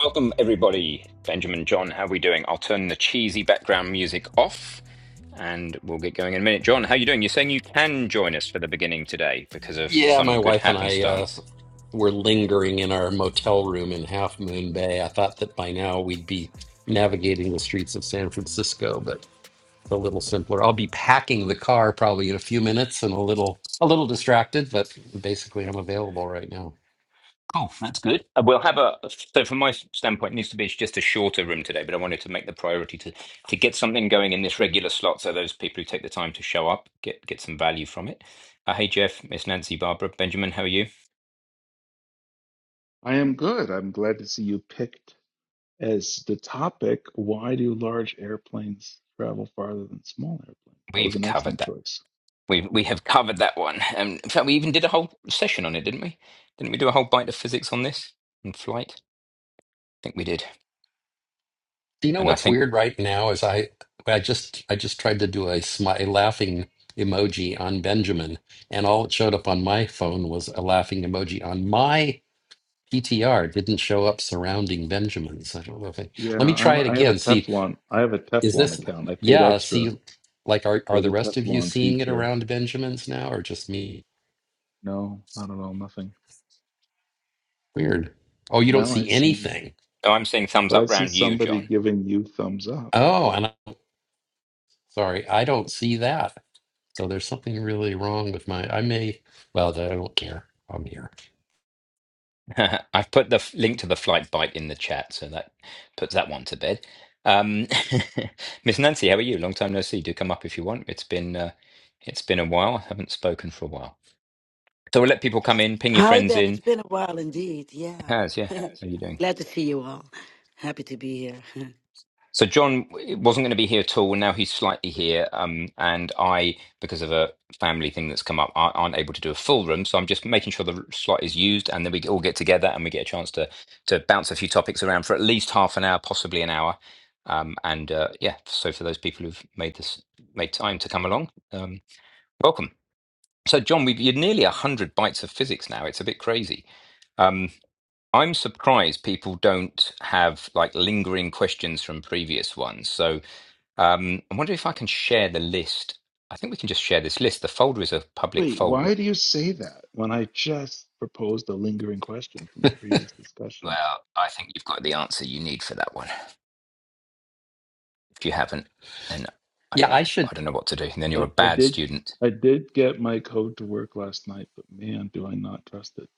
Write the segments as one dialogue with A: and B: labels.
A: Welcome, everybody. Benjamin, John, how are we doing? I'll turn the cheesy background music off and we'll get going in a minute. John, how are you doing? You're saying you can join us for the beginning today because of
B: Yeah,
A: some
B: my
A: good
B: wife and I uh,
A: happenstance.
B: were lingering in our motel room in Half Moon Bay. I thought that by now we'd be navigating the streets of San Francisco, but it's a little simpler. I'll be packing the car probably in a few minutes and a little a little distracted, but basically I'm available right now.
A: Cool, that's good. Uh, We'll have a, so from my standpoint, it needs to be just a shorter room today, but I wanted to make the priority to, to get something going in this regular slot so those people who take the time to show up get, get some value from it. Uh, hey, Jeff, Miss Nancy, Barbara, Benjamin, how are you?
C: I am good. I'm glad to see you picked as the topic. Why do large airplanes travel farther than small airplanes? That was
A: We've
C: an
A: covered
C: excellent
A: that.
C: choice.
A: We we have covered that one. Um, in fact, we even did a whole session on it, didn't we? Didn't we do a whole bite of physics on this and flight? I think we did.
B: Do you know
A: And I
B: what's
A: think
B: weird right now is I I just I just tried to do a, smi- a laughing emoji on Benjamin, and all it showed up on my phone was a laughing emoji on my PTR didn't show up surrounding Benjamins. I don't know if I,
C: Yeah,
B: let me try it
C: I, I have a
B: again. See,
C: Teflon. I have a
B: is
C: Teflon
B: this,
C: account. I paid
B: yeah,
C: extra
B: see, like, are, are
C: for
B: the
C: the
B: rest of you
C: Teflon
B: seeing it
C: feature.
B: around Benjamins now or just me?
C: No, not at all. Nothing.
B: Weird. Oh, you don't
C: Now I
B: see
C: see,
B: anything.
A: oh, I'm seeing thumbs
C: but I
A: up
C: see
A: round you,
C: somebody
A: John.
C: giving you thumbs up.
B: Oh, and I, sorry, I don't see that. So there's something really wrong with my, I may, well, I don't care. I'm here.
A: I've put the f- link to the flight bite in the chat, so that puts that one to bed. Um, Miss Nancy, how are you? Long time no see. Do come up if you want. It's been uh, it's been a while. I haven't spoken for a while, so we'll let people come in, ping your
D: Hi,
A: friends
D: Ben. It's
A: in.
D: been a while indeed. Yeah.
A: Has yeah? How are you doing?
D: Glad to see you all. Happy to be here.
A: So John wasn't going to be here at all. Now he's slightly here, um, and I, because of a family thing that's come up, I aren't able to do a full room. So I'm just making sure the slot is used, and then we all get together and we get a chance to to bounce a few topics around for at least half an hour, possibly an hour. Um, and uh, yeah, so for those people who've made this made time to come along, um, welcome. So John, we've you're nearly a hundred bytes of physics now. It's a bit crazy. Um, I'm surprised people don't have like lingering questions from previous ones. So um, I wonder if I can share the list. I think we can just share this list. The folder is a public
C: Wait,
A: folder.
C: why do you say that when I just proposed a lingering question from a previous discussion?
A: Well, I think you've got the answer you need for that one. If you haven't, then I don't
B: Yeah, I
A: know.
B: should
A: I don't know what to do. And then you're a
C: I, I
A: bad
C: did
A: student.
C: I did get my code to work last night, but man, do I not trust it.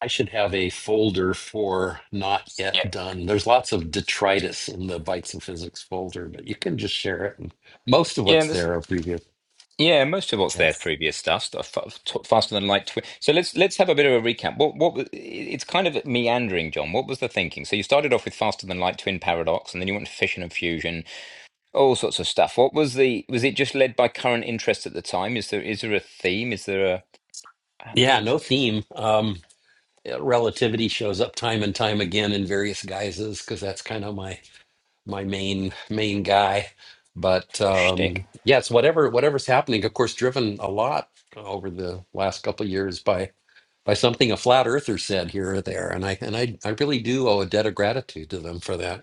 B: I should have a folder for not
A: Yeah.
B: yet done. There's lots of detritus in the Bytes of Physics folder, but you can just share it. And most of
A: Yeah,
B: what's
A: there's
B: there are previous.
A: Yeah, most of what's
B: Yeah.
A: there previous stuff, stuff fa- faster than light. Twi- so let's let's have a bit of a recap. What what was- it's kind of meandering, John. What was the thinking? So you started off with faster than light twin paradox, and then you went to fission and fusion, all sorts of stuff. What was the was it just led by current interest at the time? Is there is there a theme? Is there a,
B: Yeah, no theme. Um, yeah, relativity shows up time and time again in various guises because that's kind of my my main main guy. But
A: a
B: um,
A: shtick?
B: yes, whatever whatever's happening, of course, driven a lot over the last couple of years by by something a flat earther said here or there, and I and I I really do owe a debt of gratitude to them for that.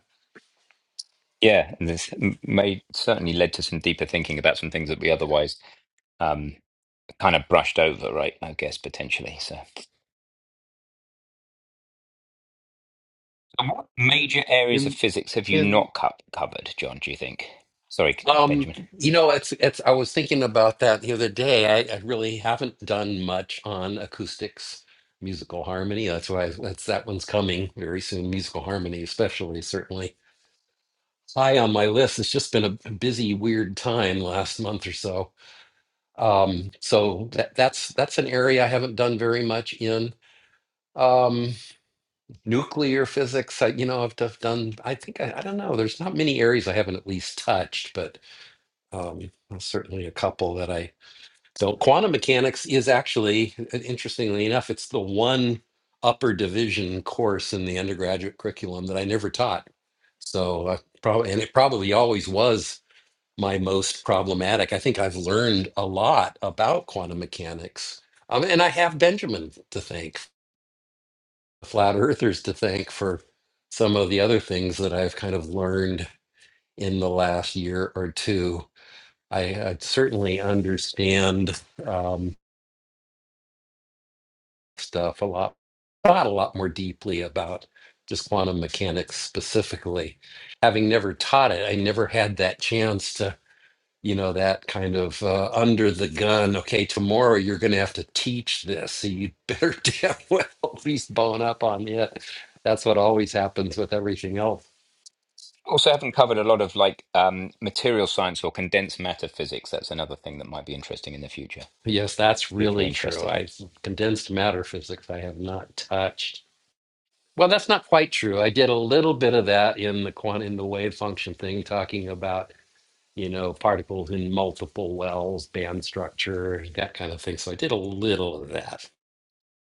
A: Yeah, and this m- may certainly led to some deeper thinking about some things that we otherwise um, kind of brushed over, right? I guess potentially. So. And what major areas of
C: In
A: physics have you
C: in
A: not co- covered, John, do you think? Sorry,
B: Um,
A: Benjamin.
B: you know, it's it's. I was thinking about that the other day. I, I really haven't done much on acoustics, musical harmony. That's why that's that one's coming very soon. Musical harmony, especially certainly high on my list. It's just been a busy, weird time last month or so. Um, so that, that's that's an area I haven't done very much in. Um, nuclear physics i you know i've def- done i think I, I don't know there's not many areas i haven't at least touched but um there's certainly a couple that i don't quantum mechanics is actually uh, interestingly enough it's the one upper division course in the undergraduate curriculum that i never taught so I probably and it probably always was my most problematic i think i've learned a lot about quantum mechanics um, and i have benjamin to thank flat earthers to thank for some of the other things that I've kind of learned in the last year or two. I, I certainly understand um, stuff a lot, thought a lot more deeply about just quantum mechanics specifically. Having never taught it, I never had that chance to, you know, that kind of uh, under the gun. Okay, tomorrow you're going to have to teach this, so you better damn well at least bone up on it. That's what always happens with everything else
A: Also, haven't covered a lot of like um, material science or condensed matter physics. That's another thing that might be interesting in the future.
B: Yes, that's
A: if People are
B: really true.
A: interested.
B: I condensed matter physics I have not touched. Well, that's not quite true. I did a little bit of that in the quant in the wave function thing, talking about, you know, particles in multiple wells, band structure, that kind of thing. So I did a little of that.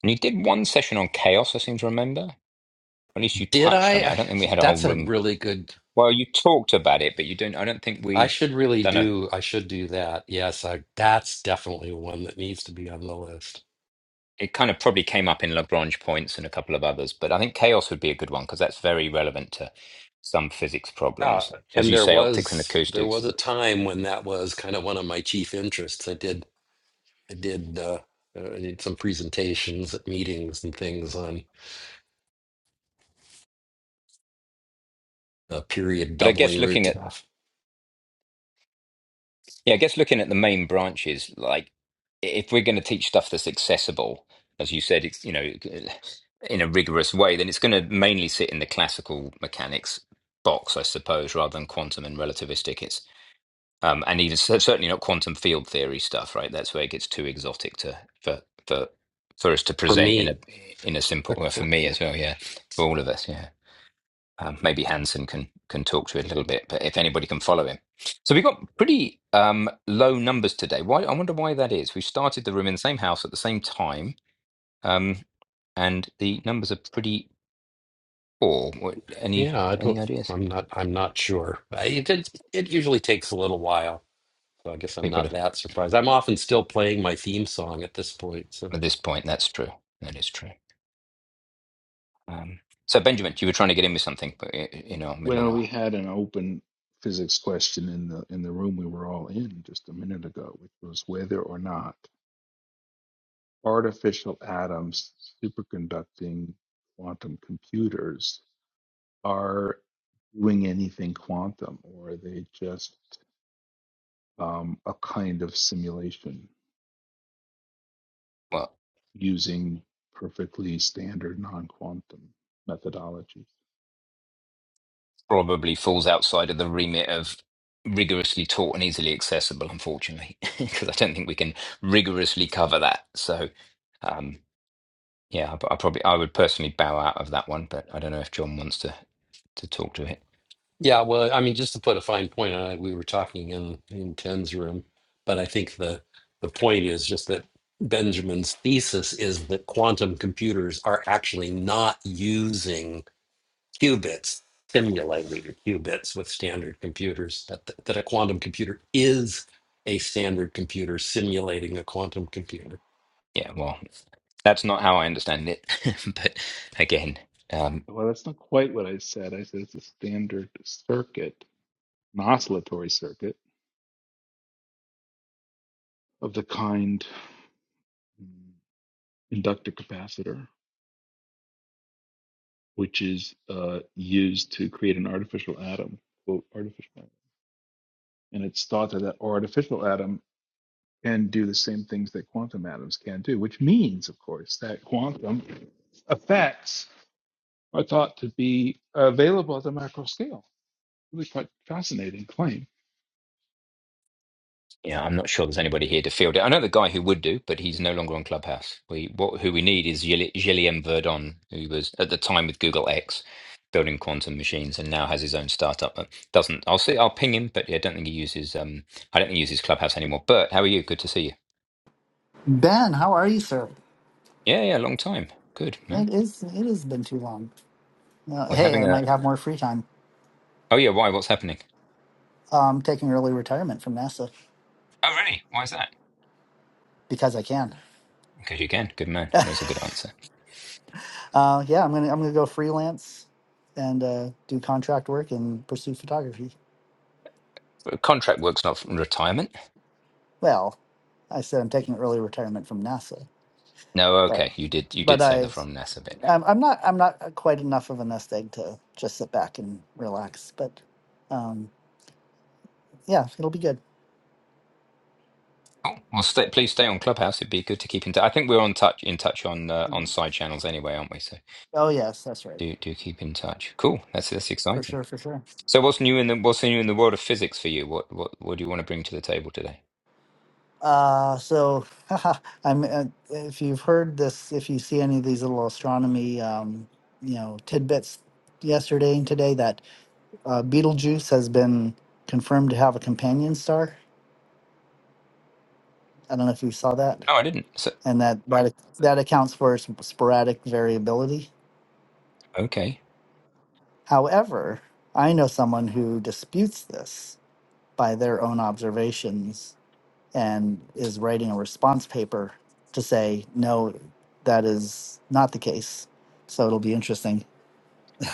A: And you did one session on chaos, I seem to remember. Or at least you
B: Did
A: touched on it. I
B: I?
A: don't think we had a whole
B: That's a
A: room.
B: really good
A: Well, you talked about it, but you don't. I don't think
B: I
A: we've
B: should really
A: done a
B: do I should do that. Yes, I, that's definitely one that needs to be on the list.
A: it kind of probably came up in Lagrange points and a couple of others, but I think chaos would be a good one because that's very relevant to some physics
B: Yeah,
A: problems, as
B: and
A: you
B: there
A: say, optics and
B: was there
A: acoustics.
B: was a time when that was kind of one of my chief interests. I did I did uh, uh, I did some presentations at meetings and things on uh, period
A: But I guess
B: doubling root
A: looking at
B: to
A: yeah, I guess looking at the main branches, like if we're going to teach stuff that's accessible, as you said, it's you know in a rigorous way, then it's going to mainly sit in the classical mechanics box, I suppose, rather than quantum and relativistic. It's um, and even cer- certainly not quantum field theory stuff, right? That's where it gets too exotic to for for for us to
B: For
A: present in a
B: me,
A: in a simple well, for me as well, yeah, for all of us, yeah. Um, maybe Hansen can can talk to it a little bit, but if anybody can follow him, so we got pretty um, low numbers today. Why? I wonder why that is. We started the room in the same house at the same time, um, and the numbers are pretty poor. What, any
B: yeah, I don't.
A: any ideas?
B: I'm not. I'm not sure. I, it, it it usually takes a little while, so I guess I'm
A: People
B: not
A: have,
B: that surprised. I'm often still playing my theme song at this point. So
A: at this point, that's true. That is true. Um, so Benjamin, you were trying to get in with something, but y- you know, middle
C: well,
A: of
C: we had an open physics question in the in the room we were all in just a minute ago, which was whether or not artificial atoms superconducting quantum computers are doing anything quantum or are they just um, a kind of simulation
A: well,
C: using perfectly standard non-quantum methodologies.
A: probably falls outside of the remit of rigorously taught and easily accessible, unfortunately, because I don't think we can rigorously cover that. So, um, yeah, I, I probably I would personally bow out of that one, but I don't know if John wants to to talk to it.
B: yeah, well, I mean, just to put a fine point on it, we were talking in in Ten's room, but I think the the point is just that Benjamin's thesis is that quantum computers are actually not using qubits, simulating qubits with standard computers, that, that a quantum computer is a standard computer simulating a quantum computer.
A: Yeah, well, that's not how I understand it, but again. Um,
C: Well, that's not quite what I said. I said it's a standard circuit, an oscillatory circuit of the kind mm, inductor capacitor, which is uh, used to create an artificial atom, quote, artificial atom. And it's thought that that artificial atom can do the same things that quantum atoms can do, which means, of course, that quantum effects are thought to be available at the macro scale really quite fascinating claim.
A: Yeah, I'm not sure there's anybody here to field it. I know the guy who would do, but he's no longer on Clubhouse. We what who we need is Gilli- Gilliam Verdon, who was at the time with Google X, building quantum machines, and now has his own startup. But doesn't I'll see I'll ping him, but yeah, I don't think he uses um I don't think he uses Clubhouse anymore. Bert, how are you? Good to see you.
E: Ben, how are you, sir?
A: Yeah, yeah, long time. Good man.
E: It is. It has been too long. Uh,
A: We're
E: hey, I
A: having a
E: might have more free time.
A: oh yeah, why? What's happening?
E: Uh, I'm taking early retirement from NASA
A: Oh really? Why is that?
E: because I can.
A: Because you can. Good man. That's a good answer.
E: Uh, yeah, I'm gonna. I'm gonna go freelance and uh, do contract work and pursue photography.
A: But contract work's not from retirement.
E: Well, I said I'm taking early retirement from NASA,
A: No,
E: but
A: okay. You did you
E: but
A: did say the
E: I,
A: from NASA bit.
E: I'm, I'm not. I'm not quite enough of a nest egg to just sit back and relax. But um, yeah, it'll be good.
A: Oh, well, stay, please stay on Clubhouse. It'd be good to keep in touch. I think we're on touch in touch on uh, on side channels anyway, aren't we? So
E: Oh yes, that's right,
A: do do keep in touch. Cool. That's that's
E: for
A: exciting.
E: sure, for sure.
A: So what's new in the what's new in the world of physics for you? What what what do you want to bring to the table today?
E: Uh, so I'm, uh, if you've heard this, if you see any of these little astronomy, um, you know, tidbits yesterday and today, that uh, Betelgeuse has been confirmed to have a companion star. I don't know if you saw that,
A: No, I didn't. So
E: and that that that accounts for its sporadic variability.
A: okay.
E: However, I know someone who disputes this by their own observations and is writing a response paper to say, no, that is not the case. So it'll be interesting.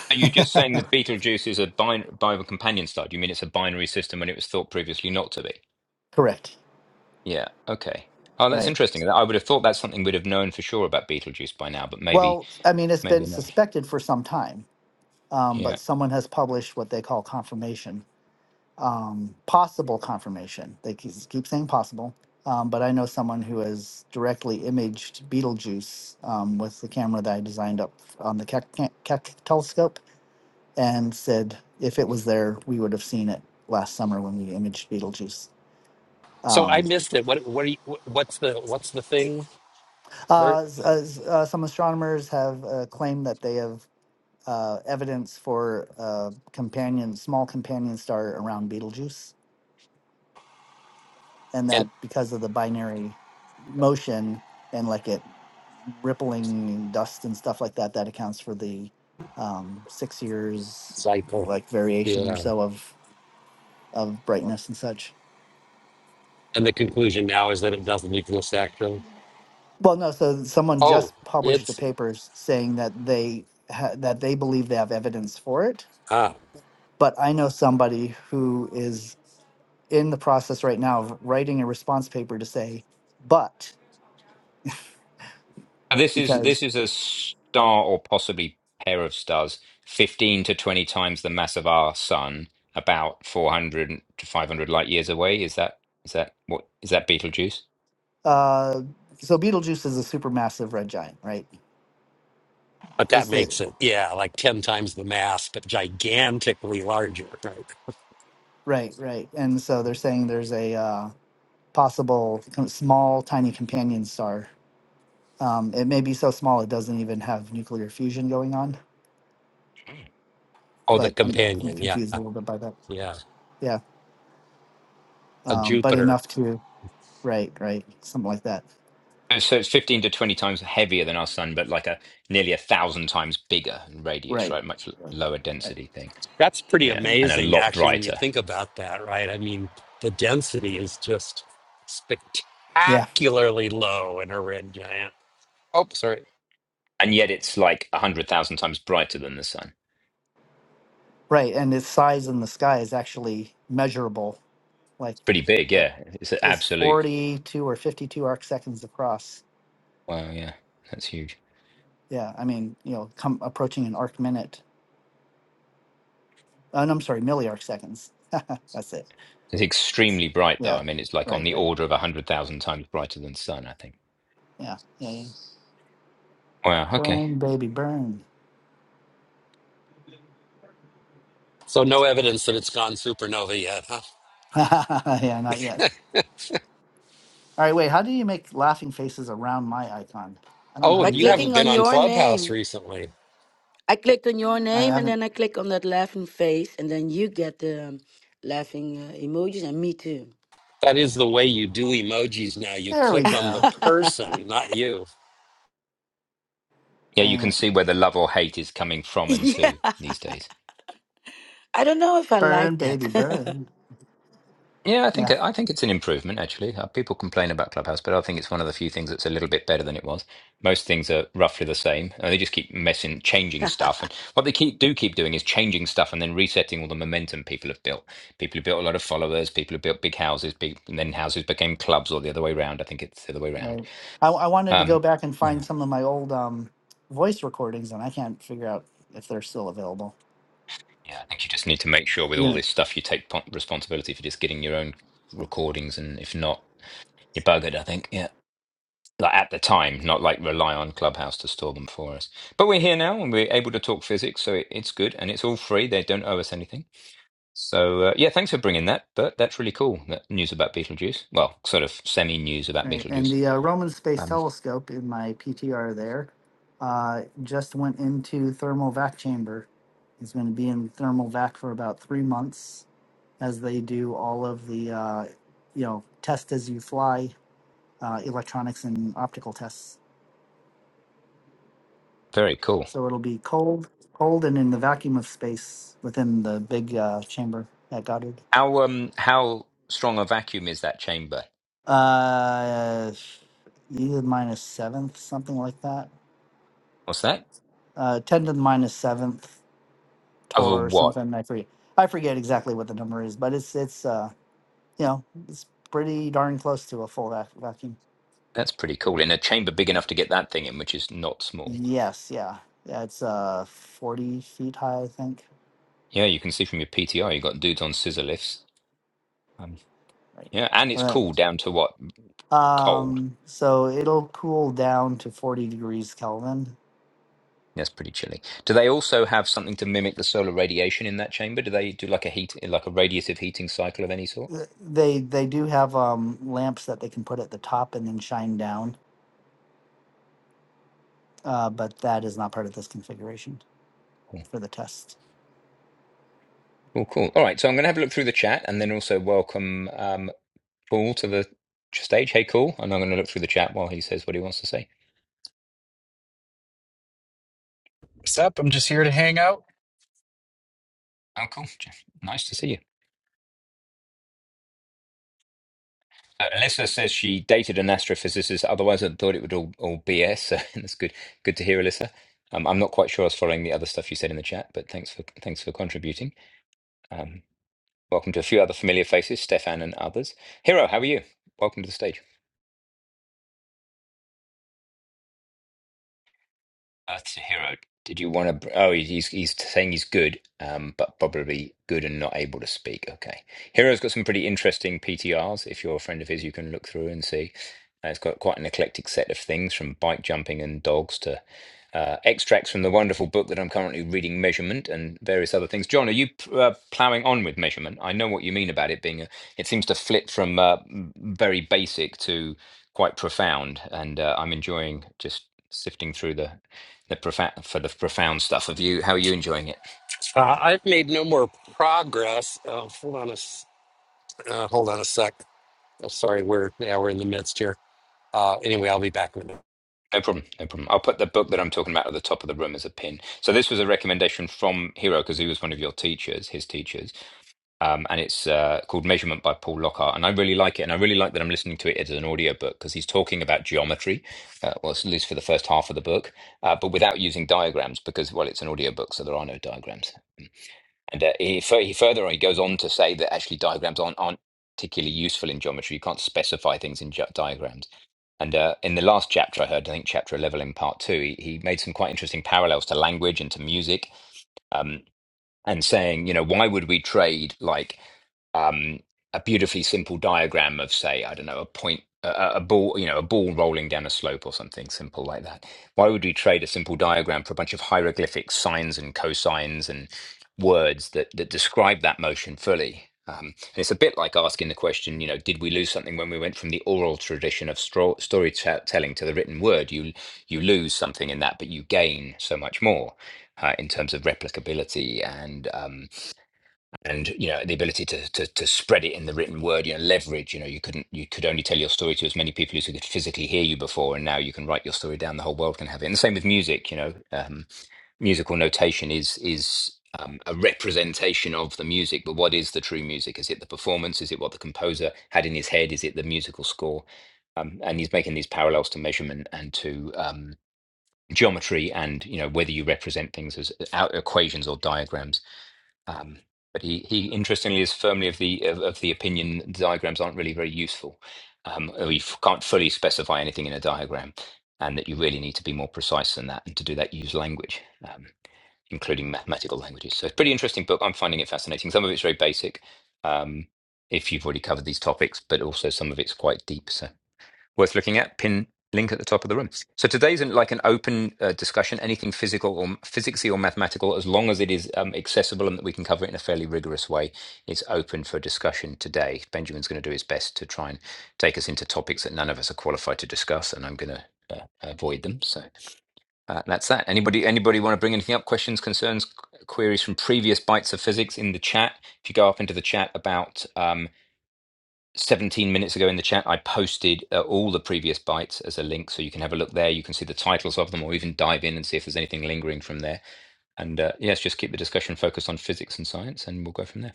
A: Are you just saying that Betelgeuse is a bin- Bible companion star? Do you mean it's a binary system when it was thought previously not to be?
E: Correct.
A: Yeah. Okay. Oh, that's
E: Right.
A: interesting. I would have thought that's something we'd have known for sure about Betelgeuse by now, but maybe
E: Well, I mean, it's been
A: maybe not.
E: suspected for some time, um,
A: Yeah.
E: but someone has published what they call confirmation, um, possible confirmation. They keep, keep saying possible. Um, but I know someone who has directly imaged Betelgeuse um, with the camera that I designed up on the Keck, Keck telescope and said if it was there, we would have seen it last summer when we imaged Betelgeuse.
B: So I
E: Um,
B: missed it. What what are you, what's the what's the thing, Bert?
E: uh, s- uh, s- uh, some astronomers have uh, claimed that they have uh, evidence for a companion, small companion star around Betelgeuse, and
B: And
E: that because of the binary motion and like it rippling dust and stuff like that, that accounts for the um, six years
B: cycle.
E: like variation or
B: Yeah.
E: so of of brightness and such.
B: And the conclusion now is that it doesn't exist actually.
E: Well, no. So someone
B: Oh,
E: just published a
B: it's
E: paper s- saying that they ha- that they believe they have evidence for it.
B: ah,
E: But I know somebody who is in the process right now of writing a response paper to say, but
A: And This is this
E: because
A: is a star or possibly pair of stars, 15 to 20 times the mass of our sun, about 400 to 500 light years away. Is that is that what is that Betelgeuse?
E: uh, so Betelgeuse is a supermassive red giant, right?
B: but that
E: Is it
B: makes it yeah, like ten times the mass, but gigantically larger. Right.
E: right? Right. And so they're saying there's a uh, possible kind of small, tiny companion star. Um, it may be so small it doesn't even have nuclear fusion going on,
B: Oh, the
E: but I'm I'm
B: companion. Yeah,
E: confused a little bit by that.
B: yeah.
E: yeah,
B: A
E: um, but
B: Jupiter.
E: enough to right, right, something like that,
A: And so it's 15 to 20 times heavier than our sun, but like a nearly a thousand times bigger in radius,
E: right,
A: right? Much l-
E: Right.
A: lower
E: right,
A: density thing.
B: That's pretty
A: Yeah,
E: yeah,
A: and a
B: amazing,
A: lot
B: actually, when you
A: brighter.
B: think about that, right? I mean, the density is just
E: yeah,
B: spectacularly low in a red giant. Oh, sorry.
A: And yet it's like 100,000 times brighter than the sun.
E: right, and its size in the sky is actually measurable, like
A: It's pretty big,
E: uh,
A: yeah. It's an
E: it's
A: absolute
E: forty-two or fifty-two arc seconds across.
A: wow, yeah. That's huge.
E: Yeah, I mean, you know, come approaching an arc minute. Uh, no, I'm sorry, milliarc seconds. That's it.
A: It's extremely bright, though.
E: Yeah,
A: I mean, it's like on
E: right,
A: the
E: right.
A: order of 100,000 times brighter than the sun, I think.
E: Yeah, yeah, yeah.
A: Wow, okay.
E: Burn, baby, burn.
B: So, no evidence that it's gone supernova yet, huh?
E: yeah, not yet. All right, wait. How do you make laughing faces around my icon? I don't know how
B: Oh,
D: By
E: you
B: you
E: do that.
D: clicking
B: haven't been
D: on
B: on
D: your
B: Clubhouse
D: name,
B: recently.
D: I clicked on your
E: I
D: name and
E: haven't.
D: then I click on that laughing face, and then you get the um, laughing uh, emojis, and me too.
B: That is the way you do emojis now. You
E: There we
B: click on the
E: go.
B: person, not you.
A: Yeah, you
E: I,
A: can see where the love or hate is coming from and
D: yeah.
A: to these days.
D: I don't know if I like
E: burn, baby,
D: that.
E: burn.
A: Yeah, I think
E: Yeah,
A: I think it's an improvement actually. Uh, People complain about Clubhouse, but I think it's one of the few things that's a little bit better than it was. Most things are roughly the same, and they just keep messing, changing stuff. And what they keep do keep doing is changing stuff and then resetting all the momentum people have built. People who built a lot of followers, people who built big houses, big, and then houses became clubs, or the other way around. I think it's the other way around.
E: right. I, I wanted to go
A: Um,
E: back and
A: yeah.
E: find some of my old um, voice recordings, and I can't figure out if they're still available.
A: Yeah, I think you just need to make sure with all
E: Yeah.
A: this stuff you take po- responsibility for just getting your own recordings, and if not, you're buggered. I think, yeah, like at the time, not like rely on Clubhouse to store them for us. But we're here now, and we're able to talk physics, so it, it's good, and it's all free. They don't owe us anything. So uh, yeah, thanks for bringing that. But that's really cool. That news about Beetlejuice. Well, sort of semi news about
E: Right. And
A: Beetlejuice.
E: the uh, Roman Space
A: Um,
E: Telescope in my PTR there uh, just went into thermal vac chamber. It's going to be in thermal vac for about three months as they do all of the, uh, you know, test as you fly uh, electronics and optical tests
A: very cool.
E: So it'll be cold, cold, and in the vacuum of space within the big uh, chamber at Goddard.
A: How um how strong a vacuum is that chamber?
E: Uh, e to the minus seventh, something like that.
A: What's that?
E: Uh, ten to the minus seventh
A: Of a
E: tor or
A: what?
E: something. I forget. I forget exactly what the number is, but it's it's uh you know it's pretty darn close to a full vac- vacuum.
A: That's pretty cool. In a chamber big
E: Yeah.
A: enough to get that thing in, which is not small.
E: Yes, yeah, yeah. It's uh forty feet high, I think.
A: Yeah, you can see from your PTR, you got dudes on scissor lifts. Um,
E: Right.
A: yeah, and it's
E: All right.
A: cool down to what? Cold.
E: Um, so it'll cool down to 40 degrees Kelvin.
A: That's pretty chilly. Do they also have something to mimic the solar radiation in that chamber? Do they do like a heat, like a radiative heating cycle of any sort?
E: Th- They they do have um, lamps that they can put at the top and then shine down, uh, but that is not part of this configuration
A: Cool,
E: for the test.
A: cool. cool. All right, so I'm going to have a look through the chat and then also welcome um, Paul to the stage. Hey, cool. And I'm going to look through the chat while he says what he wants to say.
F: What's up? I'm just here to hang out.
A: Oh, cool. Jeff, Nice to see you. Uh, Alyssa says she dated an astrophysicist. Otherwise, I thought it would all, all BS. So that's good. Good to hear, Alyssa. Um, I'm not quite sure I was following the other stuff you said in the chat, but thanks for thanks for contributing. Um, welcome to a few other familiar faces, Stefan and others. Hero, how are you? Welcome to the stage. Uh, to Hero, did you want to? Oh, he's he's saying he's good, um, but probably good and not able to speak. Okay, Hero's got some pretty interesting PTRs. If you're a friend of his, you can look through and see. Uh, it's got quite an eclectic set of things, from bike jumping and dogs to uh, extracts from the wonderful book that I'm currently reading, Measurement, and various other things. John, are you uh, ploughing on with Measurement? I know what you mean about it being. A, it seems to flip from uh, m- very basic to quite profound, and uh, I'm enjoying just sifting through the the profound for the profound stuff. Have you? How are you enjoying it?
B: Uh, I've made no more progress. Oh, hold on a s- uh, hold on a sec. Oh, sorry, we're yeah, we're in the midst here. Uh, anyway, I'll be back in a minute.
A: No problem. No problem. I'll put the book that I'm talking about at the top of the room as a pin. So this was a recommendation from Hero because he was one of your teachers, his teachers, um, and it's uh, called Measurement by Paul Lockhart, and I really like it, and I really like that I'm listening to it as an audiobook because he's talking about geometry, uh, well, at least for the first half of the book, uh, but without using diagrams because well, it's an audiobook, so there are no diagrams. And uh, he, fur- he further on, he goes on to say that actually diagrams aren't, aren't particularly useful in geometry. You can't specify things in ge- diagrams. And uh, in the last chapter I heard, I think chapter 11 in part two, he, he made some quite interesting parallels to language and to music um, and saying, you know, why would we trade like um, a beautifully simple diagram of, say, I don't know, a point, a, a ball, you know, a ball rolling down a slope or something simple like that. Why would we trade a simple diagram for a bunch of hieroglyphics, sines and cosines, and words that that describe that motion fully. Um, and it's a bit like asking the question, you know, did we lose something when we went from the oral tradition of stro- storytelling to the written word? You you lose something in that, but you gain so much more uh, in terms of replicability and um, and you know the ability to, to to spread it in the written word. You know, leverage. You know, you couldn't you could only tell your story to as many people as who could physically hear you before, and now you can write your story down. The whole world can have it. And the same with music. You know, um, musical notation is is um, a representation of the music but what is the true music is it the performance is it what the composer had in his head is it the musical score um, and he's making these parallels to measurement and to um, geometry and you know whether you represent things as uh, out equations or diagrams um, but he, he interestingly is firmly of the of, of the opinion that diagrams aren't really very useful um, or you f- can't fully specify anything in a diagram and that you really need to be more precise than that and to do that use language Um, including mathematical languages. So it's a pretty interesting book. I'm finding it fascinating. Some of it's very basic, um, if you've already covered these topics, but also some of it's quite deep. So worth looking at. Pin link at the top of the room. So today's an, like an open uh, discussion. Anything physical or physicsy or mathematical, as long as it is um, accessible and that we can cover it in a fairly rigorous way, it's open for discussion today. Benjamin's going to do his best to try and take us into topics that none of us are qualified to discuss, and I'm going to uh, avoid them. So. Uh, that's that. Anybody anybody want to bring anything up? Questions, concerns, qu- queries from previous bites of physics in the chat. If you go up into the chat about um, 17 minutes ago in the chat, I posted uh, all the previous bites as a link, so you can have a look there. You can see the titles of them, or even dive in and see if there's anything lingering from there. And uh, yes, just keep the discussion focused on physics and science, and we'll go from there.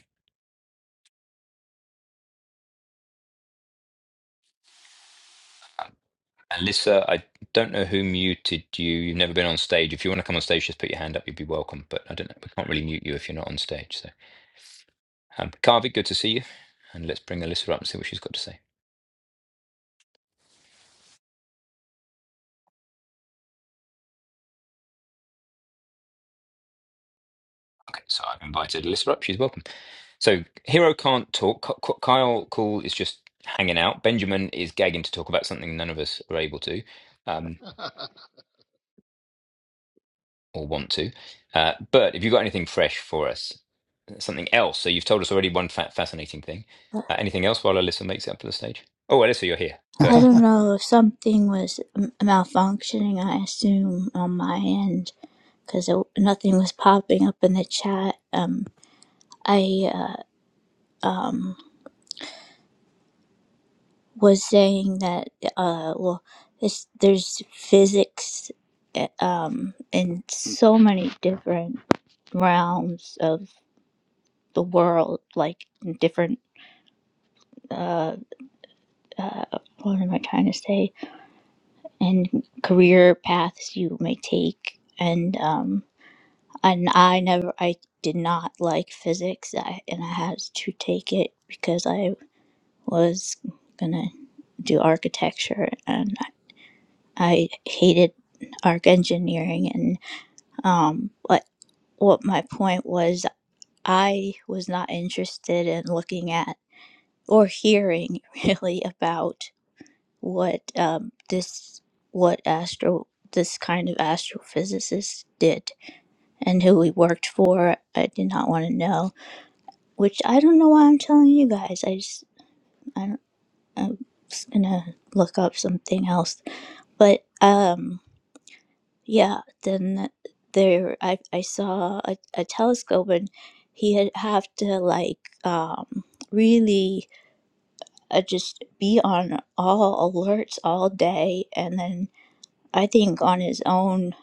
A: Alyssa, I don't know who muted you. You've never been on stage. If you want to come on stage, just put your hand up. You'd be welcome. But I don't know. We can't really mute you if you're not on stage. So. Um, Carvey, good to see you. And let's bring Alyssa up and see what she's got to say. Okay, so I've invited Alyssa up. She's welcome. So Hero can't talk. K- K- Kyle Cool is just hanging out. Benjamin is gagging to talk about something none of us are able to um, or want to. Uh, but if you've got anything fresh for us, something else. So you've told us already one fa- fascinating thing. Uh, anything else while Alyssa makes it up to the stage? Oh, Alyssa, you're here. Go
G: I
A: ahead.
G: don't know if something was m- malfunctioning, I assume, on my end, because nothing was popping up in the chat. Um, I uh, um, was saying that, uh, well, it's, there's physics uh, um, in so many different realms of the world, like different. Uh, uh, what am I trying to say? And career paths you may take, and um, and I never I did not like physics I, and I had to take it because I was gonna do architecture and I hated arc engineering and um what what my point was I was not interested in looking at or hearing really about what um this what astro this kind of astrophysicist did and who he worked for I did not want to know which I don't know why I'm telling you guys. I just I don't, I'm just gonna look up something else. But um, yeah. Then there, I I saw a, a telescope, and he had have to like um really uh, just be on all alerts all day, and then I think on his own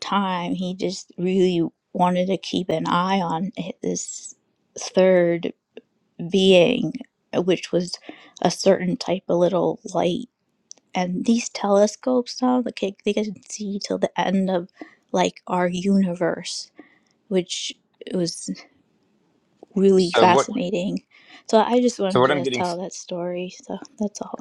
G: time, he just really wanted to keep an eye on hi- this third being, uh, which was a certain type of little light. And these telescopes now, like, they they can see till the end of like our universe, which was really
A: So what?
G: fascinating. So I just
A: So
G: wanted
A: what I'm
G: to
A: getting
G: tell that story. So that's all.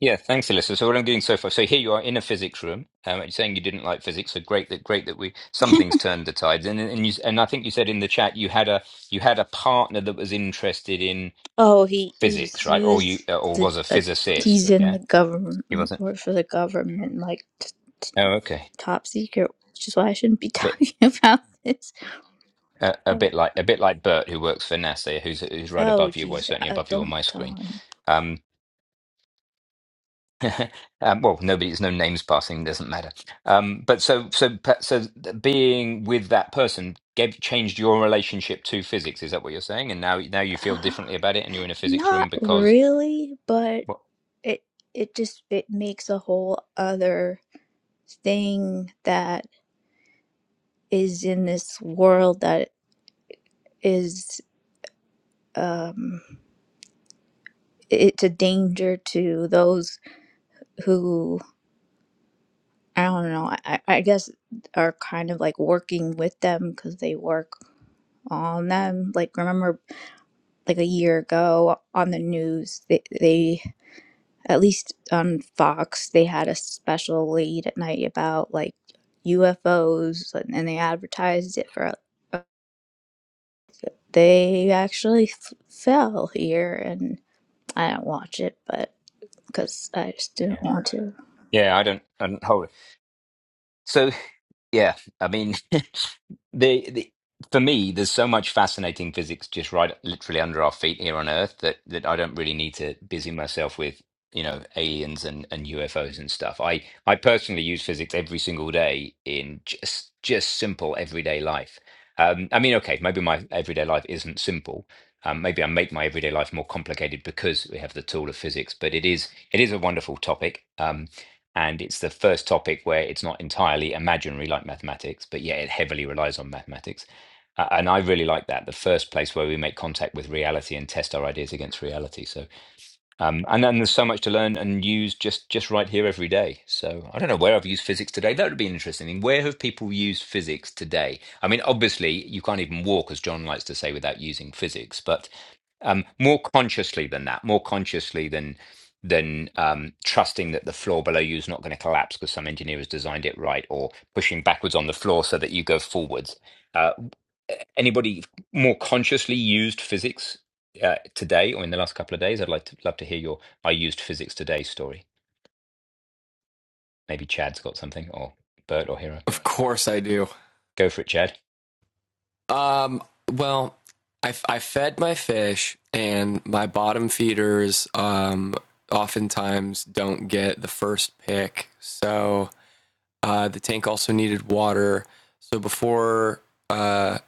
A: Yeah, thanks, Alyssa. So what I'm doing so far, so here you are in a physics room. Um, you're saying you didn't like physics, so great that great that we some things turned the tides. And and you and I think you said in the chat you had a you had a partner that was interested in
G: Oh, he is
A: physics,
G: he
A: right? Or you
G: was
A: or
G: the
A: was a
G: uh,
A: physicist?
G: he's in
A: Yeah,
G: the government,
A: he
G: he
A: wasn't.
G: worked for the government, like t- t-
A: Oh, okay.
G: top secret, which is why I shouldn't be
A: A bit
G: talking about this.
A: uh, a
G: So,
A: bit like a bit like Bert, who works for NASA, who's who's right
G: oh,
A: above you, well,
G: geez,
A: certainly
G: uh,
A: above you on
G: don't
A: my
G: tell
A: screen.
G: him.
A: Um, um, well, nobody, there's no names passing, doesn't matter. Um, but so, so, so, being with that person gave, changed your relationship to physics. Is that what you're saying? And now, now you feel
G: Uh,
A: differently about it, and you're in a physics
G: Not
A: room because,
G: really, but
A: well,
G: it it just it makes a whole other thing that is in this world that is um it's a danger to those who I don't know, I, I guess are kind of like working with them because they work on them. Like remember like a year ago on the news they, they at least on Fox, they had a special late at night about like UFOs, and and they advertised it for. uh, They actually f- fell here, and I didn't watch it, but because I just didn't
A: yeah,
G: want to.
A: yeah, I don't, I don't hold it. So, yeah, I mean. The, the for me, there's so much fascinating physics just right literally under our feet here on Earth that that I don't really need to busy myself with, you know, aliens and, and UFOs and stuff. I I personally use physics every single day in just just simple everyday life. Um, I mean, okay, maybe my everyday life isn't simple. Um, maybe I make my everyday life more complicated because we have the tool of physics, but it is it is a wonderful topic. Um, and it's the first topic where it's not entirely imaginary like mathematics, but yet it heavily relies on mathematics. Uh, and I really like that, the first place where we make contact with reality and test our ideas against reality. So um, and then there's so much to learn and use just just right here every day. So I don't know where I've used physics today. That would be interesting. where have people used physics today? I mean, obviously you can't even walk, as John likes to say, without using physics. But um, more consciously than that, more consciously than than um, trusting that the floor below you is not going to collapse because some engineer has designed it right, or pushing backwards on the floor so that you go forwards. Uh, anybody more consciously used physics uh, today or in the last couple of days? I'd like to love to hear your I used physics today story. Maybe Chad's got something or Bert or Hero.
H: Of course I do.
A: Go for it, Chad.
H: Um, well, I, I fed my fish, and my bottom feeders um, oftentimes don't get the first pick. So uh, the tank also needed water. So before uh,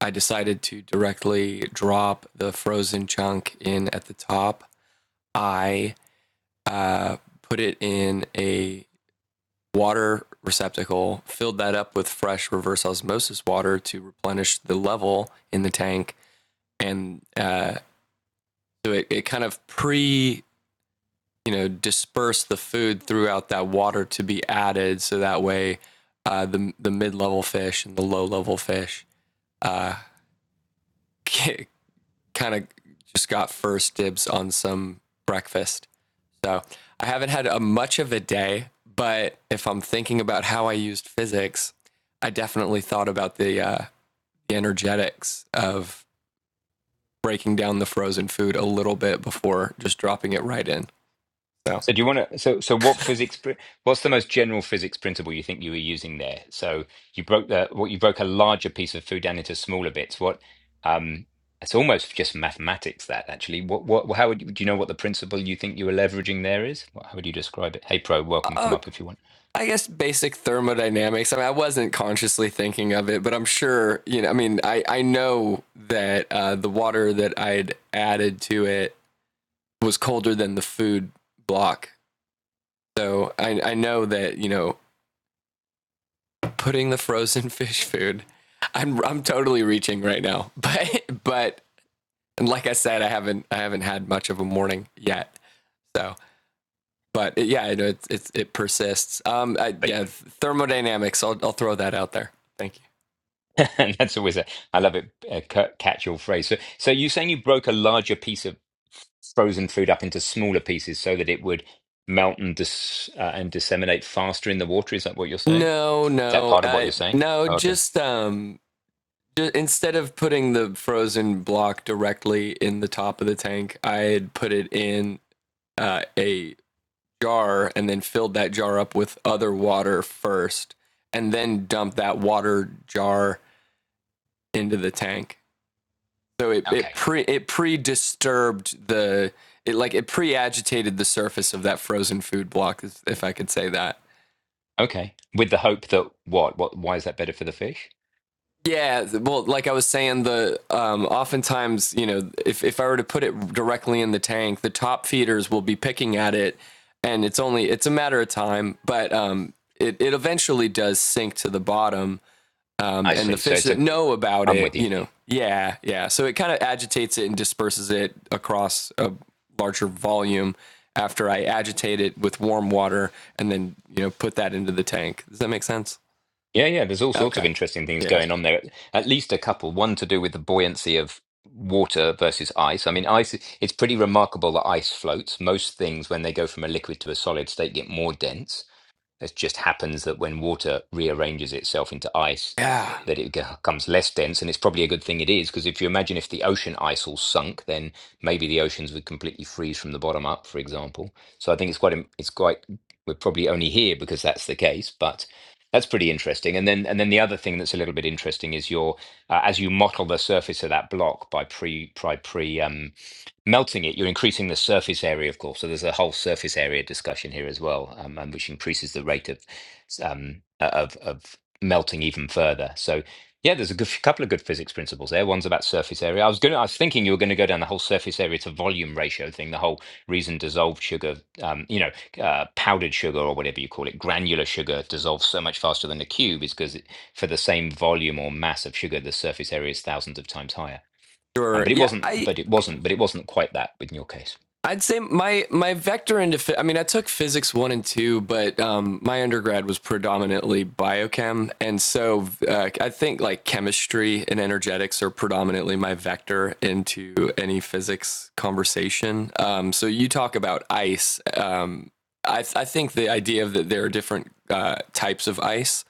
H: I decided to directly drop the frozen chunk in at the top, I uh, put it in a water receptacle, filled that up with fresh reverse osmosis water to replenish the level in the tank, and uh, so it, it kind of pre you know disperse the food throughout that water to be added, so that way uh, the the mid level fish and the low level fish uh, kind of just got first dibs on some breakfast. So I haven't had a much of a day, but if I'm thinking about how I used physics, I definitely thought about the, uh, the energetics of breaking down the frozen food a little bit before just dropping it right in. So,
A: So do you want to so so what physics pri- what's the most general physics principle you think you were using there? So you broke the what you broke a larger piece of food down into smaller bits. What um it's almost just mathematics that actually. What what how would you, do you know what the principle you think you were leveraging there is? What, how would you describe it? Hey pro, welcome come
H: oh,
A: up if you want.
H: I guess basic thermodynamics. I mean, I wasn't consciously thinking of it, but I'm sure, you know, I mean, I, I know that uh, the water that I'd added to it was colder than the food block. So I, I know that, you know, putting the frozen fish food. I'm I'm totally reaching right now, but but and like I said, I haven't I haven't had much of a morning yet. So, but it, yeah, it, it it it persists. Um, I, yeah, thermodynamics. I'll I'll throw that out there. Thank you.
A: And that's always a, I love it, a ca- catch-all phrase. So, so you're saying you broke a larger piece of frozen food up into smaller pieces so that it would melt and dis, uh, and disseminate faster in the water. Is that what you're saying? Is
H: No,
A: that
H: no,
A: part of what
H: uh,
A: you're saying?
H: no.
A: Oh, okay,
H: Just um, ju- instead of putting the frozen block directly in the top of the tank, I had put it in uh, a jar and then filled that jar up with other water first and then dumped that water jar into the tank. So it, it
A: okay,
H: pre it pre disturbed the it like it pre agitated the surface of that frozen food block, if- I could say that.
A: okay. With the hope that what, what, why is that better for the fish?
H: Yeah, well, like I was saying, the um, oftentimes, you know, if, if I were to put it directly in the tank, the top feeders will be picking at it, and it's only it's a matter of time, but um, it it eventually does sink to the bottom, Um,
A: I
H: and the
A: see. So
H: fish
A: it's
H: that
A: a,
H: know about
A: I'm
H: it,
A: with you.
H: you know, yeah, yeah. So it kind of agitates it and disperses it across a larger volume after I agitate it with warm water and then, you know, put that into the tank. Does that make sense?
A: Yeah, yeah, there's all sorts of
H: Okay.
A: interesting things
H: Yeah.
A: going on there. At least a couple. One to do with the buoyancy of water versus ice. I mean, ice, it's pretty remarkable that ice floats. Most things, when they go from a liquid to a solid state, get more dense. It just happens that when water rearranges itself into ice,
H: Yeah.
A: that it becomes less dense, and it's probably a good thing it is, because if you imagine if the ocean ice all sunk, then maybe the oceans would completely freeze from the bottom up, for example. So I think it's quite it's quite we're probably only here because that's the case, but that's pretty interesting. And then and then the other thing that's a little bit interesting is your uh, as you model the surface of that block by pre by pre um, melting it, you're increasing the surface area, of course. So there's a whole surface area discussion here as well, um, and which increases the rate of um, uh, of of melting even further. So yeah, there's a good, couple of good physics principles there. One's about surface area. I was going, I was thinking you were going to go down the whole surface area to volume ratio thing, the whole reason dissolved sugar, um, you know, uh, powdered sugar or whatever you call it, granular sugar dissolves so much faster than a cube is because for the same volume or mass of sugar, the surface area is thousands of times higher um,
H: Sure.
A: but it
H: Yeah.
A: wasn't,
H: I
A: but it wasn't, but it wasn't quite that in your case.
H: I'd say my my vector into phy- I mean I took physics one and two, but um, my undergrad was predominantly biochem, and so uh, I think like chemistry and energetics are predominantly my vector into any physics conversation. Um, so you talk about ice. Um, I th- I think the idea that there are different uh, types of ice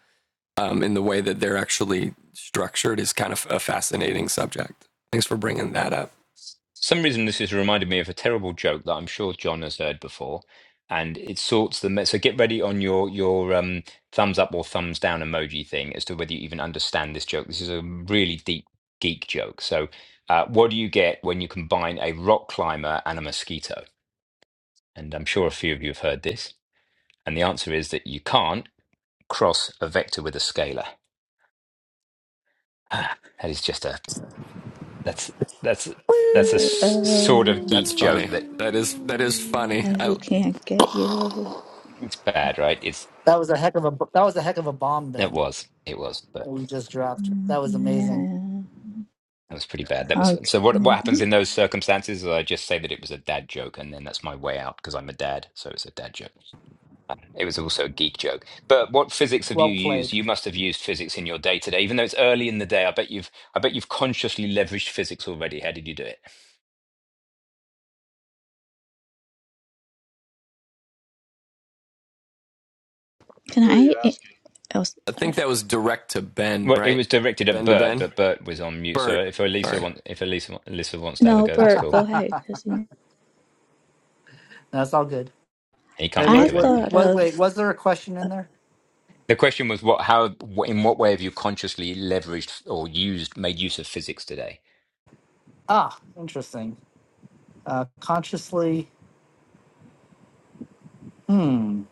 H: um, in the way that they're actually structured is kind of a fascinating subject. Thanks for bringing that up.
A: For some reason this has reminded me of a terrible joke that I'm sure John has heard before, and it sorts the me- so get ready on your your um, thumbs up or thumbs down emoji thing as to whether you even understand this joke. This is a really deep geek joke. So, uh, what do you get when you combine a rock climber and a mosquito? And I'm sure a few of you have heard this. And the answer is that you can't cross a vector with a scalar. Ah, that is just a That's that's
E: Woo!
A: that's a
G: Yeah,
A: s- sort of
G: Uh,
H: That's
A: geek joke
H: funny.
A: that
H: That is that is funny.
G: I
H: I,
G: can't get you.
A: it's bad, right? It's
E: That was a heck of a b- that was a heck of a bomb
A: it
E: Ben
A: was it was,
E: that
A: but
E: we just dropped. That was amazing.
G: Mm-hmm,
A: that was pretty bad. That
G: Yeah.
A: was
G: Okay.
A: so. What what happens in those circumstances is I just say that it was a dad joke, and then that's my way out because I'm a dad, so it's a dad joke. It was also a geek joke. But what physics have you
E: Well
A: used?
E: played.
A: You must have used physics in your day to day, even though it's early in the day. I bet you've I bet you've consciously leveraged physics already. How did you do it?
G: Can
I: Who are
G: I?
I: you
G: eh,
I: asking?
G: Oh,
H: I
G: sorry.
H: think that was direct to Ben,
A: Well, it
H: right?
A: was directed at
H: Ben to
A: Bert,
H: Ben?
A: but Bert was on mute. So
H: Bert.
A: if Elisa
H: Sorry.
A: wants, if Elisa Elisa wants to have a
G: No,
A: go, that's
G: Bert,
A: cool.
G: go ahead. 'cause, yeah.
E: That's all good.
A: He
E: Wait,
A: can't
G: I
A: think
E: what,
A: of
E: what,
A: anything.
G: thought
E: what, wait,
G: of.
E: was there a question in there?
A: The question was what, how, wh- in what way have you consciously leveraged or used, made use of physics today?
E: Ah, interesting. Uh, consciously. Hmm.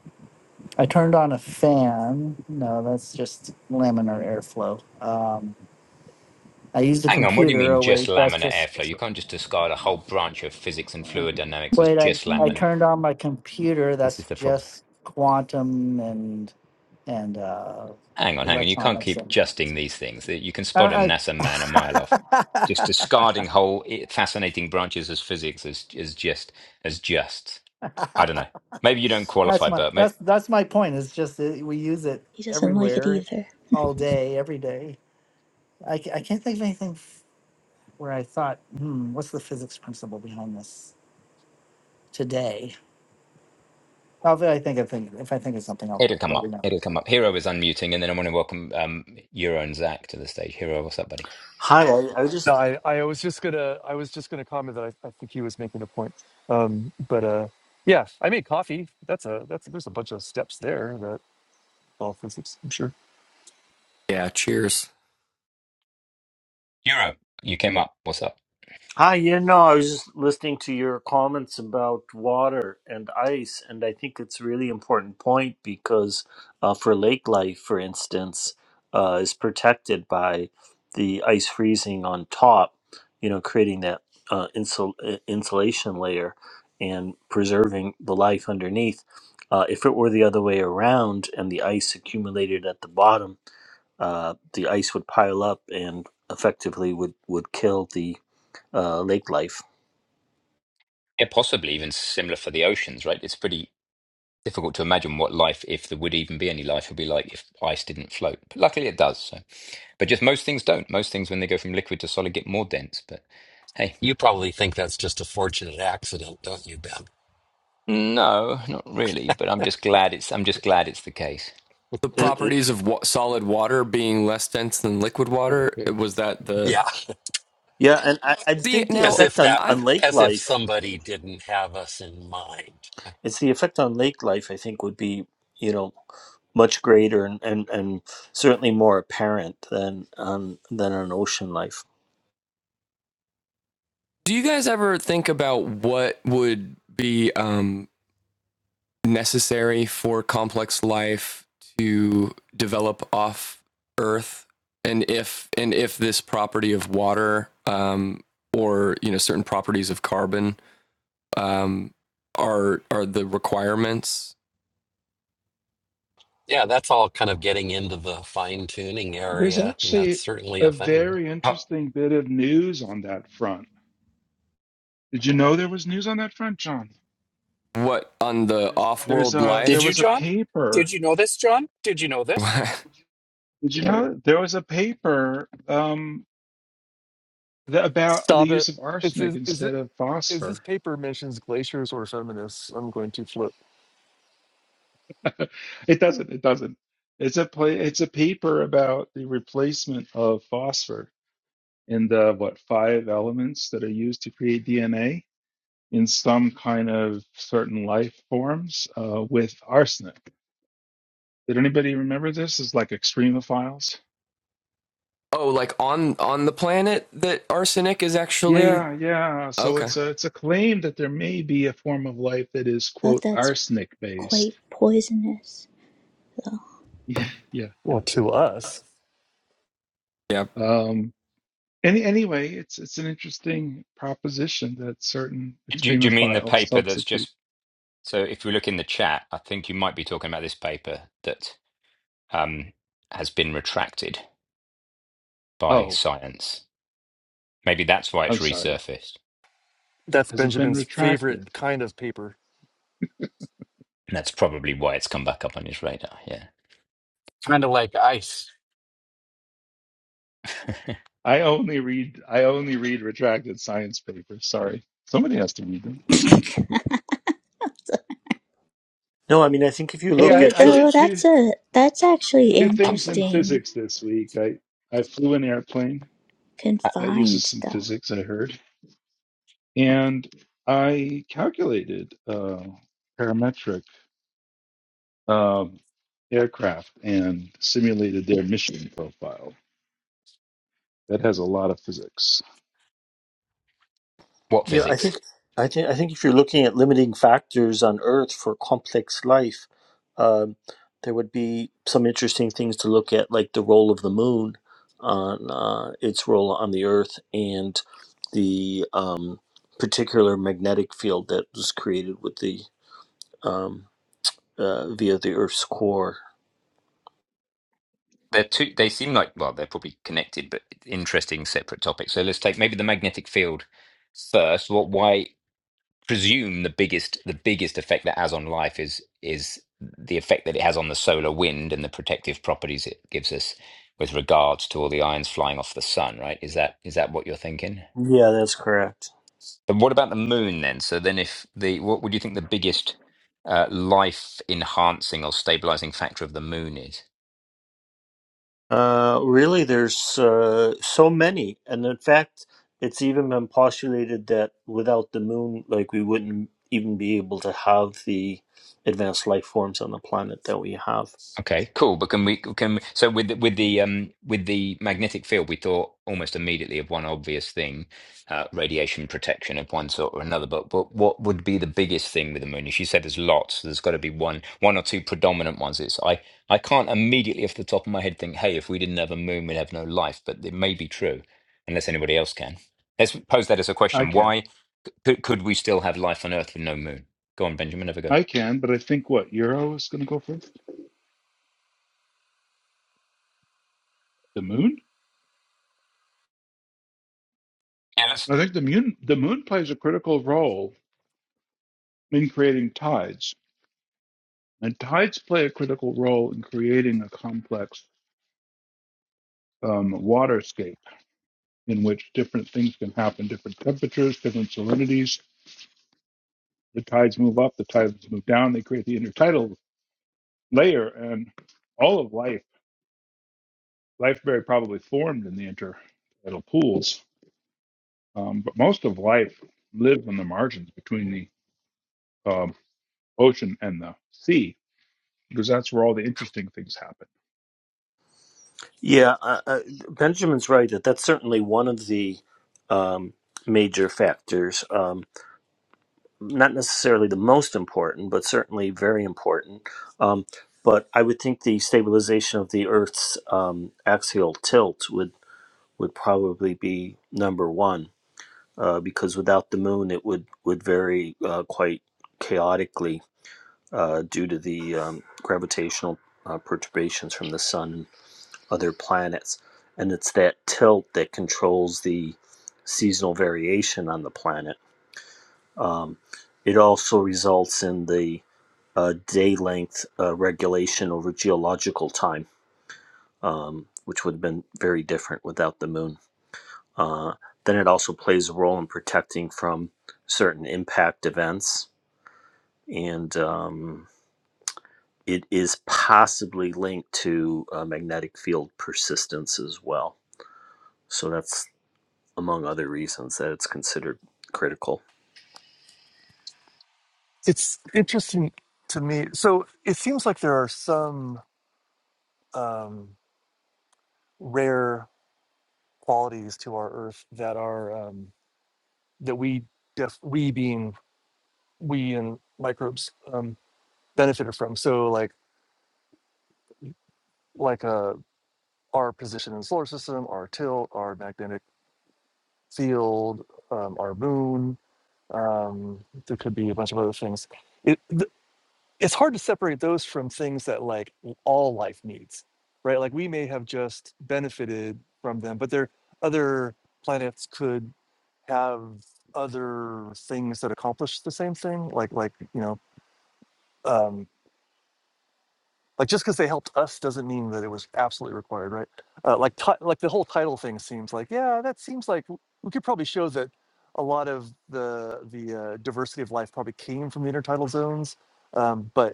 E: I turned on a fan. No, that's just laminar airflow. Um, I used a
A: Hang on, what do you
E: computer.
A: mean
E: Oh
A: just
E: wait, that's
A: laminar
E: just.
A: airflow? You can't just discard a whole branch of physics and fluid dynamics as
E: Wait, I
A: just
E: I
G: Yeah,
A: laminar.
E: turned on my computer.
A: This
E: That's
A: is the problem.
E: just quantum and and uh,
A: Hang on, hang on. You can't
E: electronics.
A: keep
E: And,
A: justing these things. You can spot a
E: I,
A: NASA man a mile off. Just
E: I
A: discarding whole i- fascinating branches as physics as, as just as just. I don't know. Maybe you don't
E: that's
A: qualify,
E: my
A: Bert. Maybe
E: that's that's my point. It's just that we use it
G: he doesn't like it
E: everywhere,
G: either.
E: all day, every day. I, ca- I can't think of anything where I thought, hmm, what's the physics principle behind this today? Well, If I think of thing, if I think of something, I'll
A: it'll come
E: let you
A: up.
E: know.
A: It'll come up. Hero is unmuting, and then I want to welcome um, Euro and Zach to the stage. Hero, what's up, buddy?
J: Hi, I, I was
K: No,
J: just
K: I, I was just gonna I was just gonna comment that I, I think he was making a point. Um, but uh, yeah, I made coffee. That's a that's there's a bunch of steps there that all physics. I'm sure.
H: Yeah, cheers.
A: Europe, you came up. What's up?
J: hi. You know, I was just listening to your comments about water and ice, and I think it's a really important point because uh, for lake life, for instance, uh, is protected by the ice freezing on top. You know, creating that uh, insul- uh, insulation layer and preserving the life underneath. Uh, if it were the other way around and the ice accumulated at the bottom uh, the ice would pile up and effectively would would kill the uh, lake life.
A: Yeah, possibly even similar for the oceans, right? It's pretty difficult to imagine what life, if there would even be any life, would be like if ice didn't float. But luckily it does. So, but just most things don't. Most things, when they go from liquid to solid, get more dense. But hey,
B: You probably think that's just a fortunate accident, don't you, Ben?
A: no, not really. But I'm just glad it's. I'm just glad it's the case.
H: The
J: It- it-
H: properties of wa- solid water being less dense than liquid water, was that the.
B: Yeah,
J: yeah, and I, I
H: See,
J: think the
B: as
H: now,
B: if
J: effect on,
B: that were,
H: I
J: on lake
B: as if
J: life
B: somebody didn't have us in mind.
J: it's the effect on lake life I think would be you know much greater and, and, and certainly more apparent than on than on ocean life.
H: do you guys ever think about what would be um, necessary for complex life to develop off Earth? And if and if this property of water um, or you know certain properties of carbon um, are are the requirements?
B: Yeah, that's all kind of getting into the fine tuning
C: There's
B: area, and that's
C: actually
B: certainly
C: a
B: a thing.
C: very
A: Oh,
C: interesting bit of news on that front. Did you know there was news on that front, John?
H: What on the
C: There's
H: off-world
C: a there
F: Did you,
H: life?
C: was a
F: John?
C: paper.
F: Did you know this, John? Did you know this?
H: oh,
C: Did you know there was a paper um, that, about the
K: Stop
C: use
K: it.
C: of
K: It's
C: arsenic
K: is, is it
C: instead of
K: is this
C: phosphor?
K: paper mentions glaciers or feminists? I'm going to flip.
C: it doesn't. It doesn't. It's a play. It's a paper about the replacement of phosphor in the what five elements that are used to create DNA in some kind of certain life forms uh, with arsenic. Did anybody remember this? Is like extremophiles?
H: like on on the planet that arsenic is actually
C: Yeah, yeah. So
H: okay.
C: it's a it's a claim that there may be a form of life that is
G: Thought
C: quote
G: that's
C: arsenic based.
G: quite poisonous. So
C: Yeah, yeah, yeah.
K: Well, to us,
H: Yeah,
C: Um, any anyway, it's it's an interesting proposition that certain
A: do, you- do you mean the
C: extremophiles
A: paper that's
C: substitute.
A: just? So if we look in the chat, I think you might be talking about this paper that um, has been retracted by
C: Oh,
A: science. Maybe that's why
C: I'm
A: it's
C: sorry.
A: resurfaced.
K: that's
C: Has it been
K: Benjamin's favorite
C: retracted?
K: kind of paper.
A: And that's probably why it's come back up on his radar. Yeah.
F: Kind of like ice.
C: I only read I only read retracted science papers. Sorry, somebody has to read them.
J: No, I mean I think if you
C: Hey,
J: look
C: I,
J: at
C: I
G: though
C: did two
G: that's a that's actually
C: two
A: Uh,
C: things in
G: interesting.
C: physics this week. I I flew an airplane
A: uh,
C: that uses
G: Confined
C: some
G: stuff.
C: physics, I heard, and I calculated uh, parametric um, aircraft and simulated their mission profile. That has a lot of physics.
A: what
J: Yeah, I think
A: physics?
J: I think I think if you're looking at limiting factors on Earth for complex life, um, there would be some interesting things to look at, like the role of the moon on uh, its role on the Earth and the um, particular magnetic field that was created with the um, uh, via the Earth's core.
A: They're two. They seem like well, they're probably connected, but interesting separate topics. So let's take maybe the magnetic field first. What? Why? Presume the biggest the biggest effect that has on life is is the effect that it has on the solar wind and the protective properties it gives us with regards to all the ions flying off the sun. Right? Is that is that what you're thinking?
J: Yeah, that's correct.
A: And what about the moon then? So then, if the what would you think the biggest uh, life enhancing or stabilizing factor of the moon is?
J: Uh, really, there's uh, so many, and in fact, it's even been postulated that without the moon, like we wouldn't even be able to have the advanced life forms on the planet that we have.
A: Okay, cool. But can we can so with the- with the um with the magnetic field, we thought almost immediately of one obvious thing, uh, radiation protection of one sort or another. But what what would be the biggest thing with the moon? As you said, there's lots. There's got to be one one or two predominant ones. It's I I can't immediately off the top of my head think, hey, if we didn't have a moon, we'd have no life. But it may be true, unless anybody else can. Let's pose that as a
C: I
A: question.
C: can,
A: Why could could we still have life on Earth with no moon? Go on, Benjamin, have a go.
C: I can, but I think what Euro is going to go first. The moon.
A: Yeah,
C: I think the moon the moon plays a critical role in creating tides, and tides play a critical role in creating a complex um, waterscape in which different things can happen, different temperatures, different salinities. The tides move up, the tides move down. They create the intertidal layer, and all of life, life very probably formed in the intertidal pools. Um, but most of life lives on the margins between the um, ocean and the sea, because that's where all the interesting things happen.
J: Yeah, uh, uh, Benjamin's right that that's certainly one of the um, major factors. Um, not necessarily the most important, but certainly very important. Um, but I would think the stabilization of the Earth's um, axial tilt would would probably be number one uh, because without the moon, it would would vary uh, quite chaotically uh, due to the um, gravitational uh, perturbations from the sun and other planets, and it's that tilt that controls the seasonal variation on the planet. Um, it also results in the uh, day length uh, regulation over geological time, um, which would have been very different without the moon. Uh, then it also plays a role in protecting from certain impact events, and um, it is possibly linked to uh, magnetic field persistence as well. So that's among other reasons that it's considered critical.
K: It's interesting to me. So it seems like there are some um, rare qualities to our Earth that are. um, that we def we being we and microbes um, benefited from. So like like uh, our position in the solar system, our tilt, our magnetic field, um, our moon. Um, there could be a bunch of other things. It th- it's hard to separate those from things that like l- all life needs, right? Like we may have just benefited from them, but there other planets could have other things that accomplish the same thing, like like you know. Um, Like just because they helped us doesn't mean that it was absolutely required, right? Uh, like ti- like the whole title thing seems like yeah, that seems like w- we could probably show that a lot of the the uh, diversity of life probably came from the intertidal zones, um, but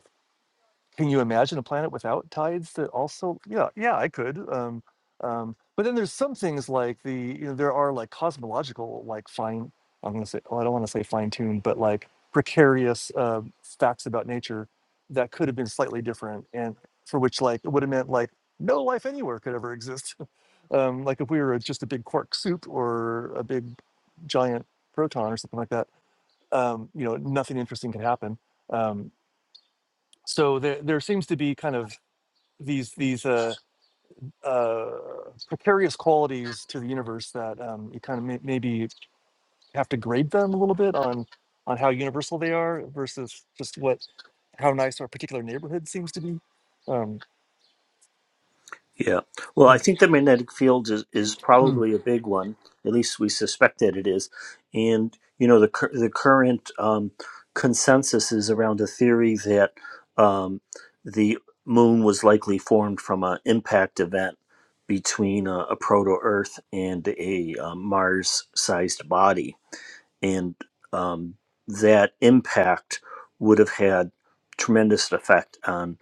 K: can you imagine a planet without tides that also yeah, yeah, I could. Um um but then there's some things like the you know there are like cosmological like fine I'm going to say well, I don't want to say fine tuned but like precarious uh, facts about nature that could have been slightly different and for which like it would have meant like no life anywhere could ever exist. um like if we were just a big quark soup or a big giant proton or something like that um you know nothing interesting could happen. Um so there there seems to be kind of these these uh, uh, precarious qualities to the universe that um, you kind of may, maybe have to grade them a little bit on on how universal they are versus just what how nice our particular neighborhood seems to be. Um,
J: Yeah. Well,
K: you
J: I
K: know,
J: think the magnetic field is, is
E: Hmm.
J: probably a big one. At least we suspect that it is. And, you know, the, cur- the current um, consensus is around a theory that um, the moon was likely formed from an impact event between a, a proto Earth and a, um Mars sized body and um, that impact would have had tremendous effect on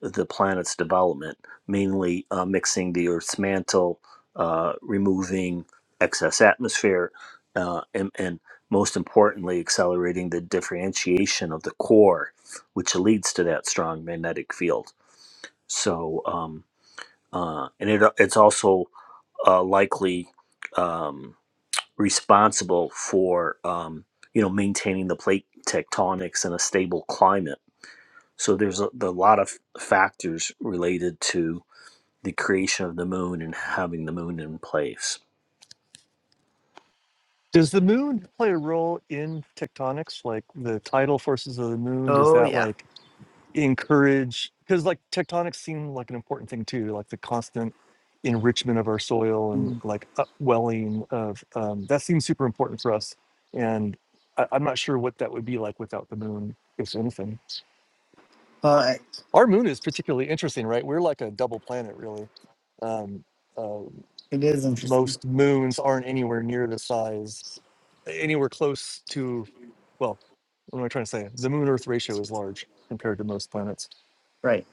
J: the planet's development, mainly uh, mixing the Earth's mantle, uh, removing excess atmosphere, uh, and, and most importantly, accelerating the differentiation of the core, which leads to that strong magnetic field. So, um, uh, and it, it's also uh, likely. Um, responsible for um, you know maintaining the plate tectonics in a stable climate. So there's a, a lot of factors related to the creation of the moon and having the moon in place.
K: does the moon play a role in tectonics, like the tidal forces of the moon? Does
E: Oh
K: that
E: yeah.
K: like encourage because like tectonics seem like an important thing too like the constant enrichment of our soil and
E: Hmm.
K: like upwelling of um, that seems super important for us and I, i'm not sure what that would be like without the moon if anything
E: Well, I-
K: our moon is particularly interesting right we're like a double planet really um, uh,
E: it is interesting,
K: most moons aren't anywhere near the size anywhere close to well what am i trying to say the moon earth ratio is large compared to most planets
E: right?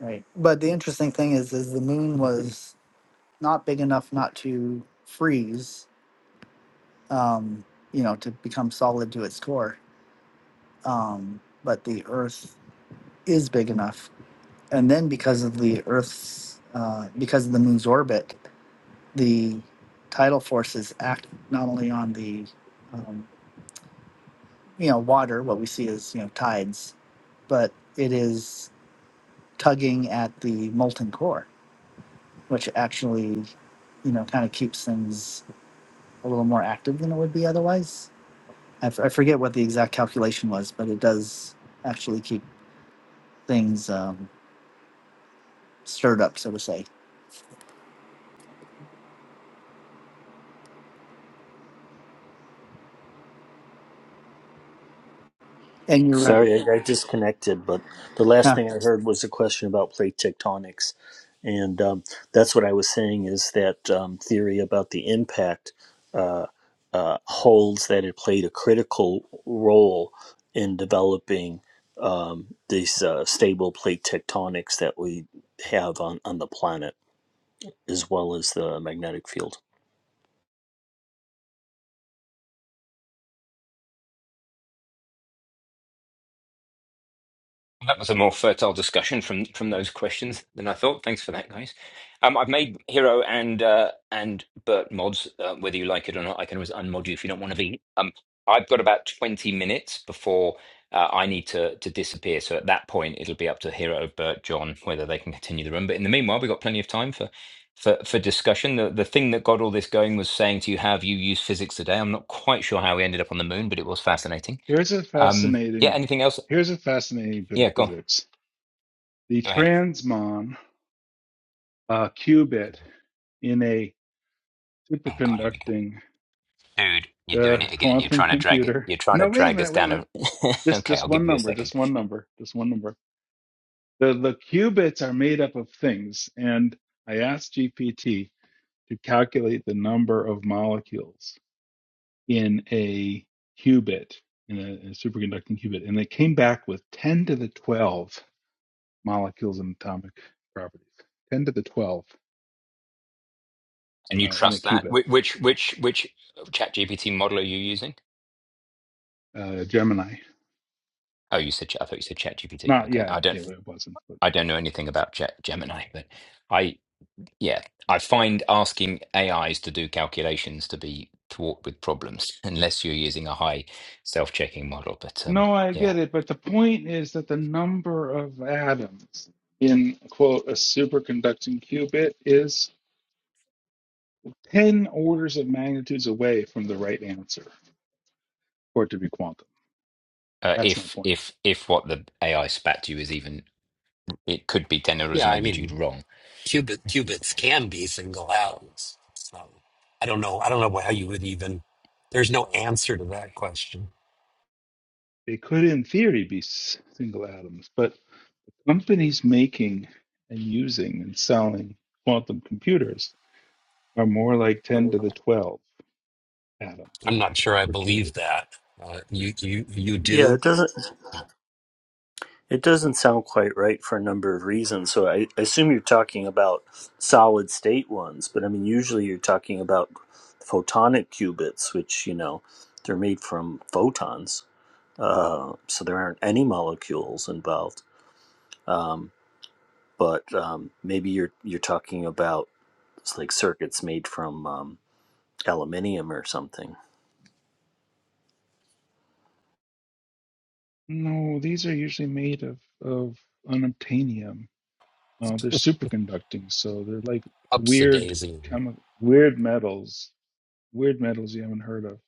E: Right. But the interesting thing is, is the moon was not big enough not to freeze, um, you know, to become solid to its core. Um, but the Earth is big enough, and then because of the Earth's, uh, because of the moon's orbit. the tidal forces act not only on the um, you know water what we see as you know tides but it is tugging at the molten core which actually you know kind of keeps things a little more active than it would be otherwise I f- I forget what the exact calculation was but it does actually keep things um, stirred up so to say and you're right
J: Sorry, I, I disconnected, but the last
E: yeah
J: thing I heard was a question about plate tectonics. And um, that's what I was saying is that um, theory about the impact uh, uh, holds that it played a critical role in developing um, these uh, stable plate tectonics that we have on, on the planet, as well as the magnetic field.
A: That was a more fertile discussion from from those questions than I thought. Thanks for that, guys. Um, I've made Hero and uh, and Bert mods. Uh, whether you like it or not, I can always unmod you if you don't want to be. Um, I've got about twenty minutes before uh, I need to to disappear. So at that point, it'll be up to Hero, Bert, John whether they can continue the room. But in the meanwhile, we've got plenty of time for for for discussion. The the thing that got all this going was saying to you, "How have you used physics today?" I'm not quite sure how we ended up on the moon, but it was fascinating.
C: Here's a
A: Um, yeah.
C: fascinating,
A: Anything else?
C: here's a fascinating bit of
A: Yeah. Go on.
C: physics. The
A: Go ahead.
C: transmon uh, qubit in a
A: Oh God, here we go,
C: superconducting
A: dude. You're
C: uh,
A: doing it again. You're
C: quantum
A: trying to drag it.
C: computer.
A: You're trying to
C: No, wait a
A: drag us
C: minute, wait a
A: down.
C: minute.
A: A...
C: This
A: okay,
C: just
A: I'll
C: one
A: give you a
C: number, just
A: second.
C: one number, just one number. The the qubits are made up of things, and I asked GPT to calculate the number of molecules in a qubit, in a, a superconducting qubit, and they came back with 10 to the 12 molecules in atomic properties. 10 to the 12
A: And you
C: uh, in a
A: trust that?
C: qubit.
A: Which which which which Chat GPT model are you using?
C: Uh, Gemini.
A: Oh, you said Chat- I thought you said Chat GPT.
C: Not
A: Okay,
C: yeah,
A: I
C: yeah,
A: don't
C: it wasn't. but
A: I don't know anything about Chat Gemini, but I yeah I find asking AIs to do calculations to be fraught with problems unless you're using a high self checking model. But um
C: No, I
A: yeah.
C: get it, but the point is that the number of atoms in, quote, a superconducting qubit is 10 orders of magnitudes away from the right answer for it to be quantum.
A: Uh,
C: That's my
A: if
C: point.
A: if if what the AI spat to you is even it could be ten orders
B: Yeah,
A: of
B: I
A: magnitude
B: mean,
A: wrong,
B: qubit qubits can be single atoms. So I don't know. I don't know how you would even. There's no answer to that question.
C: They could, in theory, be single atoms, but companies making and using and selling quantum computers are more like 10 to the 12 atoms
B: I'm not sure. I
C: per qubit.
B: believe that. Uh, you you you
J: Yeah,
B: do
J: it doesn't. It doesn't sound quite right for a number of reasons. So I, I assume you're talking about solid state ones, but I mean, usually you're talking about photonic qubits, which, you know, they're made from photons. Uh, so there aren't any molecules involved. Um, but um, maybe you're you're talking about like circuits made from um, aluminium or something.
C: No, these are usually made of, of unobtainium. Uh, they're superconducting, so they're like
B: ups a
C: weird
B: daisy.
C: chemi- weird metals, weird metals you haven't heard of.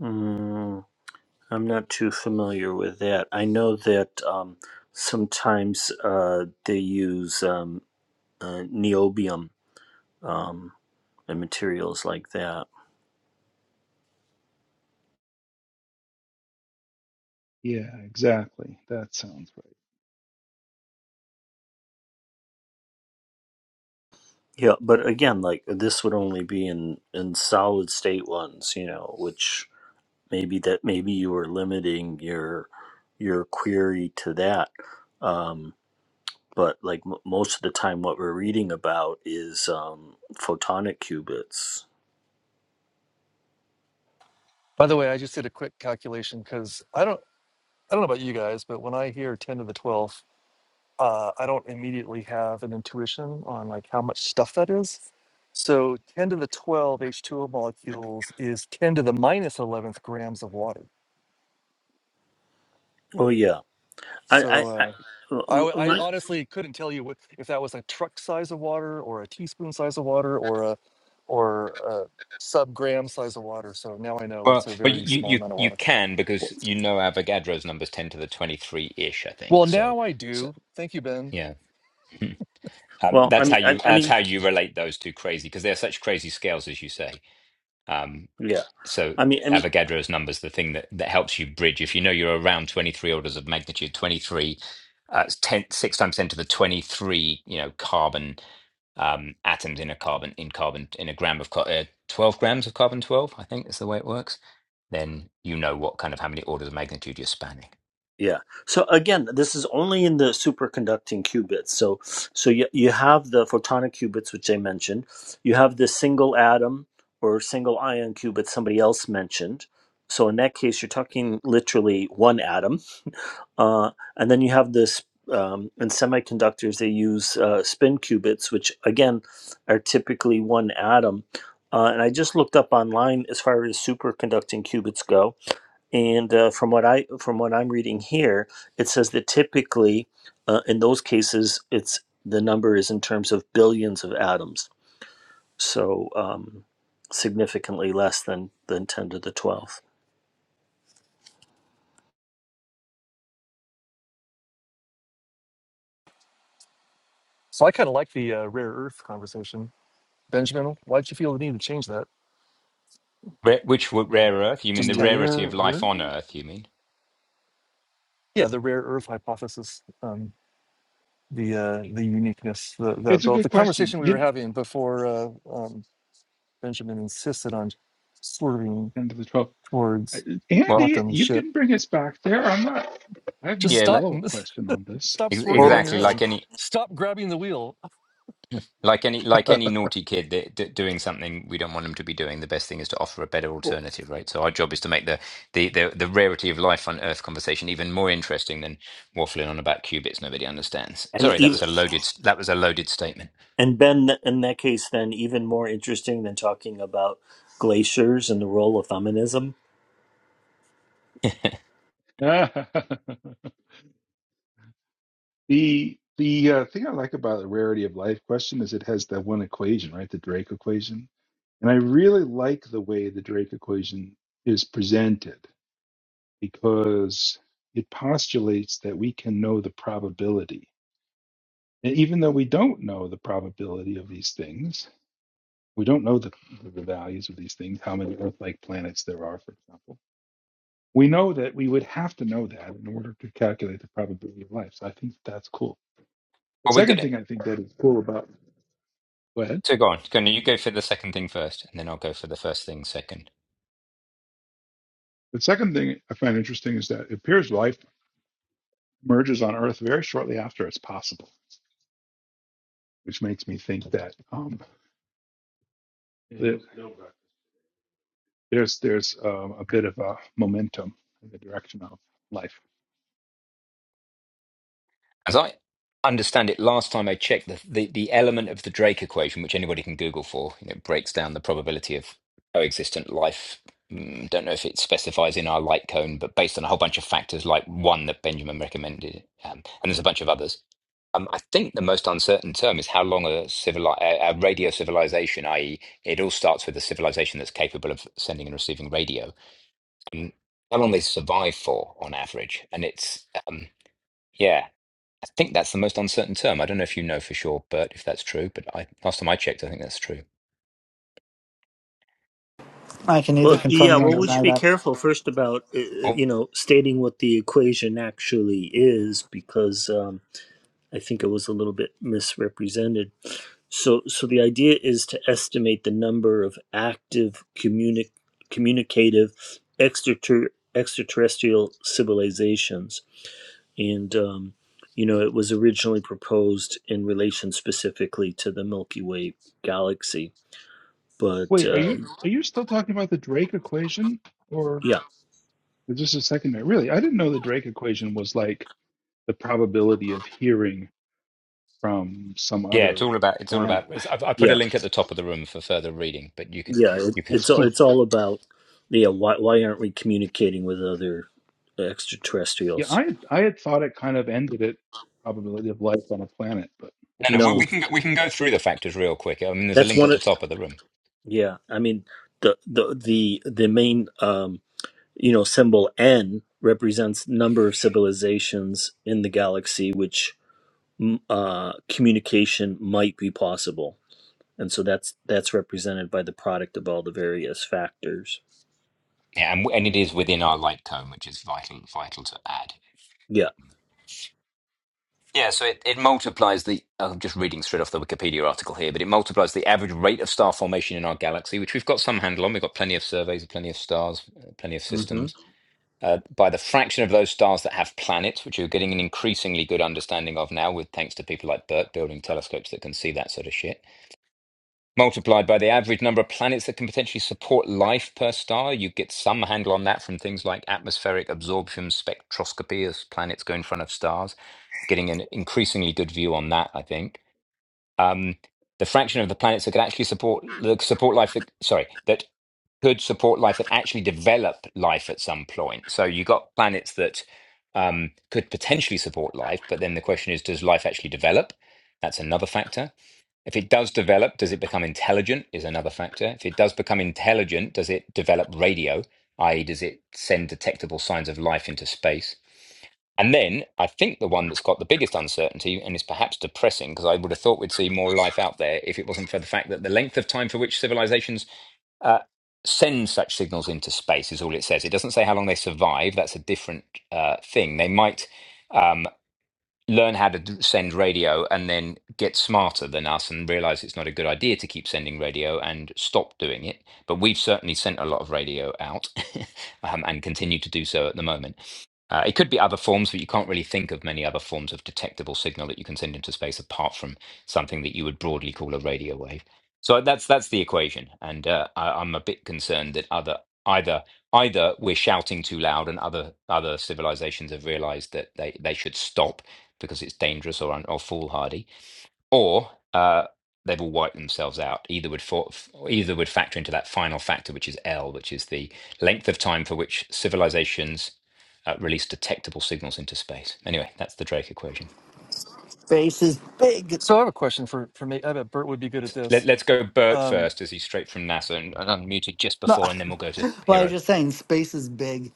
J: Mm, I'm not too familiar with that. I know that um, sometimes uh, they use. Um, uh, niobium um, and materials like that.
C: Yeah, exactly. That sounds right.
J: Yeah, but again, like this would only be in in solid state ones, you know, which maybe that maybe you were limiting your your query to that. Um, but like m- most of the time, what we're reading about is um, photonic qubits.
K: By the way, I just did a quick calculation because I don't I don't know about you guys, but when I hear ten to the twelfth, uh, I don't immediately have an intuition on like how much stuff that is. So ten to the twelve H two O molecules is ten to the minus eleventh grams of water.
J: Oh yeah, I,
K: So
J: I, I
K: uh, I,
J: m-
K: w-
J: m-
K: I
J: my,
K: honestly couldn't tell you what, if that was a truck size of water or a teaspoon size of water or a or a sub gram size of water. So now I know it's
A: Well,
K: a
A: well, you,
K: very
A: you
K: small
A: you
K: amount of water.
A: can because you know Avogadro's numbers ten to the twenty three ish, I
K: Well,
A: think. So,
K: now I
A: so
K: do. Thank you, Ben.
A: yeah, um,
J: well, I
A: that's how
J: mean, I,
A: you
J: I
A: that's
J: mean,
A: how you relate those two crazy because they're such crazy scales, as you say. Um,
J: yeah,
A: so
J: I mean, I
A: th-
J: mean,
A: Avogadro's numbers, the thing that, that helps you bridge, if you know you're around 23 orders of magnitude, 23, uh, it's 10, six times 10 to the 23, you know, carbon um, atoms in a carbon, in carbon, in a gram of, car- uh, 12 grams of carbon 12, I think is the way it works, then you know what kind of, how many orders of magnitude you're spanning.
J: Yeah. So again, this is only in the superconducting qubits. So so you you have the photonic qubits which I mentioned. You have the single atom or single ion qubit somebody else mentioned. So in that case, you're talking literally one atom, uh, and then you have this. Um, in semiconductors, they use uh, spin qubits, which again are typically one atom. Uh, and I just looked up online as far as superconducting qubits go and uh, from what I from what I'm reading here, it says that typically, uh, in those cases, it's the number is in terms of billions of atoms, so um, significantly less than than ten to the twelfth.
K: So I kind of like the uh, rare earth conversation. Benjamin, why'd you feel the need to change that?
A: Ra- which w- rare earth? You mean
K: Just
A: the
K: tap.
A: rarity of
C: Rare
A: life
C: earth?
A: on earth, you mean?
K: Yeah, the rare earth hypothesis, um, the uh, the uniqueness, the, the
C: It's a
K: the
C: good
K: the
C: question.
K: conversation we were
C: You
K: having before uh, um, Benjamin insisted on swerving
C: end of the twelve. Uh,
K: towards
A: Well,
C: Andy,
K: quantum
C: you
K: shit.
C: can bring us back there. I'm not. I have no
K: Just
A: yeah,
K: stop,
A: like,
C: follow up question on this.
K: stop
A: ex-
K: swerving
J: Or
K: on your
A: exactly
K: own.
A: like any
K: Stop grabbing the wheel.
A: Like any like any naughty kid that, that doing something we don't want them to be doing, the best thing is to offer a better alternative, right? So our job is to make the the the, the rarity of life on Earth conversation even more interesting than waffling on about qubits nobody understands.
J: And
A: Sorry, that
J: even
A: was a loaded that was a loaded statement.
J: and Ben, in that case, then even more interesting than talking about glaciers and the role of feminism.
C: the the uh, thing I like about the rarity of life question is it has that one equation, right? The Drake equation, and I really like the way the Drake equation is presented because it postulates that we can know the probability. And even though we don't know the probability of these things, we don't know the, the values of these things, how many Earth like planets there are, for example. We know that we would have to know that in order to calculate the probability of life. So I think that's cool. The
A: Are we
C: second
A: good?
C: thing I think that is cool about, go ahead.
A: So go on. Can you go for the second thing first, and then I'll go for the first thing second.
C: The second thing I find interesting is that it appears life emerges on Earth very shortly after it's possible, which makes me think that um, that there's there's um, a bit of a momentum in the direction of life.
A: As I understand it, last time I checked, the, the, the element of the Drake equation, which anybody can Google for, you know, breaks down the probability of coexistent life. Mm, don't know if it specifies in our light cone, but based on a whole bunch of factors, like one that Benjamin recommended, um, and there's a bunch of others. Um, I think the most uncertain term is how long a, civili- a, a radio civilization, i.e., it all starts with a civilization that's capable of sending and receiving radio, um, how long they survive for on average. And it's um, yeah. I think that's the most uncertain term. I don't know if you know for sure, Bert, if that's true. But I, last time I checked, I think that's true.
E: i can neither
J: Well, yeah.
E: confirm nor
J: Well, we should
E: deny
J: be
E: that
J: careful first about uh, uh,
A: Oh,
J: you know stating what the equation actually is because. Um, I think it was a little bit misrepresented. So, so the idea is to estimate the number of active communi- communicative extrater- extraterrestrial civilizations, and um, you know, it was originally proposed in relation specifically to the Milky Way galaxy. But
C: Wait, are
J: uh,
C: you are you still talking about the Drake equation, or
J: yeah,
C: is this a secondary? Really, I didn't know the Drake equation was like the probability of hearing from some
A: yeah, it's
C: other
A: all about. It's all
C: planet.
A: about. It's, I've, I put a
J: yeah,
A: link at the top of the room for further reading, but you can,
J: yeah, it,
A: you can.
C: That's
J: it's all-
C: cool.
J: it's all about yeah. Why why aren't we communicating with other
C: Yeah,
J: extraterrestrials?
C: I had- I had thought it kind of ended at probability of life on a planet, but
A: No, no,
C: that's
A: we
J: No,
A: we
C: cool.
A: can go- we can go through the factors real quick. I mean, there's a
J: that's
A: link
J: one.
A: at the
J: of
A: top of the room.
J: Yeah, I mean the the the the main um, you know symbol N represents number of civilizations in the galaxy which m- uh, communication might be possible, and so that's that's represented by the product of all the various factors.
A: Yeah, and and it is within our light cone, which is vital vital to add.
J: Yeah.
A: Yeah, so it, it multiplies the. oh, I'm just reading straight off the Wikipedia article here, but it multiplies the average rate of star formation in our galaxy, which we've got some handle on. We've got plenty of surveys, plenty of stars, uh, plenty of
J: hmm
A: systems uh, by the fraction of those stars that have planets, which you're getting an increasingly good understanding of now, with thanks to people like Burt building telescopes that can see that sort of shit, multiplied by the average number of planets that can potentially support life per star. You get some handle on that from things like atmospheric absorption spectroscopy as planets go in front of stars. Getting an increasingly good view on that, I think um, the fraction of the planets that could actually support the support life that sorry that could support life that actually develop life at some point. So you got planets that um, could potentially support life, but then the question is, does life actually develop? That's another factor. If it does develop, does it become intelligent? Is another factor. If it does become intelligent, does it develop radio? I.e., does it send detectable signs of life into space? And then I think the one that's got the biggest uncertainty and is perhaps depressing, because I would have thought we'd see more life out there if it wasn't for the fact that the length of time for which civilizations uh, send such signals into space is all it says. It doesn't say how long they survive. That's a different uh, thing. They might learn how to d- send radio and then get smarter than us and realize it's not a good idea to keep sending radio and stop doing it. But we've certainly sent a lot of radio out um, and continue to do so at the moment. Uh, it could be other forms, but you can't really think of many other forms of detectable signal that you can send into space apart from something that you would broadly call a radio wave. So that's that's the equation, and uh, I, I'm a bit concerned that other either either we're shouting too loud, and other other civilizations have realised that they they should stop, because it's dangerous or, un- or foolhardy, or uh, they all wiped themselves out. Either would for, either would factor into that final factor, which is L, which is the length of time for which civilizations uh, release detectable signals into space. Anyway, that's the Drake equation.
E: space is big
K: So I have a question for for me. I bet Bert would be good at
A: Let,
K: this.
A: let's go Bert
K: Um,
A: first, as he's straight from NASA and, and unmuted just
E: no
A: before, and then we'll go to
E: well i was
A: Hero.
E: just saying space is big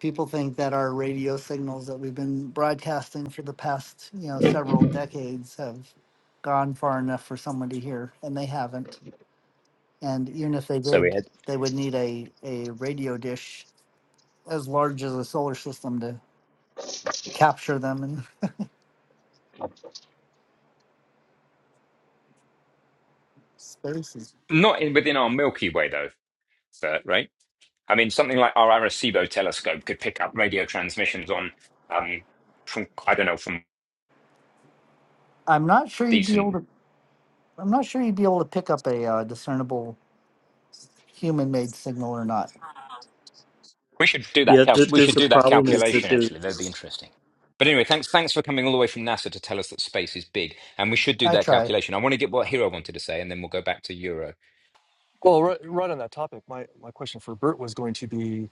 E: people think that our radio signals that we've been broadcasting for the past, you know, several decades have gone far enough for someone to hear, and they haven't. And even if they
A: So we
E: did,
A: had
E: they would need a, a radio dish as large as a solar system to capture them in spaces.
A: not in within our Milky Way though, Bert, right? I mean, something like our Arecibo telescope could pick up radio transmissions on um, from I don't know from
E: I'm not sure you'd be able
A: decent.
E: to. I'm not sure you'd be able to pick up a uh, discernible human-made signal or not.
A: We should do that.
J: Yeah.
A: Cal-
J: Th-
A: we
J: there's
A: should
J: the
A: do that
J: problem is that
A: calculation.
J: there's
A: Actually, that'd be interesting. But anyway, thanks. Thanks for coming all the way from NASA to tell us that space is big, and we should do
E: I
A: that
E: try.
A: calculation. I want to get what Hero wanted to say, and then we'll go back to Euro.
K: well, right, right on that topic, my my question for Bert was going to be: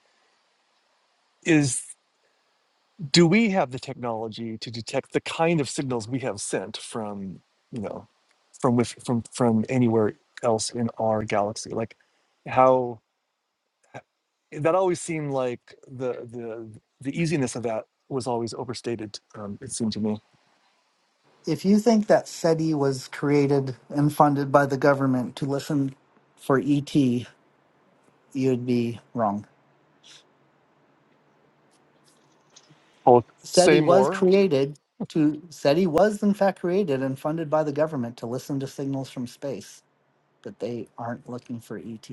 K: Is do we have the technology to detect the kind of signals we have sent from you know from with from from anywhere else in our galaxy like how eh, that always seemed like the the the easiness of that was always overstated um, it seemed to me
E: If you think that SETI was created and funded by the government to listen for ET, you'd be wrong.
K: well
E: SETI
K: say
E: was
K: more
E: created to SETI was in fact created and funded by the government to listen to signals from space, but they aren't looking for ET.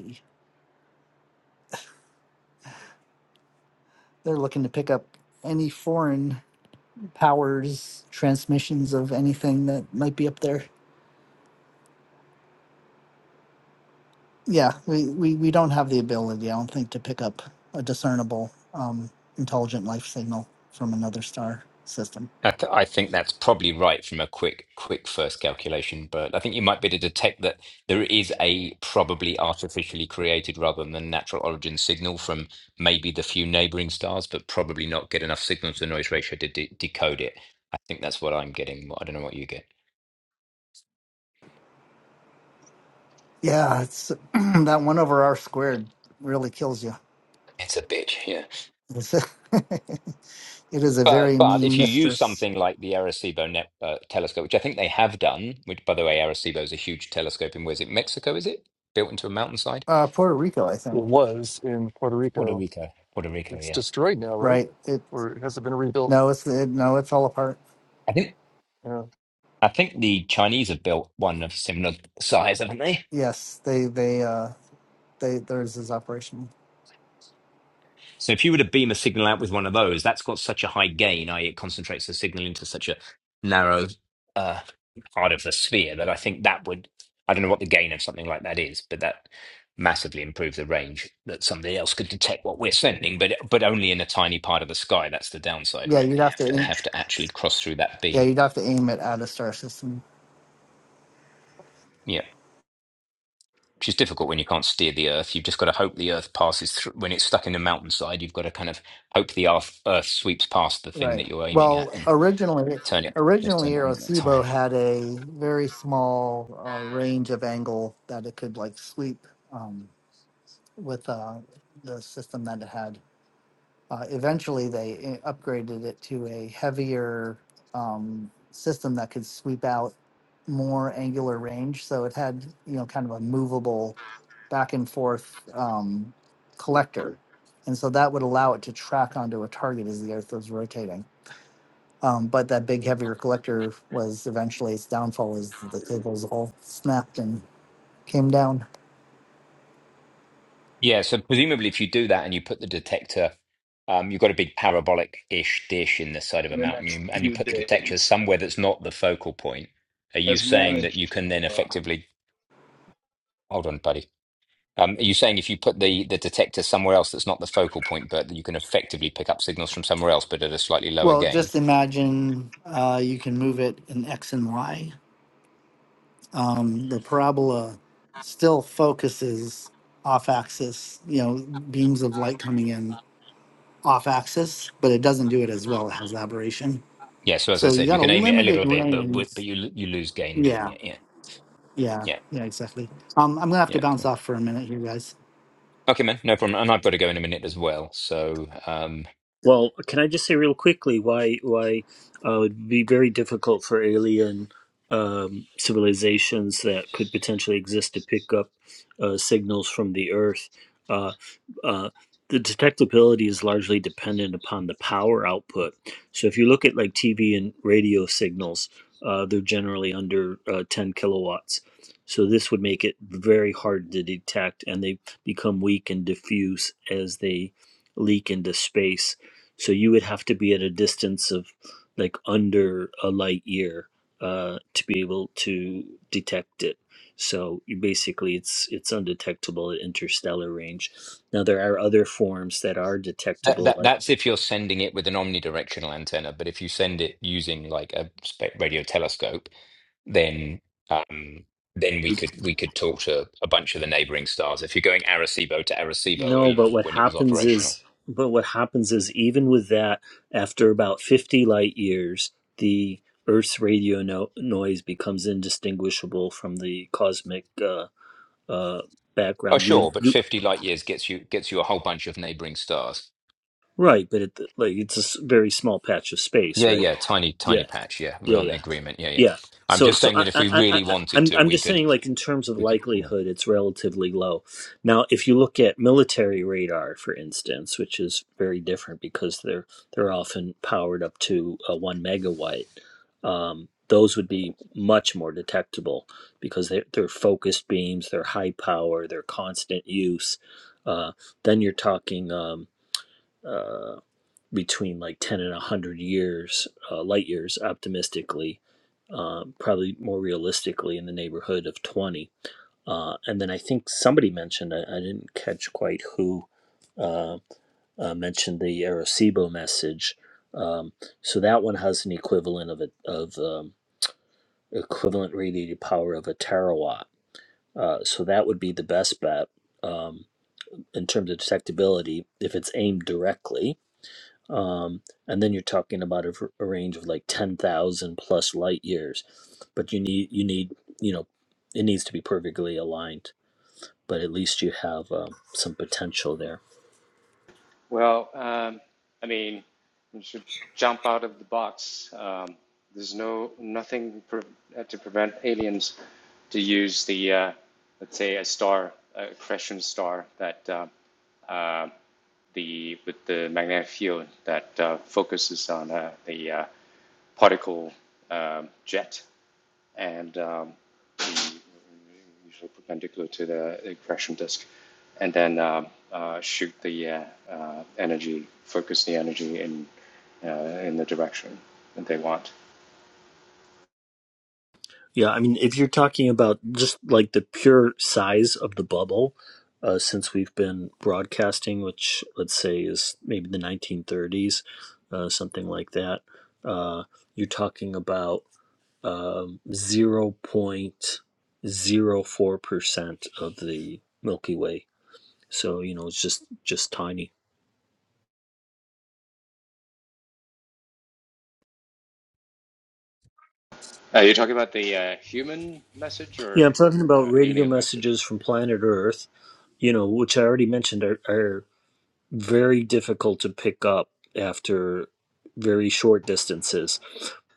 E: They're looking to pick up any foreign powers transmissions of anything that might be up there. Yeah, we, we, we don't have the ability, I don't think, to pick up a discernible um, intelligent life signal from another star system.
A: I, th- I think that's probably right from a quick, quick first calculation. But I think you might be able to detect that there is a probably artificially created rather than natural origin signal from maybe the few neighboring stars, but probably not get enough signal to noise ratio to de- decode it. I think that's what I'm getting. I don't know what you get.
E: Yeah, it's that one over R squared really kills you.
A: It's a bitch. Yeah.
E: It's a- it is a
A: But
E: very
A: but
E: mean
A: if you use
E: mistress.
A: something like the Arecibo net, uh, telescope, which I think they have done, which by the way, Arecibo is a huge telescope in where is it Mexico? Is it built into a mountainside?
E: Uh, Puerto Rico, I
K: it
E: think.
K: was in puerto
A: Puerto
K: rico
A: Rico, Puerto Rico,
K: it's
A: yeah.
K: destroyed now right
E: Right? It
K: or has it been rebuilt
E: no, it's it, no, it fell apart.
A: I think
K: yeah
A: I think the Chinese have built one of similar size, haven't they?
E: Yes, they they uh they There's this operation.
A: So if you were to beam a signal out with one of those, that's got such a high gain, i.e., it concentrates the signal into such a narrow uh, part of the sphere that I think that would, I don't know what the gain of something like that is, but that massively improve the range that somebody else could detect what we're sending, but but only in a tiny part of the sky. That's the downside,
E: Yeah,
A: right?
E: you'd have to
A: It's, they
E: aim,
A: have to actually cross through that
E: yeah
A: beam.
E: you'd have to aim it at a star system.
A: Yeah. Which is difficult when you can't steer the Earth. You've just got to hope the Earth passes through. When it's stuck in the mountainside, you've got to kind of hope the Earth Earth sweeps past the thing
E: Right.
A: that you're aiming at.
E: Well,
A: and.
E: originally
A: turn it just
E: originally
A: turn it on at that
E: Arecibo
A: time
E: had a very small uh, range of angle that it could like sweep um, with uh, the system that it had. Uh, eventually, they uh, upgraded it to a heavier um, system that could sweep out more angular range. So it had, you know, kind of a movable back and forth um, collector. And so that would allow it to track onto a target as the Earth was rotating. Um, but that big, heavier collector was eventually its downfall as the cables all snapped and came down.
A: yeah so presumably if you do that and you put the detector um, you've got a big parabolic-ish dish in the side of
C: In
A: a
C: the
A: mountain
C: next
A: you, and you
C: few
A: put the detector
C: days,
A: somewhere that's not the focal point are you
C: has
A: saying that you
C: managed
A: can then
C: to.
A: effectively hold on buddy um, are you saying if you put the, the detector somewhere else that's not the focal point but that you can effectively pick up signals from somewhere else but at a slightly lower
E: Well,
A: gain
E: just imagine uh, you can move it in X and Y um, the parabola still focuses off axis, you know, beams of light coming in off axis, but it doesn't do it as well. It has aberration.
A: Yeah, so as I
E: So you
A: said, you
E: got a
A: can aim it a
E: limited
A: little bit, but
E: range.
A: but but you lo- you lose gain doing
E: Yeah,
A: it. Yeah,
E: yeah,
A: yeah,
E: yeah, exactly. Um, I'm going to have to
A: yeah.
E: bounce
A: Cool.
E: off for a minute here, guys.
A: Okay, man, no problem. And I've got to go in a minute as well. So um,
J: Well, can I just say real quickly why why uh, it would be very difficult for alien um, civilizations that could potentially exist to pick up uh, signals from the Earth? Uh, uh, the detectability is largely dependent upon the power output. So if you look at like TV and radio signals, uh, they're generally under uh, 10 kilowatts. So this would make it very hard to detect, and they become weak and diffuse as they leak into space so you would have to be at a distance of like under a light year uh, to be able to detect it. So you basically, it's it's undetectable at interstellar range. Now there are other forms that are
A: that,
J: detectable.
A: that
J: Like
A: that's if you're sending it with an omnidirectional antenna. But if you send it using like a spe- radio telescope, then um, then we could we could talk to a bunch of the neighboring stars. If you're going Arecibo to Arecibo, uh,
J: no,
A: you know
J: but what
A: when it was
J: happens
A: operational.
J: is, but what happens is even with that, after about fifty light years, the Earth's radio no- noise becomes indistinguishable from the cosmic uh, uh,
A: Oh,
J: background. You would
A: sure, but
J: you,
A: 50 light years gets you gets you a whole bunch of neighboring stars.
J: Right, but it like it's a s- very small patch of space,
A: Yeah,
J: right?
A: yeah, tiny tiny
J: Yeah,
A: patch. Yeah, we're
J: yeah,
A: on the
J: yeah,
A: agreement. Yeah, yeah.
J: yeah.
A: I'm
J: So,
A: just
J: so
A: saying
J: I,
A: that if
J: I,
A: we
J: I,
A: really
J: I-
A: wanted
J: I'm,
A: to,
J: I'm
A: we
J: just
A: could.
J: saying, like in terms of
A: We could.
J: likelihood,
A: Yeah.
J: it's relatively low. Now, if you look at military radar, for instance, which is very different because they're they're often powered up to uh, one megawatt, um, those would be much more detectable because they're, they're focused beams, they're high power, they're constant use. Uh, then you're talking. Um, uh, between like 10 and 100 years, uh, light years, optimistically, um, probably more realistically in the neighborhood of 20. Uh, and then I think somebody mentioned, I, I didn't catch quite who uh, uh, mentioned the Arecibo message. Um, so that one has an equivalent of, a, of um, equivalent radiated power of a terawatt. Uh, so that would be the best bet um, in terms of detectability if it's aimed directly um, and then you're talking about a, v- a range of like 10,000 plus light years but you need you need you know it needs to be perfectly aligned but at least you have um, some potential there
L: Well, um, I mean, you should jump out of the box. Um, there's no nothing pre- uh, to prevent aliens to use the, uh, let's say, a star, a accretion star that uh, the with the magnetic field that uh, focuses on uh, the uh, particle um jet, and um, perpendicular to the equation disk, and then um, uh, shoot the uh, uh, energy, focus the energy in uh, in the direction that they want.
J: yeah i mean if you're talking about just like the pure size of the bubble uh, since we've been broadcasting which let's say is maybe the 1930s uh, something like that uh, you're talking about um, 0.04% of the Milky Way. So, you know, it's just just tiny.
L: Are you talking about the uh, human message or
J: Yeah, I'm talking about
L: uh,
J: radio
L: alien message?
J: messages from planet Earth, you know, which I already mentioned are, are very difficult to pick up after very short distances.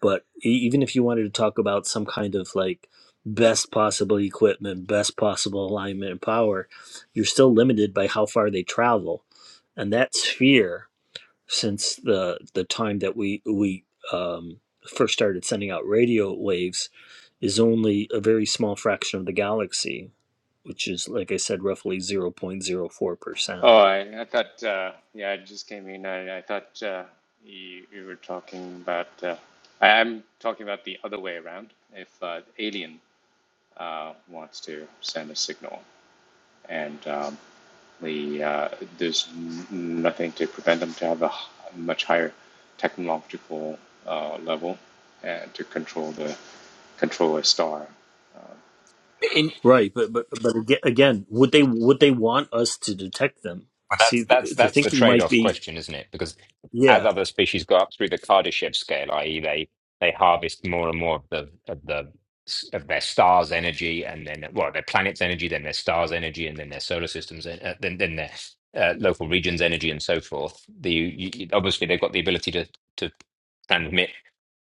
J: But e- even if you wanted to talk about some kind of like best possible equipment, best possible alignment and power, you're still limited by how far they travel. And that sphere since the the time that we we um, first started sending out radio waves is only a very small fraction of the galaxy, which is like I said, roughly zero point zero four percent.
L: Oh, I, I thought, uh, yeah, I just came in. I, I thought uh, you, you were talking about, uh, I, I'm talking about the other way around. If uh, the alien uh, wants to send a signal, and um, the uh, there's nothing to prevent them to have a much higher technological uh, level and to control the control a star.
J: Right, but but but aga- again, would they would they want us to detect them?
A: Well,
J: See,
A: that's that's
J: the, the
A: that's the
J: thinking might
A: trade-off
J: be,
A: question, isn't it? Because as
J: yeah,
A: other species go up through the Kardashev scale, i.e., they they harvest more and more of the of the of their star's energy, and then well, their planet's energy, then their star's energy, and then their solar system's, and uh, then then their uh, local region's energy, and so forth. The you, you- obviously they've got the ability to to transmit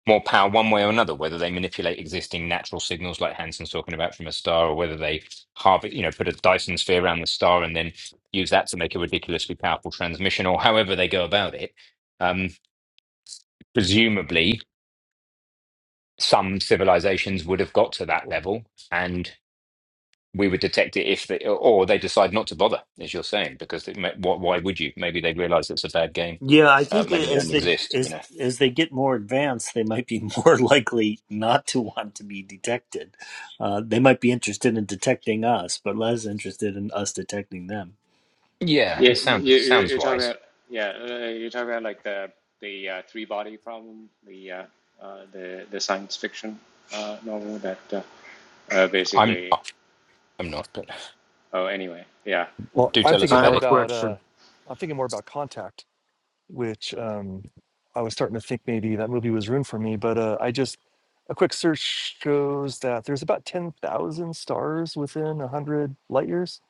A: more power one way or another, whether they manipulate existing natural signals like Hansen's talking about from a star, or whether they harvest, you know, put a Dyson sphere around the star and then use that to make a ridiculously powerful transmission or however they go about it. Um, presumably, some civilizations would have got to that level and we would detect it if they, or they decide not to bother, as you're saying, because it, may- why why would you? Maybe they realize it's a bad game.
J: Yeah, I
A: Uh,
J: think
A: maybe
J: that
A: they
J: as
A: don't
J: they
A: exist, you
J: as
A: know.
J: as they get more advanced, they might be more likely not to want to be detected. Uh, they might be interested in detecting us, but less interested in us detecting them.
A: Yeah,
L: Yeah,
A: it sounds
L: you, you-
A: sounds
L: you're talking
A: wise.
L: about yeah, uh, you're talking about like the the uh, three body problem, the uh, uh, the the science fiction uh, novel that uh, uh,
A: I'm
L: basically.
A: I'm not, but
L: Oh, anyway, yeah,
K: well
A: do
K: i'm
A: tell us
K: thinking
M: I
A: about
K: more
M: have a
A: it.
K: about uh
M: question.
K: i'm thinking more about contact which um, I was starting to think maybe that movie was ruined for me. But uh, I just a quick search shows that there's about ten thousand stars within a hundred light years,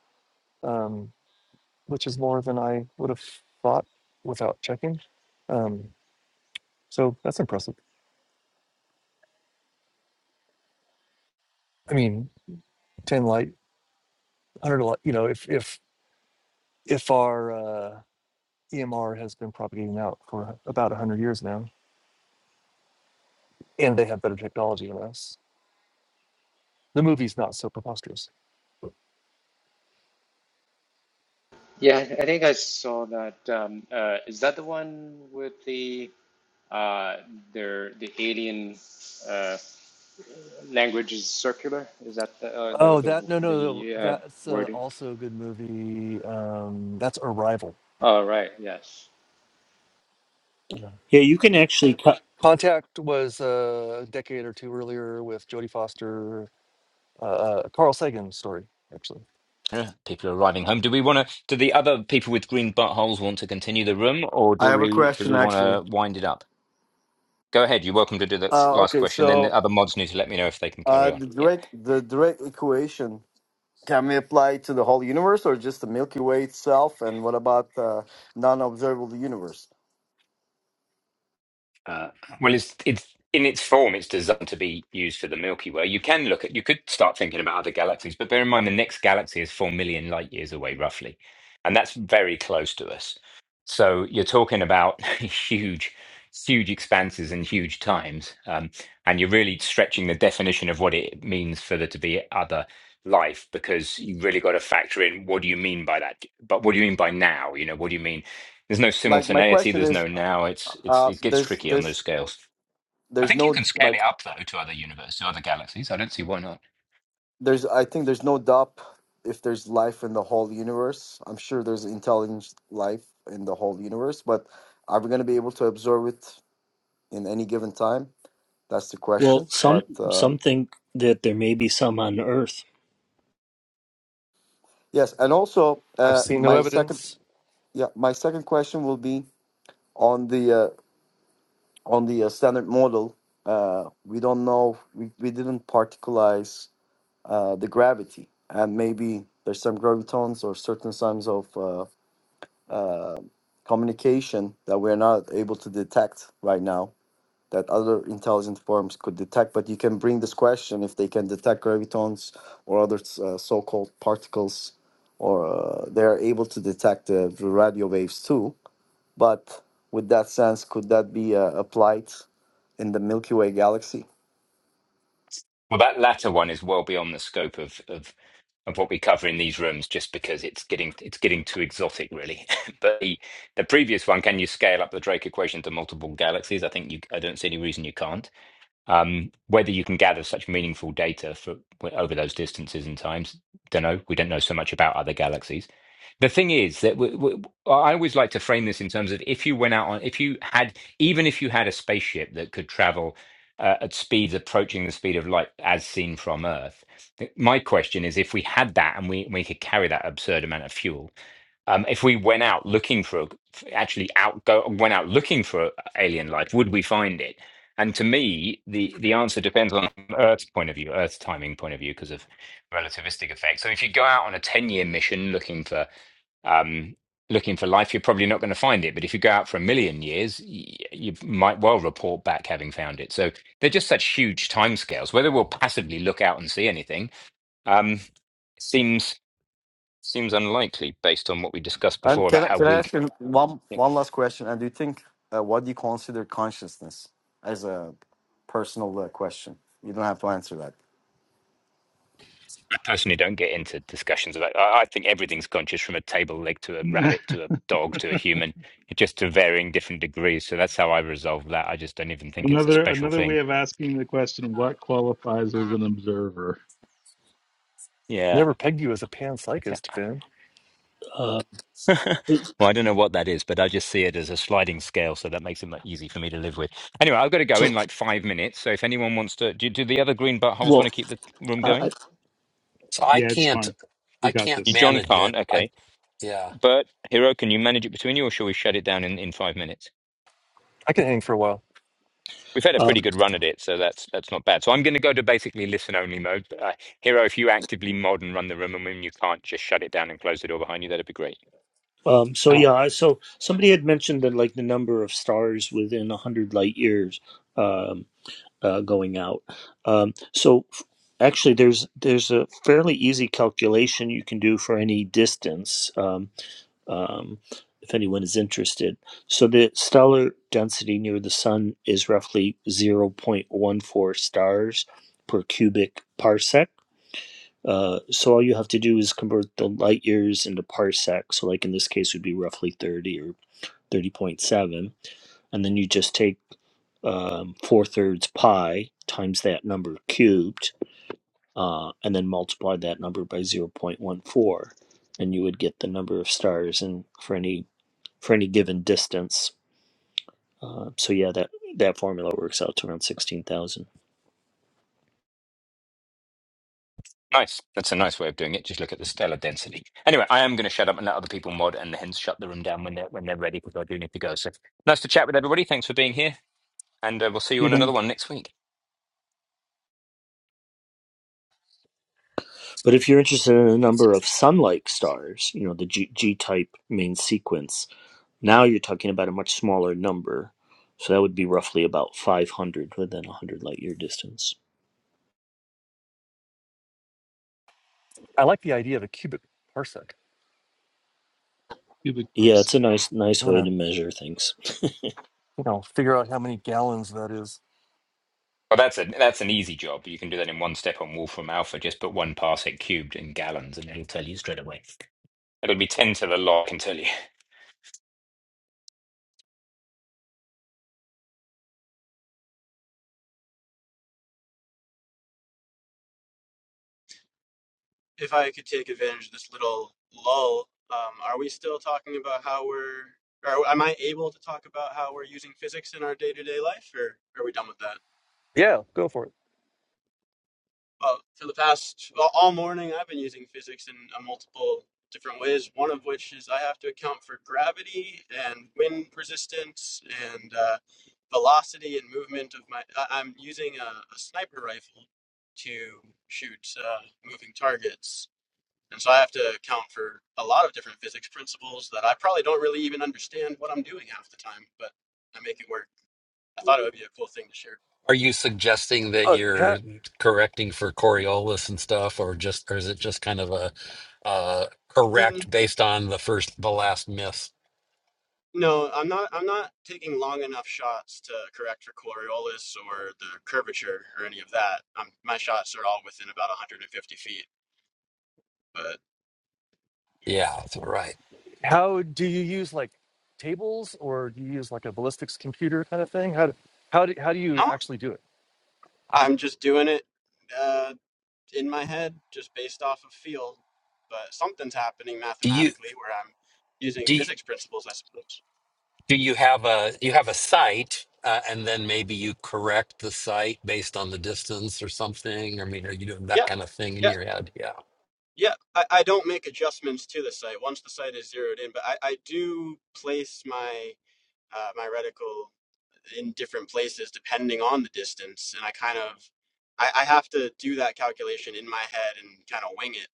K: um, which is more than I would have thought without checking. Um, so that's impressive. I mean, ten light, hundred light. You know, if if if our uh, EMR has been propagating out for about hundred years now, and they have better technology than us, the movie's not so preposterous.
L: yeah. I think I saw that. Um, uh, is that the one with the uh, their the alien? Language is circular. Is that the uh, the
K: Oh,
L: the,
K: that no, no, no
L: the uh,
K: that's uh,
L: wording?
K: also a good movie. Um, that's Arrival.
L: All right. Yes.
K: Yeah.
J: Yeah, you can actually cut.
K: Contact was uh, a decade or two earlier with Jodie Foster, uh, uh, Carl Sagan story. Actually,
A: Yeah, People are riding home. Do we want to? Do the other people with green buttholes want to continue the room, or
M: I
A: do
M: have a
A: we do
M: question
A: we want
M: actually.
A: to wind it up? Go ahead. You're welcome to do that
M: Uh,
A: last
M: okay,
A: question. Then the
M: so
A: other mods need to let me know if they can carry
M: uh,
A: on.
M: the
A: Yeah.
M: direct the direct equation can we apply to the whole universe or just the Milky Way itself? And what about uh, non-observable universe?
A: Uh, well, it's it's in its form, it's designed to be used for the Milky Way. You can look at, you could start thinking about other galaxies, but bear in mind the next galaxy is four million light years away, roughly, and that's very close to us. So you're talking about huge, huge expanses and huge times, um, and you're really stretching the definition of what it means for there to be other life because you really got to factor in what do you mean by that but what do you mean by now you know what do you mean there's no
M: Like my
A: simultaneity.
M: question
A: There's
M: is,
A: no now. It's it's
M: uh,
A: it gets
M: there's
A: tricky on those
M: there's
A: scales. I
M: there's
A: think you
M: no
A: can scale
M: like
A: it up though to other universes, to other galaxies. I don't see why not.
M: there's I think there's no doubt if there's life in the whole universe. I'm sure there's intelligent life in the whole universe, but are we going to be able to observe it in any given time? That's the
J: Well,
M: question.
J: some
M: But um,
J: some think that there may be some on Earth.
M: Yes, and also
K: I've
M: uh,
K: seen no
M: my second
K: evidence.
M: yeah my second question will be on the uh, on the uh, standard model. Uh, we don't know we, we didn't particularize uh, the gravity, and maybe there's some gravitons or certain signs of uh, uh, communication that we're not able to detect right now. that other intelligent forms could detect. But you can bring this question if they can detect gravitons or other uh, so-called particles, or uh, they are able to detect the radio waves too. But with that sense, could that be uh, applied in the Milky Way galaxy?
A: Well, that latter one is well beyond the scope of of of what we cover in these rooms, just because it's getting it's getting too exotic, really. but the, the previous one, can you scale up the Drake equation to multiple galaxies? I think you. I don't see any reason you can't. Um, whether you can gather such meaningful data for over those distances and times, don't know. We don't know so much about other galaxies. The thing is that we, I I always like to frame this in terms of if you went out on, if you had, even if you had a spaceship that could travel uh, at speeds approaching the speed of light as seen from Earth, th- my question is if we had that and we, we could carry that absurd amount of fuel um, if we went out looking for a, actually out go went out looking for alien life, would we find it? And to me, the the answer depends on Earth's point of view, Earth's timing point of view, because of relativistic effects. So if you go out on a ten year mission looking for um, looking for life, you're probably not going to find it. But if you go out for a million years, y- you might well report back having found it. So they're just such huge timescales. Whether we'll passively look out and see anything um, seems. Seems unlikely based on what we discussed
M: And
A: before
M: can
A: about
M: I,
A: how
M: can I ask
A: weak.
M: you one
A: Yeah.
M: one last question? And do you think uh, what do you consider consciousness as a personal uh, question? You don't have to answer that.
A: I personally don't get into discussions about. I, I think everything's conscious from a table leg to a
C: Uh,
A: rabbit to a dog to a human, just to varying different degrees. So that's how I resolve that. I just don't even think it's a
C: Another
A: special
C: another way
A: thing.
C: of asking the question, what qualifies as an observer?
A: Yeah.
K: Never pegged you as a
A: I
K: panpsychist,
A: ca-
K: Finn.
J: Uh,
A: well, I don't know what that is, but I just see it as a sliding scale, so that makes it much easy for me to live with. Anyway, I've got to go
J: so,
A: in like five minutes. So if anyone wants to, do, do the other green buttholes want
J: well,
A: to keep the room
J: I, I-
A: going?
B: So I
C: Yeah, it's
B: can't
C: fine. We
B: I
C: got
B: can't
A: You,
C: this.
A: John
B: manage it.
A: can't. Okay.
B: I. Yeah.
A: Bert, Hiro, can you manage it between you, or shall we shut it down in, in five minutes?
K: I can hang for a while.
A: We've had a pretty
J: um,
A: good run at it, so that's that's not bad. So I'm going to go to basically listen only mode. But, uh, Hero, if you actively mod and run the room, and when you can't, just shut it down and close the door behind you. That'd be great.
J: um, so
B: Uh,
J: yeah, I- so somebody had mentioned that like the number of stars within a hundred light years. um, uh, going out. Um, so f- actually, there's there's a fairly easy calculation you can do for any distance. Um, um, if anyone is interested, so the stellar density near the sun is roughly 0.14 stars per cubic parsec. Uh, so all you have to do is convert the light years into parsec. So like in this case, would be roughly 30 or 30.7, and then you just take um, four thirds pi times that number cubed, uh, and then multiply that number by zero point one four, and you would get the number of stars and for any for any given distance. Uh, so yeah, that that formula works out to around sixteen thousand.
A: Nice. That's a nice way of doing it. Just look at the stellar density. Anyway, I am going to shut up and let other people mod, and hence shut the room down when they're when they're ready because I do need to go. So nice to chat with everybody. Thanks for being here, and uh, we'll see you
C: Hey
A: on another
C: Ben,
A: one next week.
J: But if you're interested in the number of sun-like stars, you know the G, G-type main sequence, now you're talking about a much smaller number. So that would be roughly about 500 within a 100 light year distance.
K: I like the idea of a cubic parsec.
C: cubic
J: Yeah, it's a
C: parsec.
J: nice nice
K: I'm
J: way to
K: gonna,
J: measure things.
K: you know, figure out how many gallons that is.
A: Well, that's a that's an easy job. You can do that in one step on Wolfram Alpha. Just put one parsec cubed in gallons, and it'll tell you straight away. It'll be ten to the log. I can tell you.
I: If I could take advantage of this little lull, um, are we still talking about how we're, or am I able to talk about how we're using physics in our day to day life, or are we done with that?
K: Yeah, go for it.
I: Well, for the past, well, all morning, I've been using physics in a multiple different ways, one of which is I have to account for gravity and wind resistance and uh, velocity and movement of my, I, I'm using a, a sniper rifle to shoot uh, moving targets. And so I have to account for a lot of different physics principles that I probably don't really even understand what I'm doing half the time, but I make it work. I thought it would be a cool thing to share.
B: Are you suggesting that
K: Uh, ha-
B: you're correcting for Coriolis and stuff, or just, or is it just kind of a uh,
I: Mm,
B: correct based on the first, the last myth?
I: no, I'm not. I'm not taking long enough shots to correct for Coriolis or the curvature or any of that. i my shots are all within about 150 feet, but
B: Yeah, that's all right.
K: how do you use like tables or do you use like a ballistics computer kind of thing? How do, how do, how do you
I: no,
K: actually do it?
I: I'm just doing it uh, in my head, just based off of feel. But something's happening
B: Do you
I: mathematically where I'm using
B: do you-
I: physics principles, I suppose.
B: do you have a you have a site, uh, and then maybe you correct the site based on the distance or something? I mean, are you doing that
I: Yeah.
B: kind of thing
I: yeah.
B: in your head? Yeah.
I: Yeah, I, I don't make adjustments to the site once the site is zeroed in, but I, I do place my uh, my reticle in different places depending on the distance, and I kind of I, I have to do that calculation in my head and kind of wing it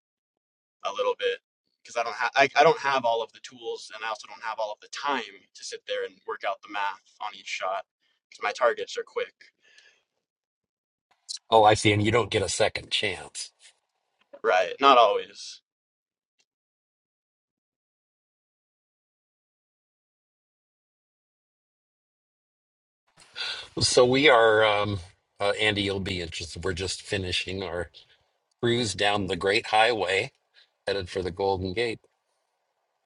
I: a little bit because I don't have I, I don't have all of the tools, and I also don't have all of the time to sit there and work out the math on each shot because my targets are quick.
B: Oh, I see. And you don't get a second chance.
I: Right, not always.
B: So we are, um, uh, Andy, you'll be interested. We're just finishing our cruise down the Great Highway headed for the Golden Gate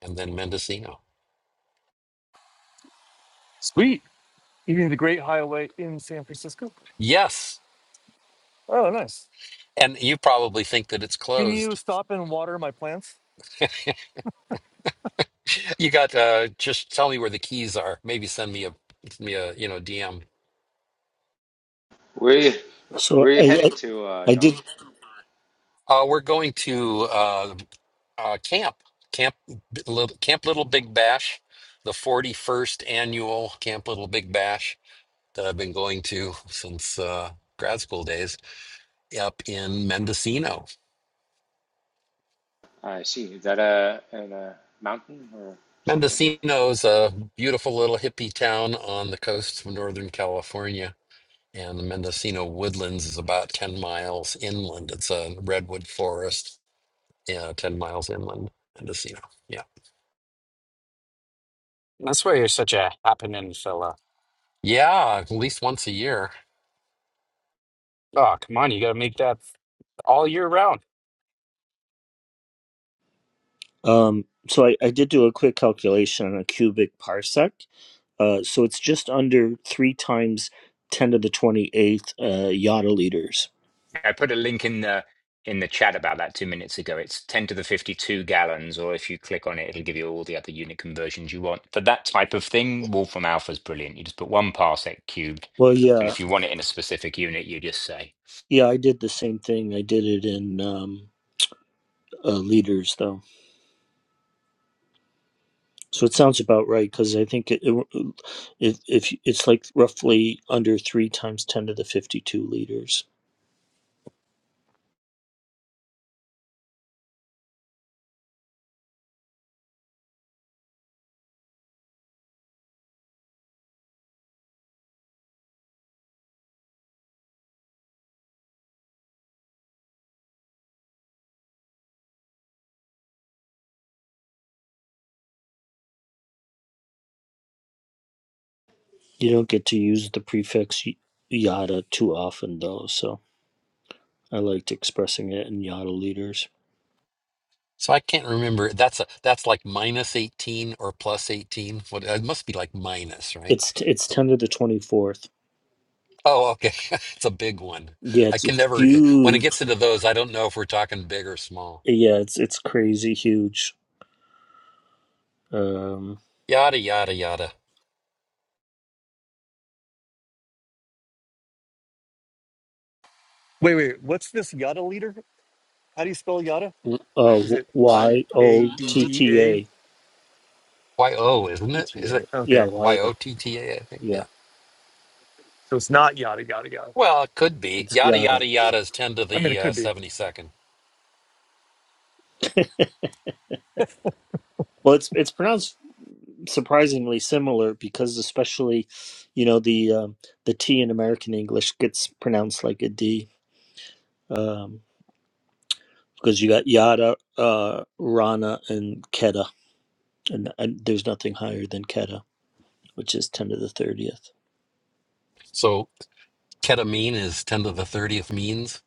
B: and then Mendocino.
K: Sweet. Eating the Great Highway in San Francisco.
B: Yes.
K: Oh, nice.
B: And you probably think that it's
K: Can you
B: closed.
K: stop and water my plants?
B: You got uh just tell me where the keys are. Maybe send me a send me a you know DM.
L: We
J: So
L: where are you
J: I I,
L: heading to, uh,
J: I
L: John?
J: did
B: Uh we're going to uh uh camp. Camp little Camp Little Big Bash, the 41st annual Camp Little Big Bash that I've been going to since uh grad school days up in Mendocino
L: I see. Is that a an, a mountain or something?
B: Mendocino is a beautiful little hippie town on the coast of Northern California. And the Mendocino Woodlands is about 10 miles inland. It's a redwood forest, yeah, 10 miles inland, Mendocino. Yeah.
F: That's why you're such a happening fella.
B: Yeah, at least once a year.
F: Oh, come on. You got to make that all year round.
J: um so I, I did do a quick calculation on a cubic parsec. Uh, so it's just under three times ten to the twenty eighth uh, yada liters.
A: I put a link in the in the chat about that two minutes ago. It's ten to the fifty-two gallons, or if you click on it, it'll give you all the other unit conversions you want for that type of thing. Wolfram Alpha is brilliant. You just put one parsec cubed,
J: Well,
A: and
J: yeah,
A: if you want it in a specific unit, you just say,
J: yeah, I did the same thing. I did it in um, uh, liters though, so it sounds about right because I think it, it if if it's like roughly under three times ten to the fifty two liters. You don't get to use the prefix y- yada too often, though, so I liked expressing it in yada liters.
B: So I can't remember. That's a that's like minus 18 or plus 18. What it must be like minus, right?
J: It's it's ten to the twenty fourth.
B: Oh, okay. It's a big one.
J: Yeah,
B: I
J: it's
B: can never when it gets
J: huge.
B: into those, I don't know if we're talking big or small.
J: Yeah, it's it's crazy huge. Um,
B: Yada yada yada.
K: Wait, wait. What's this yada leader? How do you spell yada?
J: uh,
K: Is it Y
J: Y
K: A
J: O
K: D
J: T
K: D
J: T
K: A
J: A.
B: Y O, isn't
K: P
B: it?
K: T
B: Is it
K: A?
J: Yeah,
K: Okay.
J: Y
B: Y O
J: O.
B: T T A? I think.
J: Yeah,
B: Yeah.
K: So it's not yada yada yada.
B: Well, it could be.
J: it's
B: Yada
J: yada.
B: yada yada is ten to
K: I mean,
B: the
K: it
B: uh,
K: could be.
B: seventy second.
J: Well, it's it's pronounced surprisingly similar because, especially, you know, the um, the T in American English gets pronounced like a D. Um, because you got Yada, uh, Rana, and Keta, and, and there's nothing higher than Keta, which is ten to the thirtieth.
B: So ketamine is ten to the thirtieth means.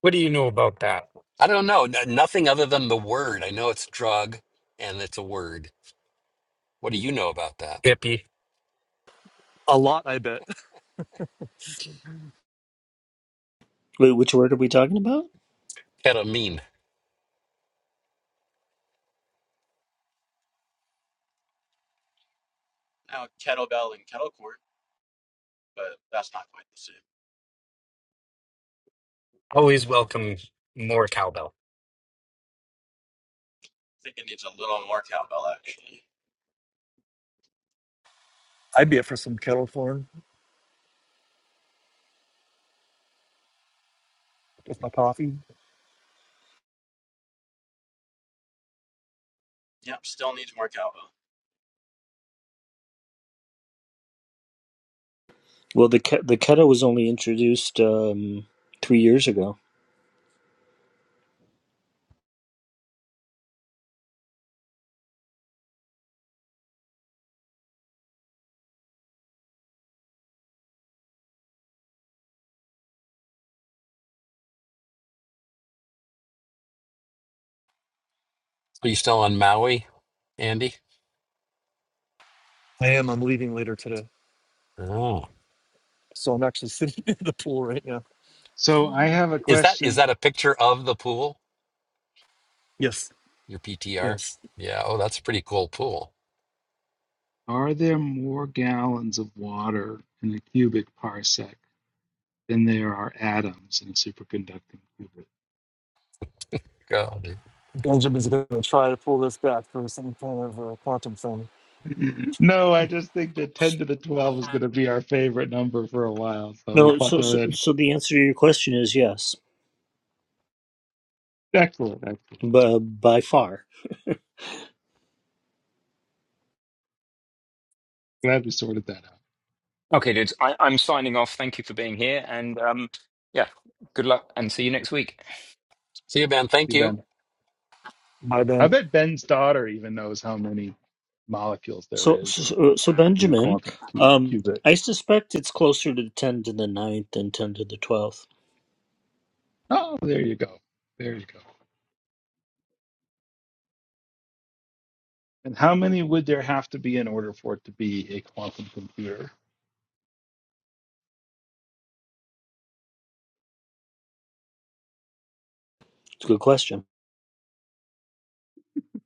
F: What do you know about that,
B: I don't know. N- nothing other than the word. I know it's a drug and it's a word. What do you know about that?
F: hippie?
K: A lot, I bet.
J: Wait, which word are we talking about?
B: Ketamine.
I: Now kettlebell and kettle court, but that's not quite the same.
F: Always welcome more cowbell.
I: I think it needs a little more cowbell actually.
K: I'd be up for some kettle corn with my coffee.
I: Yep, still needs more cowbell.
J: Well, the Ke- the Keta was only introduced um, three years ago.
B: Are you still on Maui, Andy?
K: I am. I'm leaving later today.
B: Oh,
K: So I'm actually sitting in the pool right now.
C: So I have a
B: is that is
C: question.
B: that a picture of the pool?
K: Yes.
B: Your PTR?
K: Yes,
B: Yeah. Oh, that's a pretty cool pool.
C: Are there more gallons of water in a cubic parsec than there are atoms in a superconducting
B: God.
K: Benjamin's going to try to pull this back for some kind of uh, quantum thing.
C: qubit? no, I just think that 10 to the 12 is going to be our favorite number for a while. So
J: No, so,
C: buckle
J: so
C: in.
J: so the answer to your question is yes,
C: Excellent, excellent.
J: by, by far.
C: Glad we sorted that out.
A: "Okay, dudes, I, I'm signing off. Thank you for being here, and um, yeah, good luck, and see you next week."
B: See you, Ben.
C: You
B: Thank you.
C: Ben.
K: My
C: I
K: bad.
C: bet Ben's daughter even knows how many molecules there
J: So so,
C: is
J: so so,
C: in a
J: Benjamin,
C: quantum cu-
J: um,
C: qubit.
J: I suspect it's closer to ten to the ninth than ten to the twelfth.
C: Oh, there you go. There you go. And how many would there have to be in order for it to be a quantum computer?
J: It's a good question.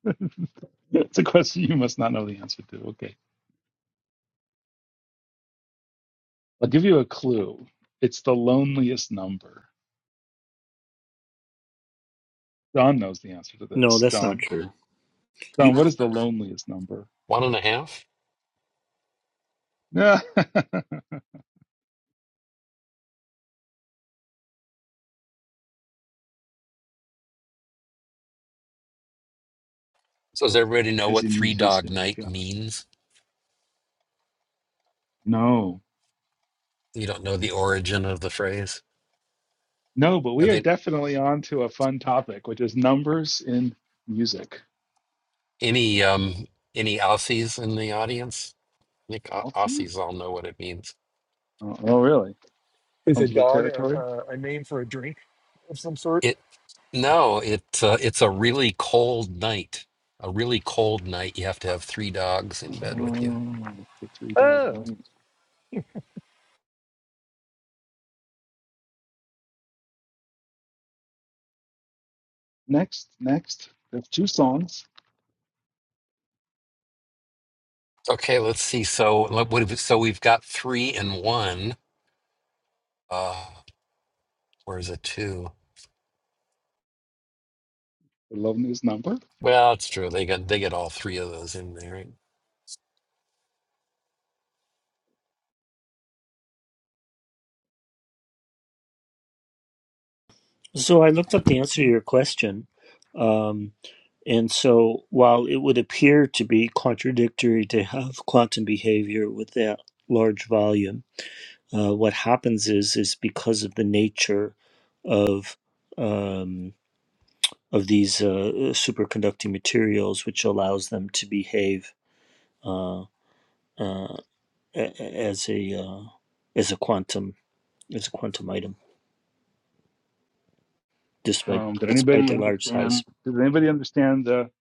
C: It's a question you must not know the answer to. Okay. I'll give you a clue. It's the loneliest number. John knows the answer to
J: No,
C: this.
J: that's not
C: John.
J: true.
C: John,
J: You,
C: what is the loneliest number?
B: One and a half.
C: As
B: So does everybody know
C: a
B: what three dog
C: musician,
B: night
C: John.
B: means?
C: No.
B: You don't know the origin of the phrase?
C: No, but
B: Are
C: we are
B: they
C: definitely on to a fun topic, which is numbers in music.
B: any um any Aussies in the audience? I think Au-
C: Elfie?
B: Aussies all know what it means.
C: Oh, oh, really?
K: Is a
C: Comes with the
K: dog a,
C: territory?
K: a, a name for a drink of some sort?
B: It no, it uh, it's a really cold night. A really cold night. You have to have three dogs in bed with you.
C: Oh, the three dog
K: Oh,
C: night. Next, next. There's two songs.
B: Okay, let's see. So let- what if, so we've got three and one. Uh, where's a two?
C: The Love News number.
B: Well, it's true. They got they get all three of those in there. Right?
J: so I looked up the answer to your question. Um, And so, while it would appear to be contradictory to have quantum behavior with that large volume, uh, what happens is is because of the nature of um, of these uh, superconducting materials, which allows them to behave uh, uh, a- as a uh, as a quantum as a quantum item, despite
C: Um, did
J: despite
C: anybody
J: their large size.
C: understand? Did anybody understand the,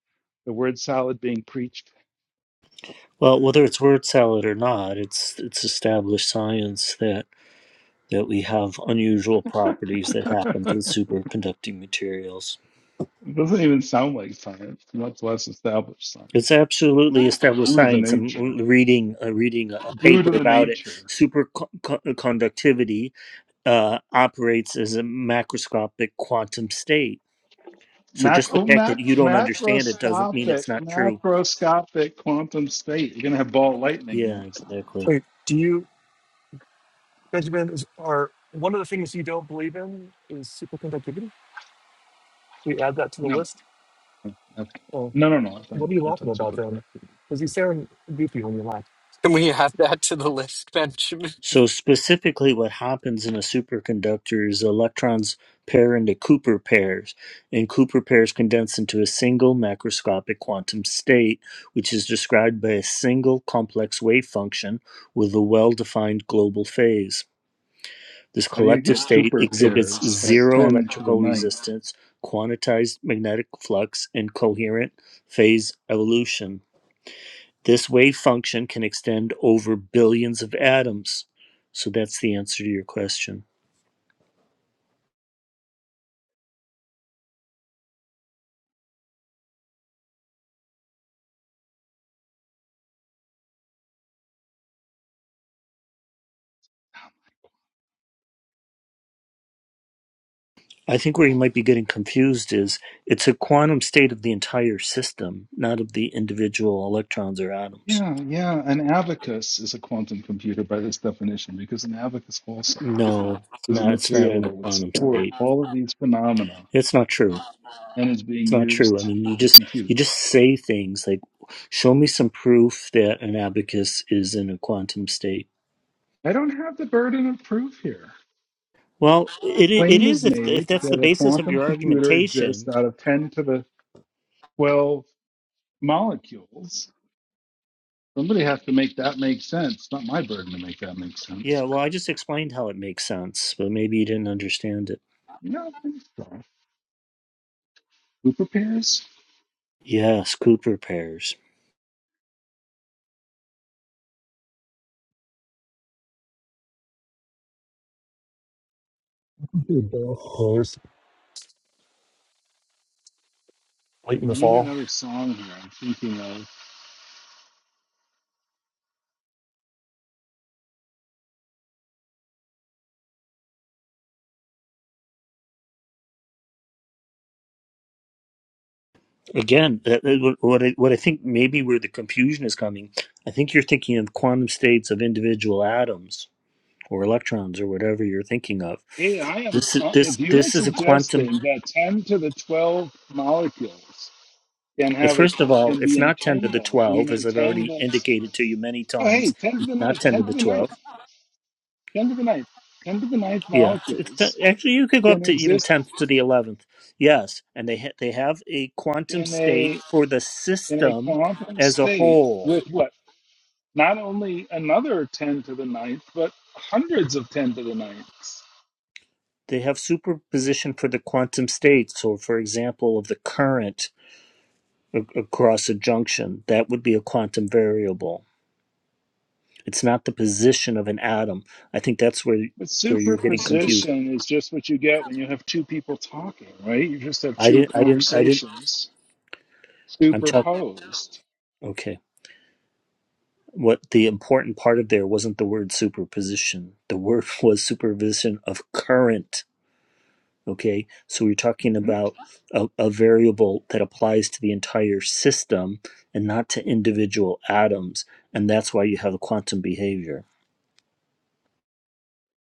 C: the word salad being preached?
J: Well, whether it's word salad or not, it's it's established science that we have unusual properties that happen with
C: it
J: superconducting materials.
C: doesn't even sound like science, much less established
J: It's
C: science.
J: absolutely established
C: Due to the
J: science. I'm
C: nature.
J: reading uh, reading a a
C: Due
J: paper
C: to the
J: about it.
C: nature.
J: Superconductivity uh, operates as a macroscopic quantum state. So
C: Mac-
J: just the
C: oh,
J: fact that
C: mac-
J: you don't understand it doesn't mean it's
C: macroscopic,
J: not true.
C: macroscopic quantum state. You're gonna have ball lightning
J: Yeah,
C: next.
J: exactly.
K: wait. Do you, Benjamin? Is, are one of the things you don't believe in is superconductivity? We add that to the
C: No,
K: list.
C: no, okay.
K: Oh,
C: no, no, no. I've
K: what
C: done,
K: are you
C: I've
K: laughing
C: done
K: about then?
C: superconductivity.
K: Because you sound goofy when you laugh.
F: Can we add that to the list, Benjamin?
J: So specifically what happens in a superconductor is electrons pair into Cooper pairs, and Cooper pairs condense into a single macroscopic quantum state, which is described by a single complex wave function with a well-defined global phase. This
C: How do you
J: collective
C: get
J: state
C: Cooper
J: exhibits
C: pairs at
J: zero
C: ten to the
J: electrical
C: ninth?
J: resistance, quantized magnetic flux, and coherent phase evolution. This wave function can extend over billions of atoms. So that's the answer to your question. I think where you might be getting confused is it's a quantum state of the entire system, not of the individual electrons or atoms.
C: Yeah, yeah. An abacus is a quantum computer by this definition because an abacus also
J: No, it's
C: is a
J: not it's not
C: material
J: in
C: that
J: a
C: would
J: quantum
C: support
J: state.
C: all of these phenomena
J: It's not true.
C: and is being
J: It's not true. I
C: used
J: mean you
C: to
J: just
C: compute.
J: you just say things like show me some proof that an abacus is in a quantum state.
C: I don't have the burden of proof here.
J: Well,
C: The
J: it i- it
C: claim
J: is
C: is
J: if if
C: made
J: that's the
C: that a
J: basis of
C: quantum
J: your
C: computer exists
J: argumentation,
C: out of 10 to the 12 molecules. Somebody has to make that make sense. not my burden to make that make
J: Yeah,
C: sense.
J: well, I just explained how it makes sense, but maybe you didn't understand it.
C: No, I think so. Who prepares?
J: Yes, Cooper pairs.
K: You're both close. Late in
C: We
K: the
C: need
K: fall.
C: another song here. I'm thinking of.
J: Again, that, that- what I, what I think maybe where the confusion is coming, I think you're thinking of quantum states of individual atoms or electrons or whatever you're thinking of.
C: Hey, I am.
J: This is
C: Uh, if
J: this
C: you are
J: this is a quantum.
C: suggesting that 10 to the 12 molecules can
J: It's
C: have a
J: first of all,
C: can
J: it's
C: be
J: not ten to the
C: entangled in an
J: twelve, as I've already
C: entangled.
J: indicated to you many
C: Oh, hey,
J: times.
C: 10 to
J: It's
C: the
J: not
C: ninth,
J: ten to
C: 10 to
J: the
C: the
J: twelve.
C: ninth, 10 to the ninth, 10 to the ninth
J: Yeah, it's, it's
C: molecules
J: actually you could go
C: can
J: up to even
C: exist
J: tenth to the eleventh. Yes, and they ha- they have a quantum
C: in
J: state
C: a
J: for the
C: in a
J: system
C: quantum
J: as a
C: state
J: whole.
C: with what not only another 10 to the ninth but hundreds of 10 to the ninths
J: They have superposition for the quantum state. So, for example, of the current a- across a junction, that would be a quantum variable. It's not the position of an atom. I think that's where
C: but
J: where you're getting confused.
C: superposition is just what you get when you have two people talking right you just have
J: I
C: two
J: didn't. I didn't. I didn't.
C: conversations
J: I'm talking.
C: superposed
J: Okay. What the important part of there wasn't the word superposition. The word was superposition of current. Okay, so we're talking
C: right?
J: about a, a variable that applies to the entire system and not to individual atoms, and that's why you have a quantum behavior.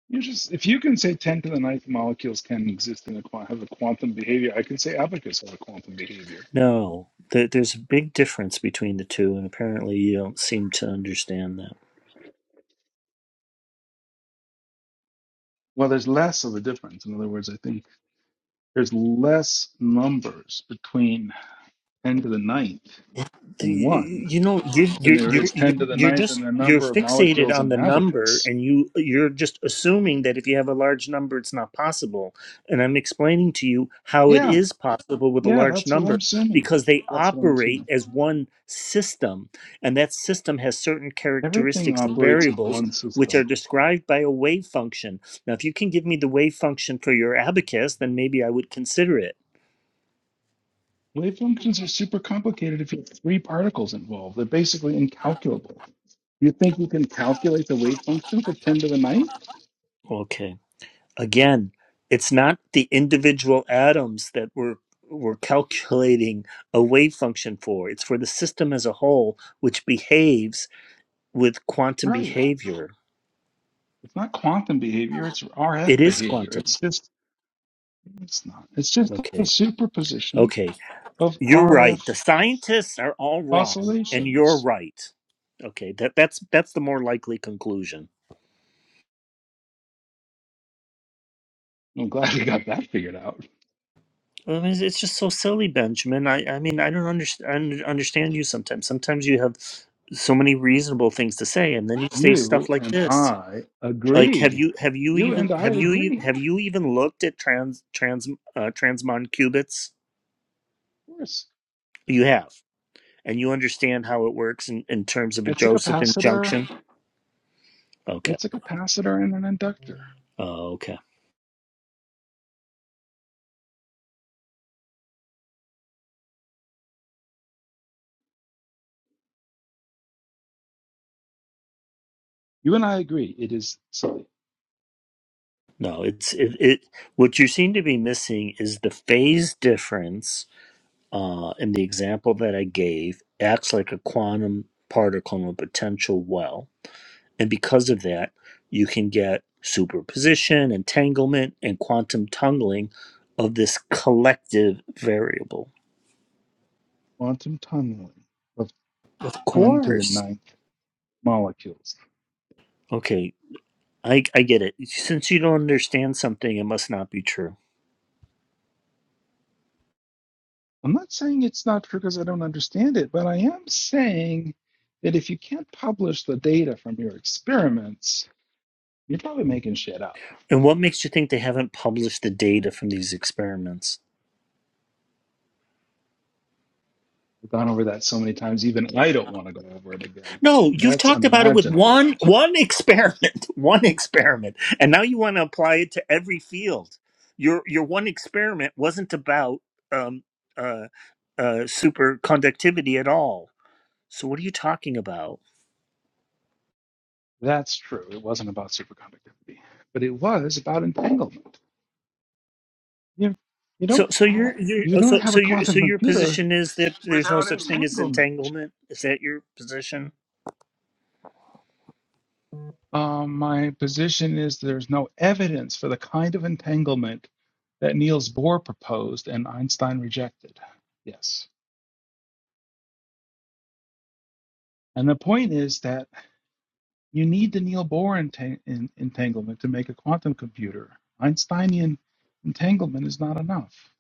C: you just if you can say 10 to the ninth molecules can exist in a quan- have a quantum behavior i can say abacus have a quantum behavior
J: No, there, there's a big difference between the two, and apparently you don't seem to understand that.
C: well there's less of a difference in other words i think there's less numbers between 10 to the ninth and
J: The-
C: 1
J: you know you
C: than
J: you
C: there
J: you
C: is
J: you
C: 10 to the
J: you're
C: ninth
J: just
C: and the
J: you're
C: number of
J: fixated
C: molecules in
J: on
C: an
J: the number
C: abacus.
J: and you you're just assuming that if you have a large number it's not possible and i'm explaining to you how it
C: Yeah,
J: is possible with a
C: yeah,
J: large
C: that's what I'm
J: number
C: assuming.
J: because they
C: That's what I'm
J: operate
C: assuming.
J: as one system and that system has certain
C: Everything
J: characteristics and
C: operates as
J: variables
C: one
J: which
C: system.
J: are described by a wave function now if you can give me the wave function for your abacus then maybe i would consider it
C: Wave functions are super complicated if you have three particles involved. They're basically incalculable. You think you can calculate the wave function for 10 to the ninth?
J: Okay. again it's not the individual atoms that we're we're calculating a wave function for it's for the system as a whole which behaves with quantum
C: Right.
J: behavior
C: It's not quantum behavior, it's
J: it
C: RF
J: is
C: behavior.
J: quantum
C: It's just, it's not. It's just a
J: okay
C: superposition
J: okay
C: of
J: you're right the
C: RF
J: scientists are all wrong and you're
C: oscillations
J: right okay that that's that's the more likely conclusion
C: I'm glad we got that figured out.
J: Well, I mean, it's just so silly benjamin i i mean i don't understand understand you sometimes sometimes you have so many reasonable things to say and then you say stuff
C: You
J: like
C: and
J: this
C: I
J: Like, have
C: agree.
J: you have you
C: You
J: even
C: and I
J: have you e-
C: agree.
J: have you even looked at trans trans uh, transmon qubits?
C: Of course.
J: You have, and you understand how it works in, in terms of a
C: It's a
J: Josephson
C: capacitor.
J: junction. Okay,
C: It's a capacitor and an inductor.
J: oh, okay.
C: You and I agree. It is silly.
J: No, it's it, it. What you seem to be missing is the phase difference uh, in the example that I gave acts like a quantum particle in a potential well And because of that, you can get superposition, entanglement, and quantum tunneling of this collective variable.
C: Quantum tunneling of
J: Of
C: 10 to the
J: course.
C: ninth molecules.
J: Okay, I, I get it. Since you don't understand something, it must not be true.
C: I'm not saying it's not true because I don't understand it, but I am saying that if you can't publish the data from your experiments, you're probably making shit up.
J: And what makes you think they haven't published the data from these experiments?
C: I've gone over that so many times, even I don't want to go over it again.
J: No, you've
C: That's
J: talked about it with
C: unimaginable.
J: one one experiment, one experiment, and now you want to apply it to every field. Your your one experiment wasn't about um, uh, uh, superconductivity at all. So what are you talking about?
C: That's true. It wasn't about superconductivity, but it was about entanglement. You, you
J: So
C: don't
J: so
C: ha-
J: your your
C: you
J: oh,
C: don't
J: so
C: have a
J: so your so
C: quantum
J: your
C: computer
J: position is that there's no
C: without
J: such thing as
C: entanglement.
J: entanglement. Is that your position?
C: Um, my position is there's no evidence for the kind of entanglement that Niels Bohr proposed and Einstein rejected. Yes, and the point is that. You need the Neil Bohr entang- en- entanglement to make a quantum computer. Einsteinian entanglement is not enough.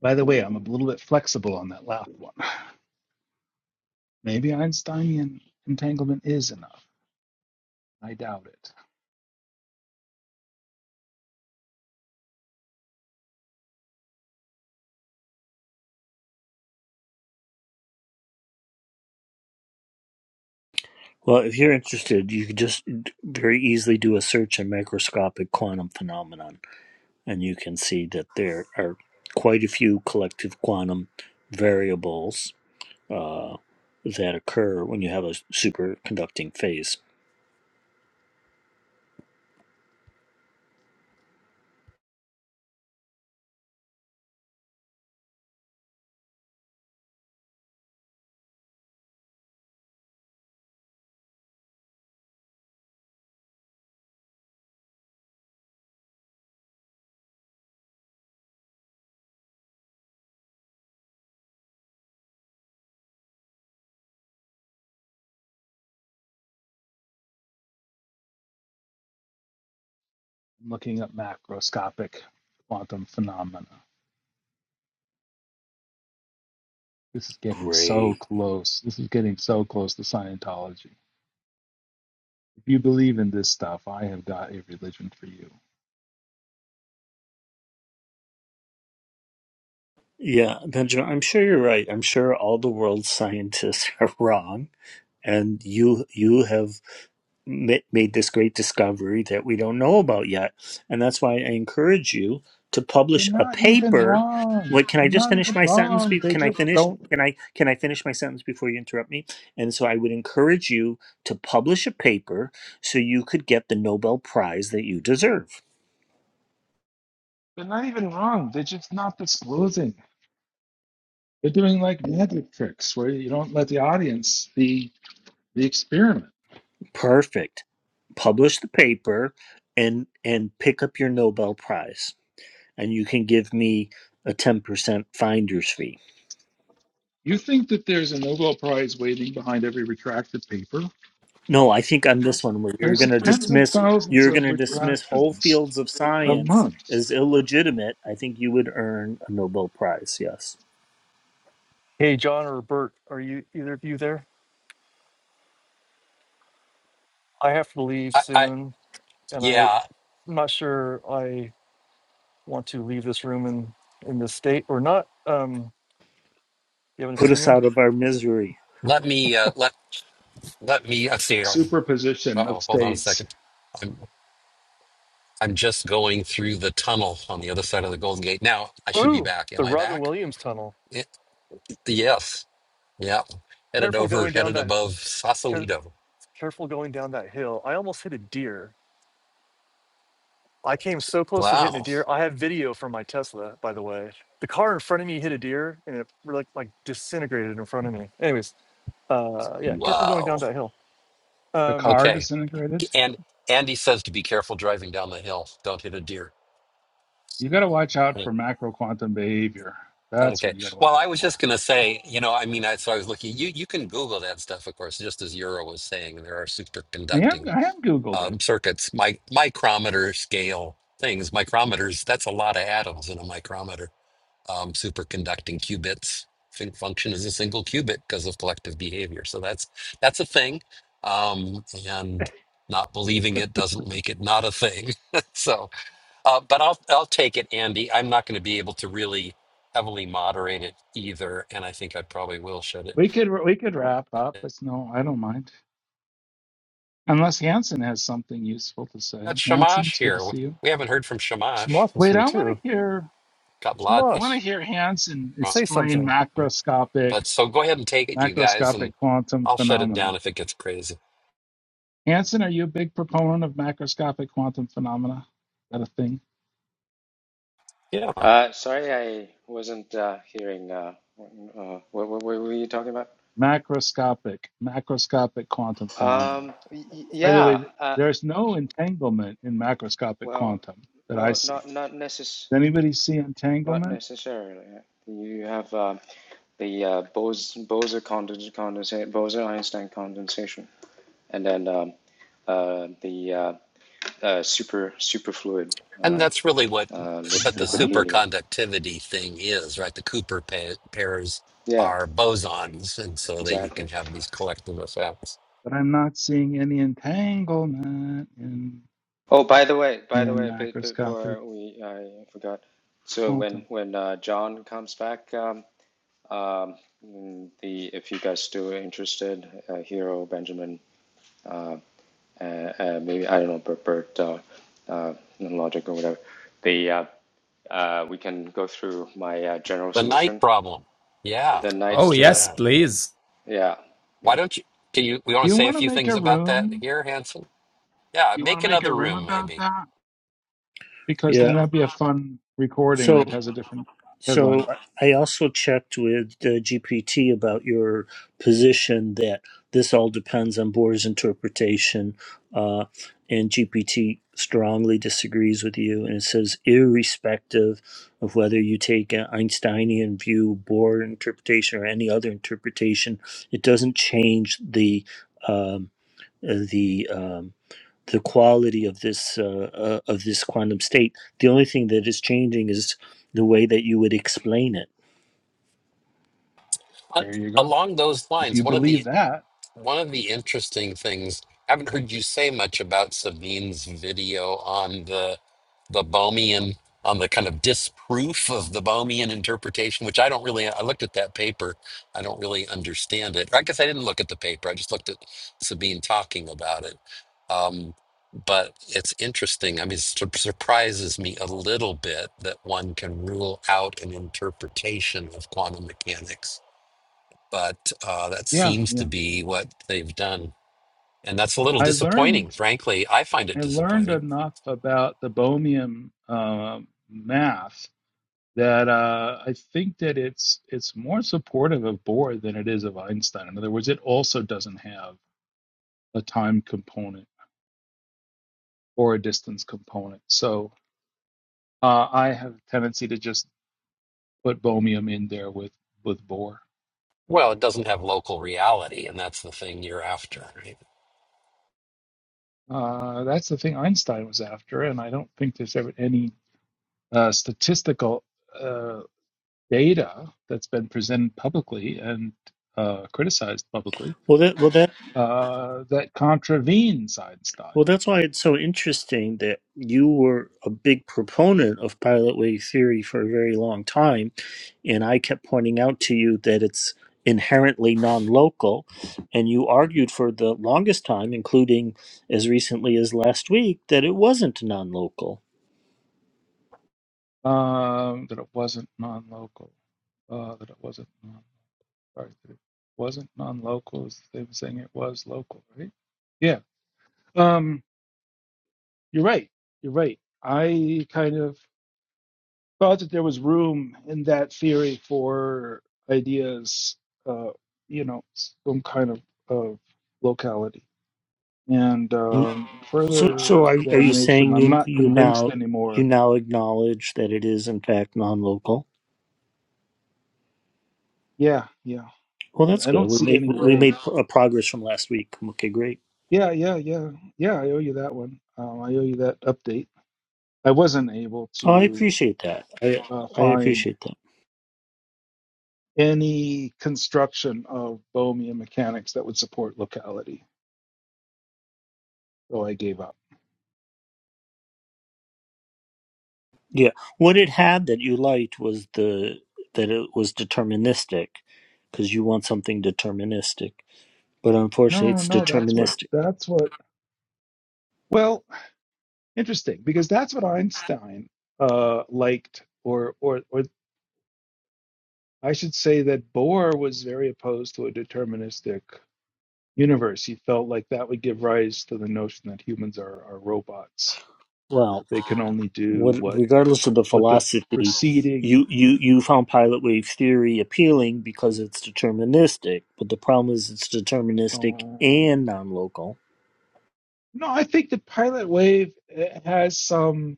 C: By the way, I'm a little bit flexible on that last one. Maybe Einsteinian entanglement is enough. I doubt it.
J: Well, if you're interested, you could just very easily do a search on macroscopic quantum phenomenon. and you can see that there are quite a few collective quantum variables uh, that occur when you have a superconducting phase.
C: I'm looking up macroscopic quantum phenomena. This is getting so
J: Great.
C: close. This is getting so close to Scientology. If you believe in this stuff, I have got a religion for you.
J: Yeah, Benjamin, I'm sure you're right. I'm sure all the world's scientists are wrong, and you you have ma- made this great discovery that we don't know about yet. And that's why I encourage you to
C: They're
J: publish a
C: not even
J: paper.
C: wrong.
J: Wait, can I
C: They're
J: just
C: not
J: finish
C: even
J: my sentence?
C: wrong.
J: Be-
C: They
J: Can I
C: just
J: finish?
C: don't.
J: Can I can I finish my sentence before you interrupt me? And so I would encourage you to publish a paper so you could get the Nobel Prize that you deserve.
C: They're not even wrong. They're just not disclosing. They're doing like magic tricks where you don't let the audience see the experiment.
J: Perfect. Publish the paper and and pick up your Nobel Prize, and you can give me a ten percent finder's fee
C: You think that there's a Nobel Prize waiting behind every retracted paper?
J: No, I think on this one where you're
C: There's
J: going to
C: tens of
J: dismiss
C: thousands
J: you're going
C: of
J: to dismiss whole
C: retractions
J: fields of
C: a
J: science
C: month.
J: as illegitimate, I think you would earn a Nobel prize. Yes.
K: Hey, John or Bert, are you either of you there? I have to leave
B: I, I
K: soon, and I
B: yeah.
K: I'm not sure I want to leave this room in in this state or not. Um, you have an
J: Put us
K: opinion?
J: out of our misery.
B: Let me uh, let Let me, I see. Uh
C: Superposition of
B: oh, hold on a
C: states.
B: second. I'm I'm just going through the tunnel on the other side of the Golden Gate. Now I should be
K: Ooh,
B: back. Am
K: the
B: I
K: Robin
B: back?
K: Williams tunnel.
B: Y- yes. Yeah. Headed
K: Careful
B: over,
K: going down
B: headed
K: that.
B: above
K: Care,
B: Sausalito.
K: careful going down that hill. I almost hit a deer. I came so close to hitting a
B: Wow.
K: deer. I have video from my Tesla, by the way. The car in front of me hit a deer, and it like like disintegrated in front of me. Anyways, uh, yeah, careful going
B: Wow.
K: down that hill.
C: The
K: Um,
C: car
B: Okay.
C: disintegrated.
B: And Andy says to be careful driving down the hill. Don't hit a deer.
C: You got to watch out
B: Yeah.
C: for macro quantum behavior. That's what
B: Okay.
C: you got to watch
B: Well, I
C: out
B: was
C: for.
B: just gonna say, you know, I mean, I, so I was looking. You you can Google that stuff, of course, just as Euro was saying. There are
C: I
B: superconducting
C: am I am Googled
B: um, circuits, mi- micrometer scale things. Micrometers, that's a lot of atoms in a micrometer. Um, superconducting qubits fun- function as a single qubit because of collective behavior. So that's that's a thing. Um, and not believing
C: it.
B: it doesn't make it not a thing. so, uh, but I'll I'll take it, Andy. I'm not going to be able to really heavily moderate it either, and I think I probably will shut it.
C: we could we could wrap up.
B: down.
C: It's no, I don't mind. Unless Hanson has something useful to
B: That's
C: say. Hanson,
B: Shamash
C: it's good to
B: here.
C: see you.
B: We haven't heard from Shamash.
K: Shamoth was
C: Wait,
K: here
C: I want
K: too.
C: to hear
B: Got a
C: I
B: lot.
C: want to
K: Shamosh,
C: hear Hanson
B: wrong.
K: say
C: explain
K: something.
C: macroscopic
B: But so go ahead and take it, you guys,
C: macroscopic
B: and
C: quantum
B: I'll shut it down
C: phenomena.
B: if it gets crazy.
C: Hanson, are you a big proponent of macroscopic quantum phenomena? Is that a thing?
B: Yeah.
L: Uh, sorry, I wasn't uh, hearing. Uh, uh, what, what, what were you talking about?
C: Macroscopic, macroscopic quantum phenomena.
L: Um, y- y-
C: By the
L: yeah.
C: way,
L: Uh,
C: there's no entanglement in macroscopic
L: well,
C: quantum that I
L: well,
C: see.
L: not not necess
C: Does anybody see
L: not
C: entanglement?
L: necessarily. You have uh, the uh, Bose Bose condens condensate Bose Einstein condensation. and then um, uh, the uh, uh, super superfluid
B: And
L: uh,
B: that's really what
L: uh, li-
B: but the
L: liquid
C: Yeah,
L: helium.
B: superconductivity thing is, right? The Cooper pa- pairs
L: Yeah,
B: are bosons, and so that you
L: exactly.
B: can have these collective effects.
C: but I'm not seeing any entanglement in
L: Oh, by the way, by the
C: in
L: way, b-
C: macroscopic
L: before we I forgot. So when
C: quantum.
L: when uh, John comes back, um, um, mm, the if you guys still are interested, uh, Hero Benjamin, uh, uh, uh, maybe I don't know, Bert, Bert uh, uh, logic or whatever. The uh, uh, we can go through my uh, general
B: The night
L: solution.
B: problem. Yeah,
L: The
N: Oh
B: let's
L: night,
B: do
L: yeah,
N: yes,
B: that.
N: please,
L: yeah. yeah.
B: Why don't you can you we want to
C: You
B: say a
C: want to
B: few
C: make
B: things
C: a
B: about that
C: room?
B: here, Hanson? Yeah,
C: You want to
B: make
C: make a
B: another
C: room
B: room
C: about
B: maybe.
C: that? Because then
J: Yeah.
C: that'd be a fun recording
J: So
C: that has a different headline.
J: So I also checked with uh, GPT about your position that this all depends on Bohr's interpretation, uh, and GPT strongly disagrees with you, and it says irrespective of whether you take an Einsteinian view, Bohr interpretation, or any other interpretation, it doesn't change the um, uh, the um, the quality of this uh, uh, of this quantum state. The only thing that is changing is the way that you would explain it.
B: Uh,
C: There you go.
B: Along those
C: If
B: lines,
C: you
B: one of
C: believe
B: the
C: that,
B: One of the interesting things, I haven't heard you say much about Sabine's video on the the Bohmian, on the kind of disproof of the Bohmian interpretation, which I don't really, I looked at that paper. I don't really understand it. I guess I didn't look at the paper. I just looked at Sabine talking about it. Um, but it's interesting. I mean, it sur- surprises me a little bit that one can rule out an interpretation of quantum mechanics but uh, that
C: yeah,
B: seems to
C: yeah.
B: be what they've done. And that's a little
C: I
B: disappointing,
C: learned
B: frankly. I find it
C: I learned
B: disappointing.
C: enough about the Bohmian uh, math that uh, I think that it's it's more supportive of Bohr than it is of Einstein. In other words, it also doesn't have a time component or a distance component. So Uh, I have a tendency to just put Bohemium in there with with Bohr.
B: Well, it doesn't have local reality, and that's the thing you're after, right?
C: Uh, that's the thing Einstein was after, and I don't think there's ever any uh, statistical uh, data that's been presented publicly and uh, criticized publicly
J: Well, that well that
C: uh, that contravenes Einstein.
J: well that's why it's so interesting that you were a big proponent of pilot wave theory for a very long time, and I kept pointing out to you that it's inherently non-local, and you argued for the longest time, including as recently as last week, that it wasn't non-local.
C: Um, that it wasn't non-local. Uh, that it wasn't non. Sorry, that it wasn't non-local is the same as saying it was local, right? Yeah. Um, you're right. You're right. I kind of thought that there was room in that theory for ideas, uh, you know, some kind of of locality. And um,
J: So, so
C: further
J: are are you
C: examination,
J: saying
C: I'm
J: you
C: not
J: you
C: convinced
J: now you
C: anymore.
J: now acknowledge that it is in fact non-local?
C: Yeah, yeah.
J: Well, that's
C: I I
J: good.
C: don't
J: We
C: see
J: made
C: any
J: we
C: way.
J: made pro- progress from last week. Okay, great.
C: Yeah, yeah, yeah, yeah. I owe you that one. Um, I owe you that update. I wasn't able
J: Oh, I
C: to
J: appreciate that. I
C: uh,
J: I
C: find
J: appreciate that.
C: any construction of Bohemian mechanics that would support locality, so I gave up.
J: Yeah, what it had that you liked was the that it was deterministic, because you want something deterministic. But unfortunately,
C: No,
J: it's
C: no, that's what
J: deterministic.
C: that's what. Well, interesting because that's what Einstein uh, liked, or or or I should say that Bohr was very opposed to a deterministic universe. He felt like that would give rise to the notion that humans are are robots
J: Well.
C: that they can only do
J: what
C: what
J: regardless of the
C: what the
J: philosophy
C: preceding.
J: you you you found pilot wave theory appealing because it's deterministic but the problem is it's deterministic
C: No,
J: and non-local
C: no, I think the pilot wave eh, has some.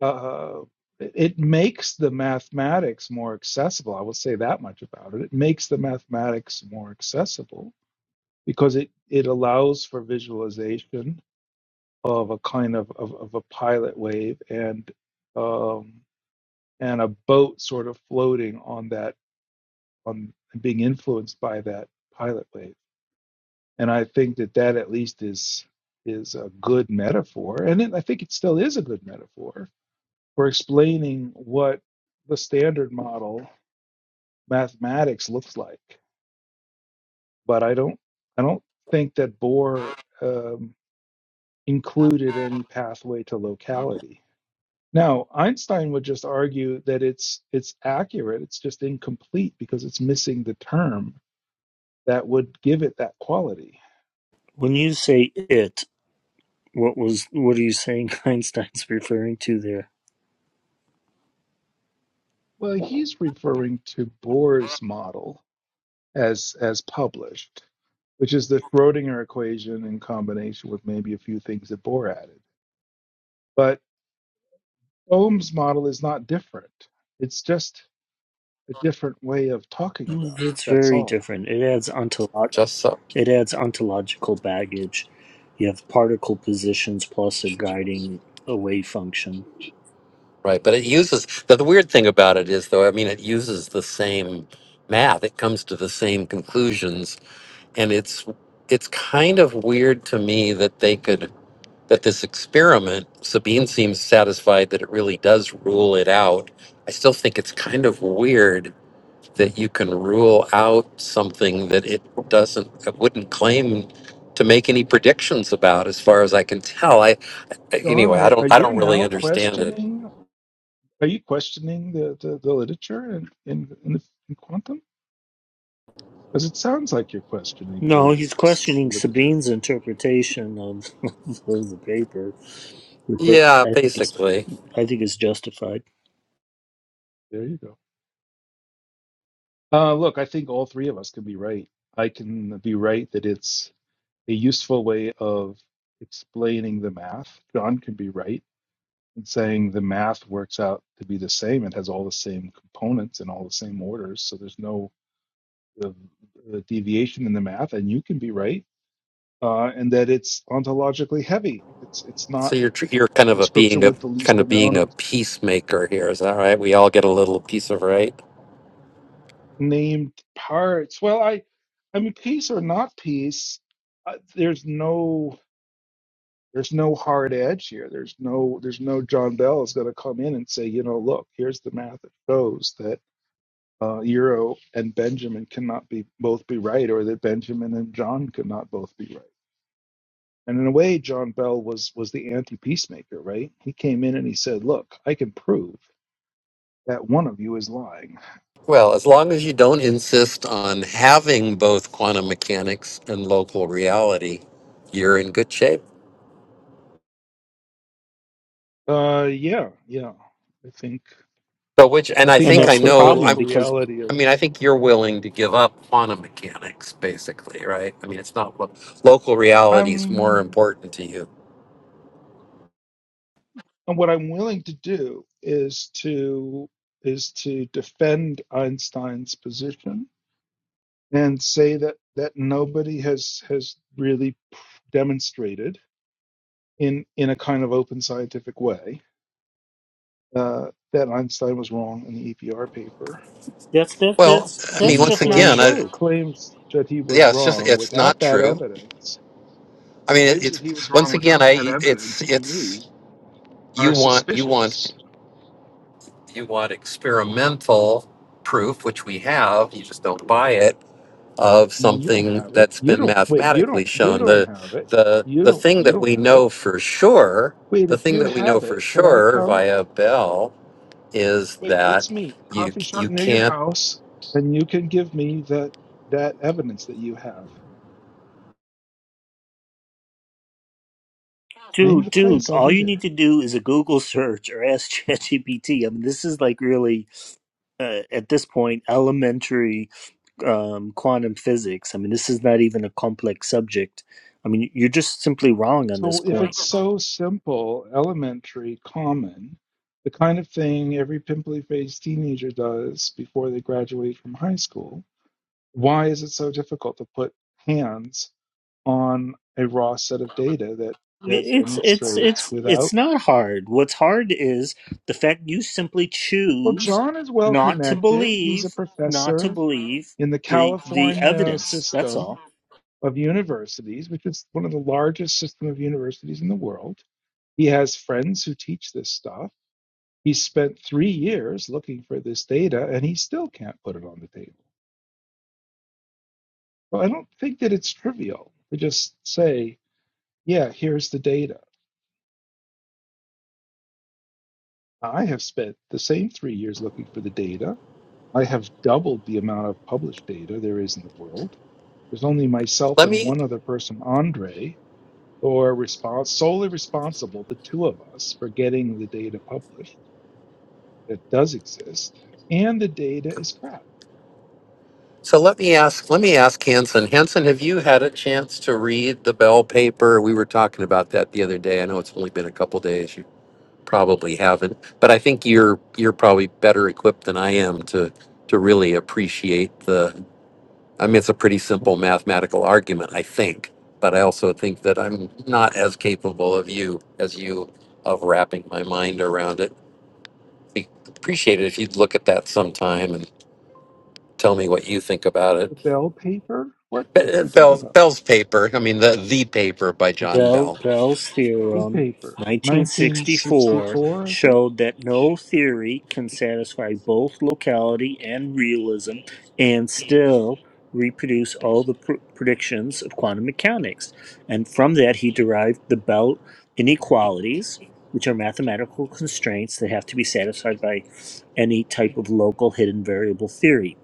C: Uh, it it makes the mathematics more accessible. I will say that much about it. It makes the mathematics more accessible because it it allows for visualization of a kind of of, of a pilot wave and um, and a boat sort of floating on that on being influenced by that pilot wave and I think that that at least is is a good metaphor, and it, I think it still is a good metaphor for explaining what the standard model mathematics looks like. But I don't I don't think that Bohr um, included any pathway to locality. Now Einstein would just argue that it's it's accurate, it's just incomplete because it's missing the term that would give it that quality.
J: when you say it what was what are you saying einstein's referring to there
C: Well, he's referring to Bohr's model, as as published, which is the Schrodinger equation in combination with maybe a few things that Bohr added. But Ohm's model is not different. It's just a different way of talking about it.
J: it's
C: That's
J: very
C: all.
J: different it adds ontolog-
B: Just so.
J: it adds ontological baggage you have particle positions plus a guiding a wave function
B: Right. But it uses the, the weird thing about it is though, I mean it uses the same math. It comes to the same conclusions. And it's it's kind of weird to me that they could that this experiment, Sabine seems satisfied that it really does rule it out. I still think it's kind of weird that you can rule out something that it doesn't it wouldn't claim to make any predictions about as far as I can tell. I
C: John,
B: anyway,
C: are,
B: I
C: are
B: don't I
C: you
B: don't really
C: now
B: understand it.
C: questioning? Are you questioning the, the, the literature in, in, in, the, in quantum? Because it sounds like you're questioning
J: no
C: the,
J: he's
C: the
J: questioning
C: literature.
J: sabine's interpretation of, of the paper But
B: Yeah,
J: I think it's
B: basically.
J: I think it's justified,
C: There you go. Uh, look, I think all three of us can be right. I can be right that it's a useful way of explaining the math. John can be right in saying the math works out to be the same. It has all the same components and all the same orders, so there's no uh, uh, deviation in the math. And you can be right, uh, and that it's ontologically heavy. It's it's not
B: So you're tr- you're kind
C: the
B: of a
C: description
B: being a
C: with the least
B: kind of being
C: amount
B: a
C: of
B: peacemaker here, is that right? We all get a little piece of right.
C: named parts. Well, I, I mean, piece or not piece, uh, there's no There's no hard edge here. There's no there's no John Bell is going to come in and say, you know, look, here's the math that shows that uh, Euro and Benjamin cannot be both be right, or that Benjamin and John could not both be right. And in a way, John Bell was was the anti peacemaker, right? He came in and he said, look, I can prove that one of you is lying.
B: Well, as long as you don't insist on having both quantum mechanics and local reality, you're in good shape.
C: Uh, yeah, yeah. I think
B: So which
C: I
B: and I
C: think
J: and
B: think
C: I'll
B: I
J: that's the
C: stick with
B: know.
J: problem
C: local
J: because
C: reality.
B: I mean, I think you're willing to give up quantum mechanics, basically, right? I mean, it's not lo- local reality is more
C: I'm
B: important to you.
C: And what I'm willing to do is to is to defend Einstein's position and say that that nobody has has really demonstrated in in a kind of open scientific way uh, that Einstein was wrong in the EPR paper
J: that's that,
B: Well,
J: that's
B: I mean,
J: that's
C: and the
B: once
J: just not
B: again, I,
C: claims
J: true,
C: claims that he was
B: yeah, it's just
C: wrong
B: it's
C: without
B: not
C: that
B: true.
C: evidence
B: I mean, it,
C: claims that he was
B: it's
C: wrong
B: once again,
C: without that
B: I it's
C: evidence to me
B: it's you
C: are
B: want you want
C: suspicious
B: you want experimental proof, which we have. You just don't buy it of
C: Mm, You don't
B: something
C: have it.
B: that's
C: You
B: been
C: don't wait, you
B: mathematically
C: don't you
B: shown.
C: don't
B: The
C: have it.
B: the
C: You
B: the
C: don't
B: thing
C: you
B: that
C: don't
B: we
C: have it.
B: know for sure,
C: Wait,
B: the
C: if
B: thing
C: you
B: that we know
C: have
B: for
C: it, can I
B: sure
C: come?
B: via Bell is
C: Wait,
B: that
C: let's meet.
B: you
C: Coffee shop
B: you
C: near your
B: can't
C: house and you can give me that that evidence that you have. Name the
J: dude. Dude,
C: place, I'll
J: all
C: be
J: you need
C: there.
J: to do is a Google search or ask ChatGPT. I mean, this is like really uh, at this point elementary um, quantum physics. I mean, this is not even a complex subject. I mean, you're just simply wrong on this
C: So if
J: point.
C: it's so simple, elementary, common, the kind of thing every pimply faced teenager does before they graduate from high school, why is it so difficult to put hands on a raw set of data that that
J: It's it's
C: demonstrates
J: it's it's
C: without
J: not hard. What's hard is the fact you simply
C: well
J: choose
C: john is well
J: not to
C: connected he's a
J: believe, not to
C: professor
J: believe
C: in the
J: the the
C: california
J: evidence. That's
C: system
J: all.
C: of universities which is one of the largest system of universities in the world he has friends who teach this stuff he spent three years looking for this data and he still can't put it on the table well i don't think that it's trivial to just say yeah here's the data i have spent the same three years looking for the data I have doubled the amount of published data there is in the world. There's only myself
B: let
C: and
B: me
C: one other person, Andre, who are respons- solely responsible, the two of us, for getting the data published that does exist. And the data is crap.
B: so let me ask let me ask Hanson. Hanson, have you had a chance to read the Bell paper? We were talking about that the other day. I know it's only been a couple days. You probably haven't, but I think you're you're probably better equipped than I am to to really appreciate the I mean it's a pretty simple mathematical argument, I think. But I also think that I'm not as capable of you as you of wrapping my mind around it. Be- Appreciate it if you'd look at that sometime Tell me what you think about it.
C: The Bell paper? What paper
B: But, uh,
C: are we talking
B: Bell,
C: about?
B: Bell's paper. I mean, the the paper by John
J: Bell,
B: Bell.
J: Bell's
C: E
J: theorem,
C: paper,
J: 1964,
C: 1964, I think.
J: showed that no theory can satisfy both locality and realism and still reproduce all the pr- predictions of quantum mechanics. And from that, he derived the Bell inequalities, which are mathematical constraints that have to be satisfied by any type of local hidden variable theory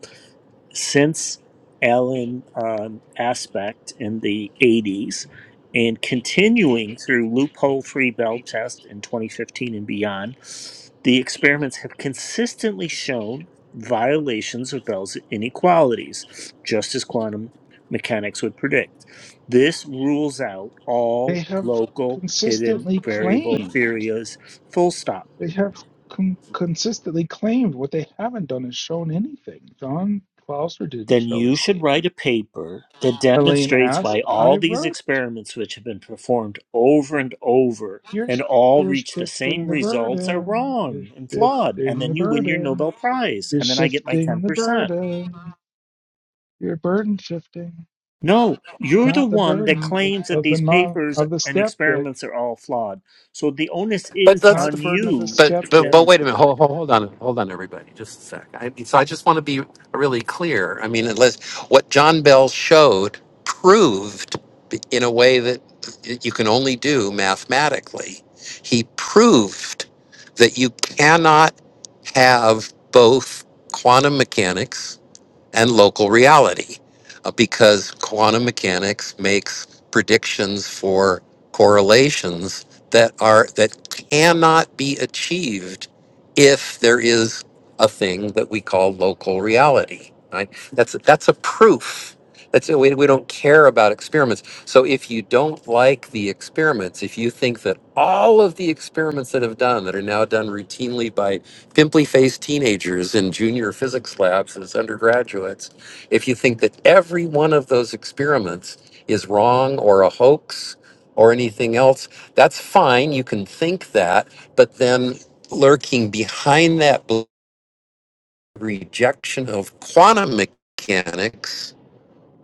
J: since Alan um, Aspect in the 80s and continuing through loophole free bell test in 2015 and beyond, the experiments have consistently shown violations of Bell's inequalities, just as quantum mechanics would predict. This rules out all
C: They have
J: local hidden
C: consistently
J: variable
C: claimed.
J: theories, full stop.
C: They have con- consistently claimed what they haven't done is shown anything. John Clauser didn't
J: then
C: show
J: you
C: his
J: should
C: data.
J: write a paper that
C: Elaine
J: demonstrates why
C: asked, I
J: all these
C: wrote,
J: experiments, which have been performed over and over
C: you're,
J: and
C: sh-
J: all
C: you're
J: reach the
C: shifting
J: same
C: the
J: results, are
C: burden. You're
J: wrong and flawed. And
C: shifting the
J: then you win your
C: burden.
J: Nobel Prize.
C: You're
J: And then I get my
C: shifting the
J: 10%.
C: burden. You're burden shifting.
J: No, you're the
C: Not the
J: one that
C: burden of,
J: claims that
C: of the
J: these
C: non
J: papers
C: of the
J: and
C: skeptic,
J: experiments are all flawed. So the onus
B: But
J: is
B: that's
C: not the
J: on
C: burden of the
J: you
B: but
J: to
B: but,
C: skeptic.
B: but wait a
J: demonstrate.
B: minute. Hold, hold, hold on, hold on, everybody. Just a sec. I, so I just want to be really clear. I mean, unless what John Bell showed proved in a way that you can only do mathematically. He proved that you cannot have both quantum mechanics and local reality uh, because quantum mechanics makes predictions for correlations that are that cannot be achieved if there is a thing that we call local reality right that's that's a proof that's it. We, we don't care about experiments. So if you don't like the experiments, if you think that all of the experiments that have done that are now done routinely by pimply faced teenagers in junior physics labs as undergraduates, if you think that every one of those experiments is wrong or a hoax or anything else, that's fine. You can think that, but then lurking behind that rejection of quantum mechanics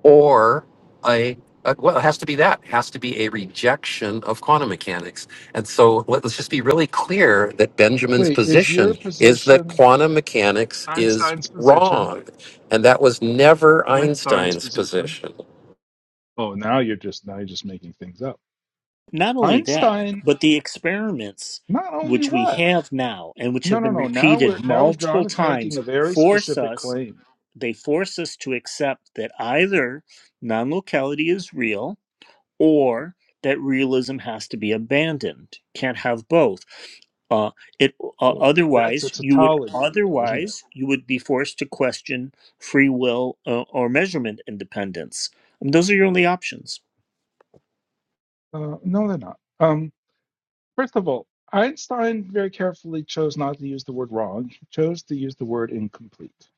B: or a, a well, it has to be that. It has to be a rejection of quantum mechanics. And so let, us just be really clear that Benjamin's
C: Wait, is your
B: position is that
C: position
B: quantum mechanics is
C: Einstein's position?
B: wrong, and that was never
C: Einstein's
B: Einstein's
C: position
B: position.
C: Oh, now you're just now you're just making things up.
J: Not only that,
C: Einstein,
J: but the experiments
C: not only
J: which we
C: what?
J: have now and which
C: No,
J: have
C: no,
J: been
C: no. Now
J: repeated
C: we're now John
J: multiple
C: is making
J: times
C: a very
J: force
C: specific
J: us,
C: claim.
J: they force us to accept that either non locality is real or that realism has to be abandoned. Can't have both. Uh, it uh,
C: Well, that's a
J: otherwise you would
C: tautology, though, isn't it?
J: otherwise you would be forced to question free will uh, or measurement independence. I mean, those are your only options.
C: Uh, no, they're not. Um, first of all, Einstein very carefully chose not to use the word wrong. He chose to use the word incomplete.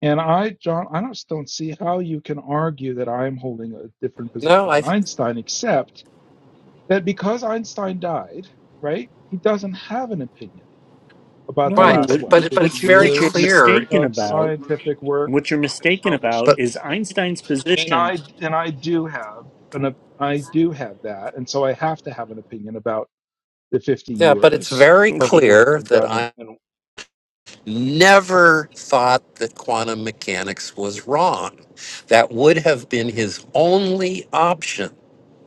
C: And I, John, I just don't see how you can argue that I am holding a different position
B: No,
C: than
B: I
C: Einstein, except that because Einstein died, right? He doesn't have an opinion about the
J: No,
B: right,
C: last,
J: what,
B: but
C: what,
B: but
J: what,
B: it- but
C: 50
B: it's
J: what, you're,
B: very
J: what you're
C: years
B: clear.
J: mistaken
C: of
J: about,
C: scientific work
J: what you're
C: and
J: mistaken about
C: publishing.
B: But
J: is Einstein's
C: And
J: position.
C: I, and I do have an, I do have that. And so I have to have an opinion about the 50
B: yeah, but it's
C: years
B: very
C: of
J: Okay,
C: work
B: clear that
C: done. And, and
B: never thought that quantum mechanics was wrong. That would have been his only option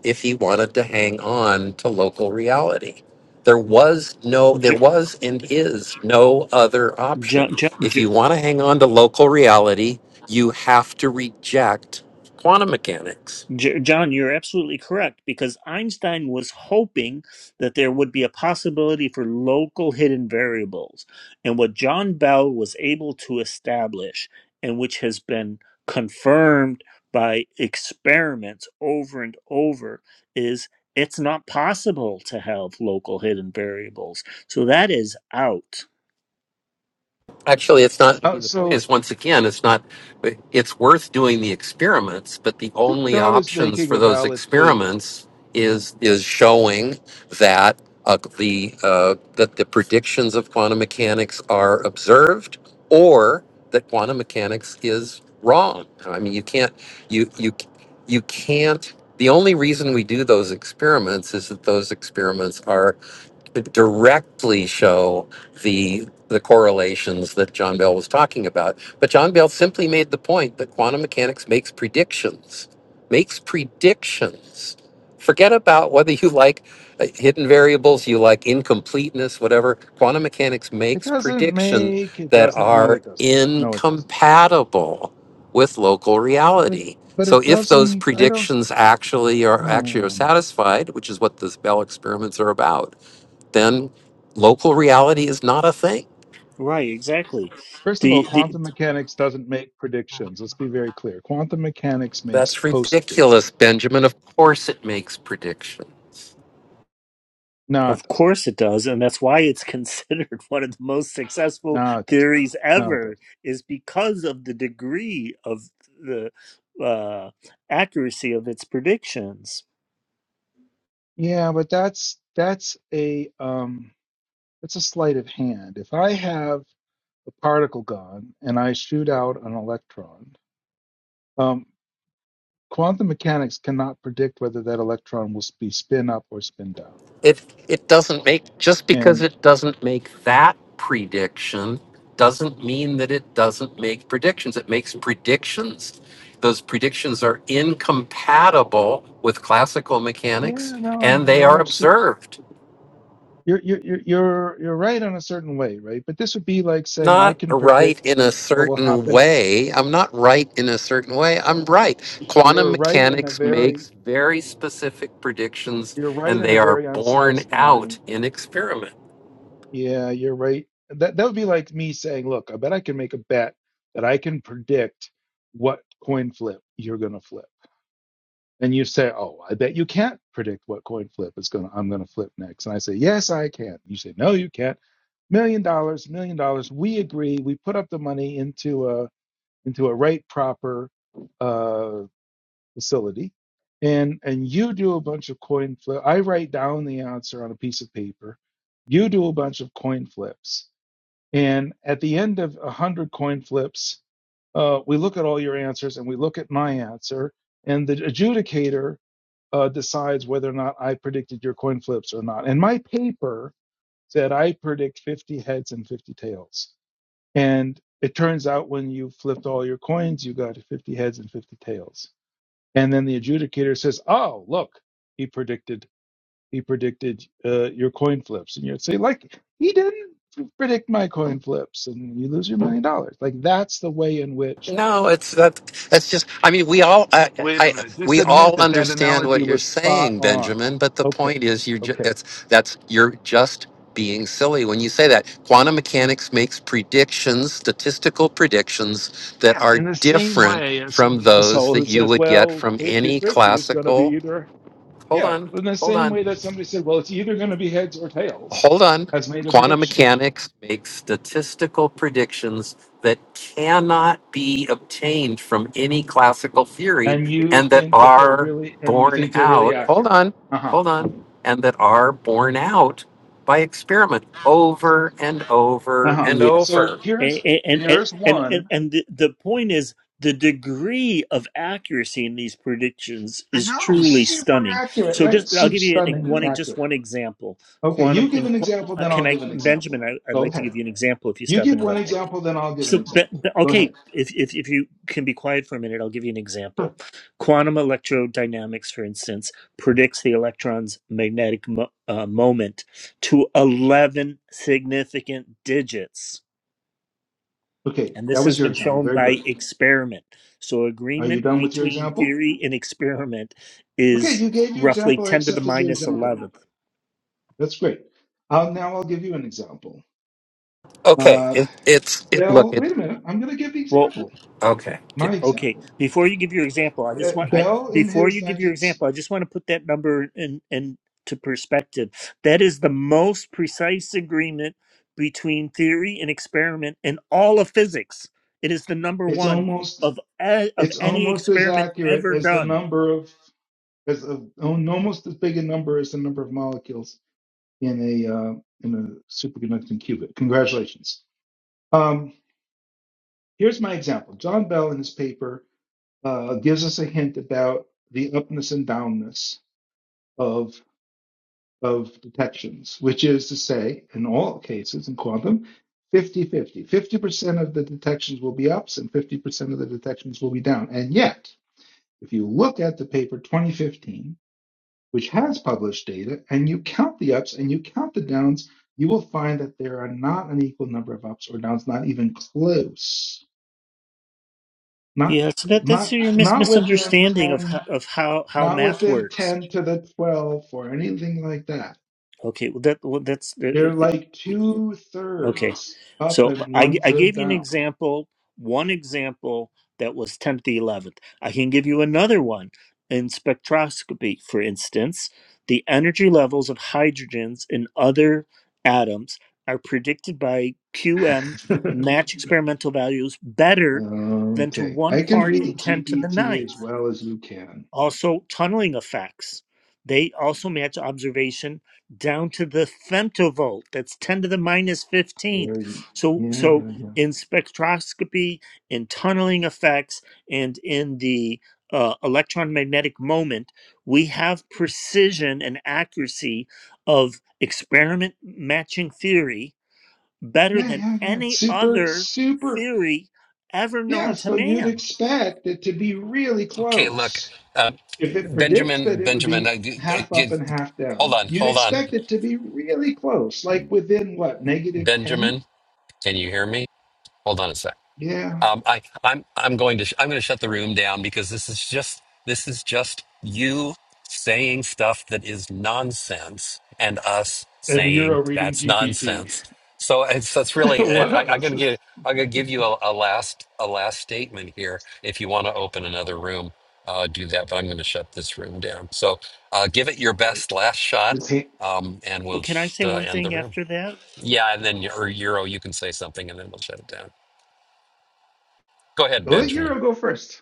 B: if he wanted to hang on to local reality. There was no, there
J: J-
B: was and is no other
J: J-
B: option.
J: J-
B: If
J: J-
B: you want to hang on to local reality, you have to reject quantum mechanics.
J: J- John, you're absolutely correct because Einstein was hoping that there would be a possibility for local hidden variables. And what John Bell was able to establish, and which has been confirmed by experiments over and over, is it's not possible to have local hidden variables. So that is out.
B: Actually, it's not. I
C: uh,
B: mean, the point
C: so
B: is, once again, it's not. It's worth doing the experiments, but the
C: I think
B: only
C: John is
B: options
C: making
B: for
C: a
B: those
C: valid point here.
B: experiments is is showing that uh, the uh, that the predictions of quantum mechanics are observed, or that quantum mechanics is wrong. I mean, you can't. You you you can't. The only reason we do those experiments is that those experiments are directly show the the correlations that John Bell was talking about. But John Bell simply made the point that quantum mechanics makes predictions, makes predictions. Forget about whether you like uh, hidden variables, you like incompleteness, whatever. Quantum mechanics
C: It
B: makes
C: doesn't
B: predictions
C: make, it
B: that
C: doesn't, no,
B: are
C: it doesn't. No, it doesn't.
B: incompatible with local
C: But it,
B: reality.
C: but
B: So
C: it
B: if those
C: doesn't, I don't,
B: predictions actually are
C: no,
B: actually are
C: no, no.
B: satisfied, which is what the Bell experiments are about, then local reality is not a thing.
J: Right, exactly.
C: First of all,
J: The the.
C: quantum mechanics doesn't make predictions. Let's be very clear. Quantum mechanics makes
B: That's ridiculous,
C: postdictions.
B: Benjamin. Of course it makes predictions.
C: No, it
J: Of
C: doesn't.
J: course it does, and that's why it's considered one of the most successful
C: No, it doesn't.
J: theories
C: No, it doesn't.
J: ever, is because of the degree of the uh, accuracy of its predictions.
C: Yeah, but that's that's a um that's a sleight of hand. If I have a particle gun and I shoot out an electron, um, quantum mechanics cannot predict whether that electron will be spin up or spin down.
B: It it doesn't make just because
C: And
B: it doesn't make that prediction doesn't mean that it doesn't make predictions. It makes predictions. Those predictions are incompatible with classical
C: yeah,
B: mechanics and
C: no,
B: they
C: you're
B: are
C: absolutely.
B: observed.
C: you're you're you're you're right on a certain way, right? But this would be like saying I
B: not
C: can
B: right
C: predict
B: in a
C: what will
B: certain
C: happen.
B: way. I'm not right in a certain way. I'm right. Quantum
C: You're right in a
B: mechanics
C: very
B: makes very specific predictions
C: you're right
B: and
C: in a
B: they are
C: very
B: borne out
C: unsatisfying.
B: in experiment.
C: Yeah, you're right. That that would be like me saying, look, I bet I can make a bet that I can predict what coin flip you're gonna flip. And you say, oh, I bet you can't predict what coin flip is gonna I'm gonna flip next. And I say, yes, I can. You say, no, you can't. Million dollars, million dollars. We agree. We put up the money into a into a right proper uh, facility and and you do a bunch of coin flip i write down the answer on a piece of paper you do a bunch of coin flips and at the end of a hundred coin flips uh, we look at all your answers and we look at my answer and the adjudicator uh, decides whether or not i predicted your coin flips or not and my paper said i predict 50 heads and 50 tails and it turns out when you flipped all your coins, you got 50 heads and 50 tails. And then the adjudicator says, "Oh, look, he predicted he predicted uh, your coin flips." And you'd say, "Like he didn't predict my coin flips," and you lose your million dollars. Like that's the way in which.
B: No, it's that. That's just. I mean, we all. I,
C: Wait a
B: I.
C: minute. Just
B: We
C: admit
B: all
C: that that
B: understand
C: analogy
B: what you're
C: was spot
B: saying,
C: on.
B: Benjamin. But the
C: Okay.
B: point is, you. ju-
C: Okay.
B: That's. That's. You're just being silly when you say that. Quantum mechanics makes predictions, statistical predictions that
C: Yeah.
B: are
C: In the same
B: different
C: way as
B: from
C: an
B: those
C: asshole
B: that
C: who
B: you
C: says,
B: would get
C: well,
B: from
C: 50
B: any
C: 50 is going to be
B: classical.
C: either
B: Hold
C: Yeah,
B: on.
C: in the
B: Hold
C: same
B: on.
C: way that somebody said, well, it's either going to be heads or tails,
B: Hold on.
C: has made a
B: Quantum
C: prediction.
B: mechanics makes statistical predictions that cannot be obtained from any classical theory
C: And you
B: and that
C: think that they're
B: are
C: really, and you
B: borne
C: think they're really
B: out. Hold
C: accurate.
B: on.
C: Uh huh.
B: Hold on. And that are borne out by experiment over and
C: Uh
B: over
C: huh.
B: and
J: Yeah.
C: So
B: over.
J: And
C: here's,
J: and and
C: here's
J: and, and,
C: one.
J: and the, the point is the degree of accuracy in these predictions
C: I
J: is
C: know,
J: truly
C: super
J: stunning.
C: accurate,
J: So
C: right?
J: just I'll
C: Super
J: give you an,
C: stunningly
J: one just
C: accurate.
J: one example.
C: Okay, you
J: Quantum
C: give
J: in,
C: an
J: qu-
C: example,
J: uh,
C: then I'll
J: can I
C: give an example.
J: Benjamin I, I'd
C: Go
J: like to
C: ahead.
J: give you an example if you
C: You
J: stop
C: give one
J: interrupting.
C: example, then I'll give an
J: So, but,
C: example.
J: but-
C: Go
J: okay,
C: ahead.
J: if, if if you can be quiet for a minute, I'll give you an example. Quantum electrodynamics, for instance, predicts the electron's magnetic mo- uh, moment to eleven significant digits,
C: Okay,
J: and
C: that
J: this
C: was
J: has
C: your
J: been
C: example.
J: shown
C: Very
J: by
C: good.
J: experiment. So,
C: Are you
J: agreement
C: done with your
J: between
C: example?
J: theory and experiment
C: Okay,
J: is
C: you gave your
J: roughly
C: example. I
J: ten to the
C: accepted your
J: minus
C: example.
J: eleventh.
C: That's great. Uh, now I'll give you an example.
B: Okay.
C: Uh,
B: It, it's, it, look,
C: Bell,
B: it,
C: wait a minute. I'm going to give the
J: Well,
C: example.
B: okay.
C: My
B: Get,
J: Okay,
C: example.
J: before you give your example, I
C: Uh,
J: just want I
C: Bell in
J: before
C: his
J: you give your
C: 19.
J: example, I just want to put that number in into perspective. That is the most precise agreement between theory and experiment in all of physics. It is the number
C: It's
J: one
C: almost.
J: of a- of
C: It's
J: any
C: almost as
J: experiment
C: accurate
J: ever
C: as the
J: done.
C: number of as a, almost as big a number as the number of molecules in a uh, in a superconducting qubit. Congratulations. Um, here's my example. John Bell in his paper uh, gives us a hint about the upness and downness of. of detections, which is to say, in all cases in quantum, 50 50. 50% of the detections will be ups and 50% of the detections will be down. And yet, if you look at the paper 2015, which has published data, and you count the ups and you count the downs, you will find that there are not an equal number of ups or downs, not even close. Not,
J: Yeah, so that that's
C: not,
J: your mis-
C: not within
J: misunderstanding of
C: 10,
J: how, of how how
C: not
J: math
C: within
J: works.
C: 10 to the 12 or anything like that
J: Okay, well that well, that's uh,
C: They're like
J: uh,
C: two
J: Okay.
C: thirds up
J: So
C: and
J: I
C: one
J: I
C: third
J: gave you an
C: down.
J: example, one example that was 10 to the 11th. I can give you another one. In spectroscopy, for instance, the energy levels of hydrogens and other atoms are predicted by QM match experimental values better than to
C: okay,
J: one
C: I can
J: part in
C: read
J: 10 to the
C: GPT as
J: ninth
C: well as you can.
J: also tunneling effects. They also match observation down to the femtovolt. That's 10 to the 15th.
C: There you,
J: So
C: yeah,
J: so
C: yeah, yeah,
J: in spectroscopy, in tunneling effects, and in the uh, electron magnetic moment, we have precision and accuracy of experiment matching theory better
C: yeah,
J: than
C: yeah, yeah.
J: any
C: Super,
J: other
C: super.
J: theory ever
C: Yeah,
J: known to
C: so you'd
J: man.
C: expect it to be really
B: okay. Look,
C: close.
B: uh,
C: If it predicts that
B: Benjamin,
C: it would
B: Benjamin,
C: be
B: I, I,
C: half up
B: I,
C: and half
B: hold
C: down,
B: on.
C: you'd
B: Hold on.
C: expect it to be really close, like within what, negative 10?
B: Benjamin, can you hear me? Hold on a sec.
C: Yeah.
B: Um, I, I'm I'm going to sh- I'm going to shut the room down because this is just this is just you saying stuff that is nonsense and us
C: And you're
B: saying
C: a reading
B: that's
C: GPT.
B: nonsense. So it's that's really uh,
C: One
B: I,
C: of
B: I'm
C: us
B: going to
C: is.
B: give I'm going to give you a, a last a last statement here. If you want to open another room, uh, do that. But I'm going to shut this room down. So uh, give it your
C: all right.
B: best last shot,
C: Let's see.
B: um, and we'll
J: Well, can I say
B: uh,
J: one
B: end the
J: thing
B: room.
J: after that?
B: Yeah, and then your- or Euro, you can say something, and then we'll shut it down. Go ahead,
C: Let
B: Benjamin.
C: Euro go first.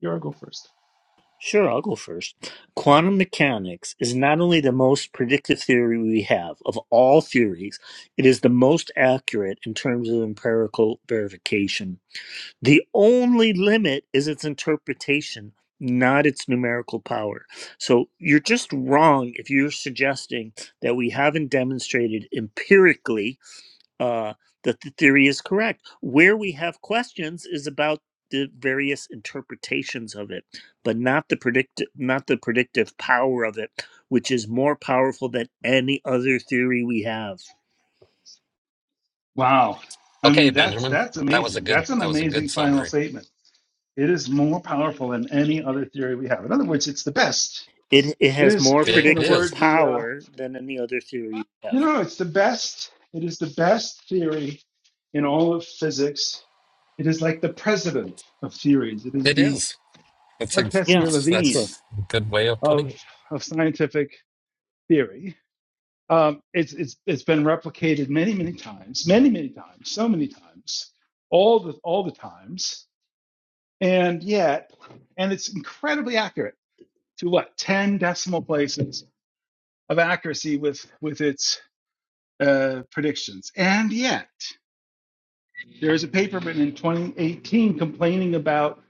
C: Euro go first.
J: Sure, I'll go first. Quantum mechanics is not only the most predictive theory we have of all theories, it is the most accurate in terms of empirical verification. The only limit is its interpretation, not its numerical power. So you're just wrong if you're suggesting that we haven't demonstrated empirically uh, that the theory is correct. Where we have questions is about the various interpretations of it, but not the predict not the predictive power of it, which is more powerful than any other theory we have.
C: Wow. I
B: Okay,
C: mean, that's
B: Benjamin.
C: that's
B: That was a
C: amazing.
B: good
C: That's an
B: that was a good
C: amazing final
B: summary.
C: statement. It is more powerful than any other theory we have. In other words, it's the best.
J: It it
C: It
J: has
C: is,
J: more
C: in
B: It
C: in a
J: predictive
B: is.
C: word, the uh,
J: power than any other theory we
C: you
J: have.
C: know, it's the best. It is the best theory in all of physics. It is like the president of theories. It is
B: It
C: the
B: is. That's a
C: Mark Messier
J: Yeah, sure.
C: Levine
B: that's a good way of
C: of
B: putting it.
C: of scientific theory. Um, it's, it's, it's been replicated many, many times, many, many times, so many times, all the, all the times. And yet, and it's incredibly accurate to what? 10 decimal places of accuracy with, with its uh, predictions. And yet, there is a paper written in 2018 complaining about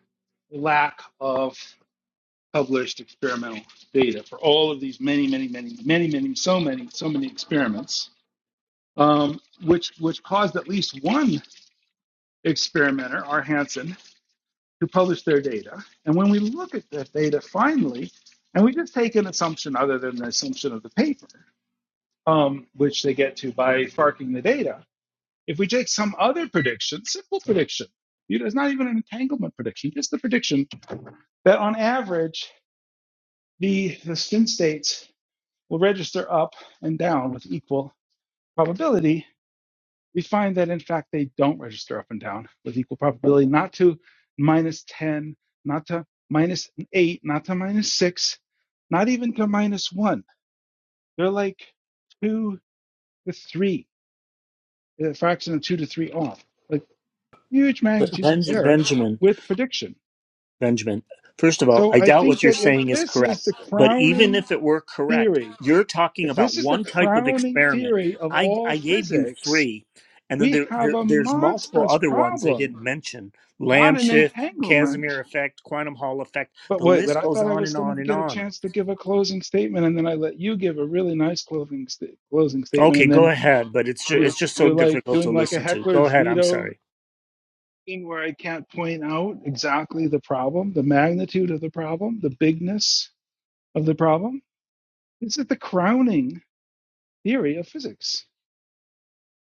C: the lack of published experimental data for all of these many, many, many, many, many, so many, so many experiments um, which which caused at least one experimenter, R. Hansen, who published their data. And when we look at that data finally, and we just take an assumption other than the assumption of the paper, um, which they get to by farking the data, if we take some other prediction, simple prediction, you know, it's not even an entanglement prediction, just the prediction that on average, the, the spin states will register up and down with equal probability we find that in fact they don't register up and down with equal probability, not to minus 10, not to minus 8, not to minus 6, not even to minus 1. They're like 2 to 3, a fraction of 2 to 3 off, like huge
J: But
C: magnitudes of
J: Benj-
C: error
J: Benjamin.
C: with prediction.
J: Benjamin, first of all,
C: So
J: I
C: I
J: doubt
C: think
J: what you're
C: that if
J: saying is
C: this is
J: correct.
C: the
J: But even
C: crowning
J: if it were correct,
C: theory,
J: you're talking
C: if
J: about
C: this is the
J: one type of
C: crowning
J: experiment.
C: theory of
J: I,
C: all
J: I gave you
C: physics,
J: three, and then
C: we
J: there,
C: have
J: there
C: a
J: there's multiple
C: monstrous
J: other ones I
C: problem,
J: didn't mention: Lamb
C: not an
J: shift,
C: entanglement
J: Casimir effect, quantum Hall effect.
C: But
J: The
C: wait, but
J: list
C: I
J: goes
C: thought I
J: on
C: was
J: and
C: going
J: on
C: to
J: and
C: get a
J: on.
C: chance to give a closing statement, and then I let you give a really nice closing sta- closing statement,
J: Okay,
C: and
J: go
C: then
J: ahead, but it's ju-
C: you
J: it's just so
C: you're like
J: difficult
C: doing
J: to
C: like a
J: listen to. Go
C: heckler's
J: ahead. I'm
C: veto
J: sorry.
C: thing where I can't point out exactly the problem, the magnitude of the problem, the bigness of the problem. Is it the crowning theory of physics?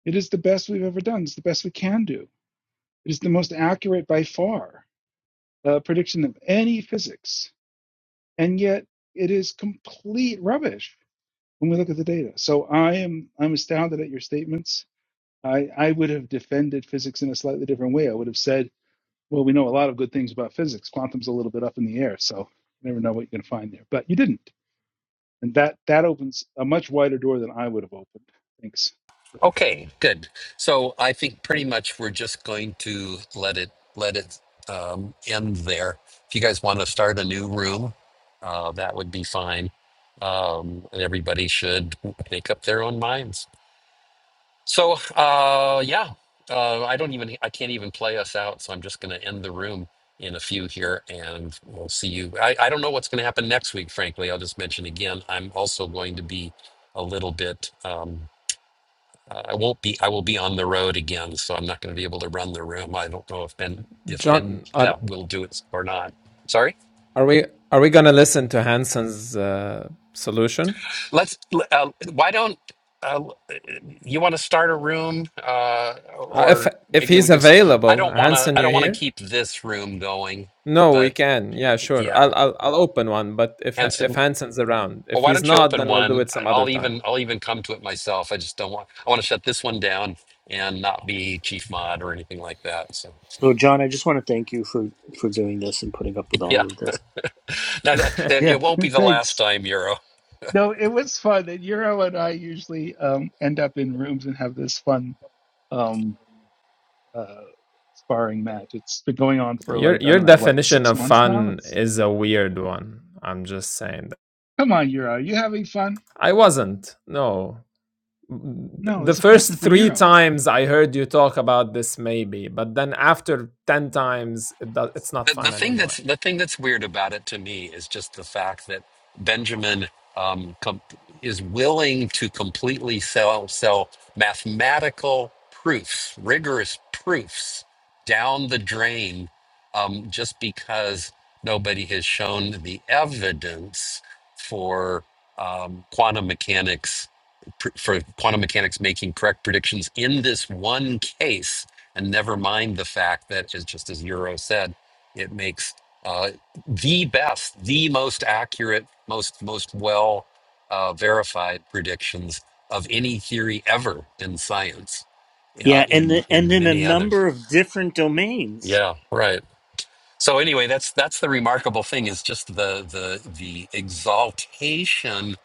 C: It is the best we've ever done. It's the best we can do. It is the most accurate by far uh, prediction of any physics, and yet it is complete rubbish when we look at the data. So I am I'm astounded at your statements. I, I would have defended physics in a slightly different way. I would have said, well, we know a lot of good things about physics. Quantum's a little bit up in the air, so you never know what you're going to find there. But you didn't, and that that opens a much wider door than I would have opened. Thanks.
B: Okay, good. So I think pretty much we're just going to let it let it um, end there. If you guys want to start a new room, uh, that would be fine. Um, and everybody should make up their own minds. So, uh, yeah, uh, I don't even, I can't even play us out. So I'm just going to end the room in a few here and we'll see you. I, I don't know what's going to happen next week, frankly. I'll just mention again, I'm also going to be a little bit, um, uh, I won't be, I will be on the road again. So I'm not going to be able to run the room. I don't know if Ben, if Ben
N: John. Are,
B: uh, will do it or not. Sorry.
N: are we are we gonna listen to Hanson's uh, solution?
B: let's uh, why don't uh, you want to start a room uh,
N: Uh, if
B: or
N: if
B: maybe we
N: he's
B: can st- i
N: available,
B: don't want to
N: Hanson,
B: i
N: you
B: don't want to
N: here?
B: keep this room going
N: No, we
B: but
N: can. Yeah, sure.
B: yeah
N: I'll I'll I'll open one. But if if
B: henson
N: Hanson's around,
B: well
N: if
B: why
N: he's
B: don't you
N: not,
B: open
N: then we'll do
B: one
N: it
B: I-
N: some other
B: i'll
N: time.
B: even i'll even come to it myself i just don't want i want to shut this one down and not be chief mod or anything like that so
J: So, John, I just want to thank you for for doing this and putting up with
B: yeah
J: all of this.
B: no, that-
C: Yeah,
B: it won't be the last
C: thanks.
B: time euro
C: No, it was fun. And Euro and I usually um, end up in rooms and have this fun um, uh, sparring match. It's been going on for
N: Your
C: like I
N: your
C: don't know what
N: definition
C: six
N: of
C: months now.
N: fun
C: It's
N: is a weird one. I'm just saying.
C: come on, Euro, Are you having fun?
N: I wasn't. No,
C: No,
N: the
C: it's a
N: first
C: question for
N: three
C: Euro.
N: times I heard you talk about this, maybe, but then after 10 times, it do- it's not
B: the, the
N: fun
B: thing that's
N: anymore.
B: the thing that's weird about it to me is just the fact that Benjamin um, com- is willing to completely sell sell mathematical proofs, rigorous proofs, down the drain, um, just because nobody has shown the evidence for um, quantum mechanics pr- for quantum mechanics making correct predictions in this one case and never mind the fact that as just as euro said it makes uh, the best, the most accurate, most most well uh, verified predictions of any theory ever in science. Uh,
J: Yeah, and
B: in
J: and
B: in
J: in a
B: many others.
J: number of different domains.
B: Yeah, right. So anyway, that's that's the remarkable thing is just the the the exaltation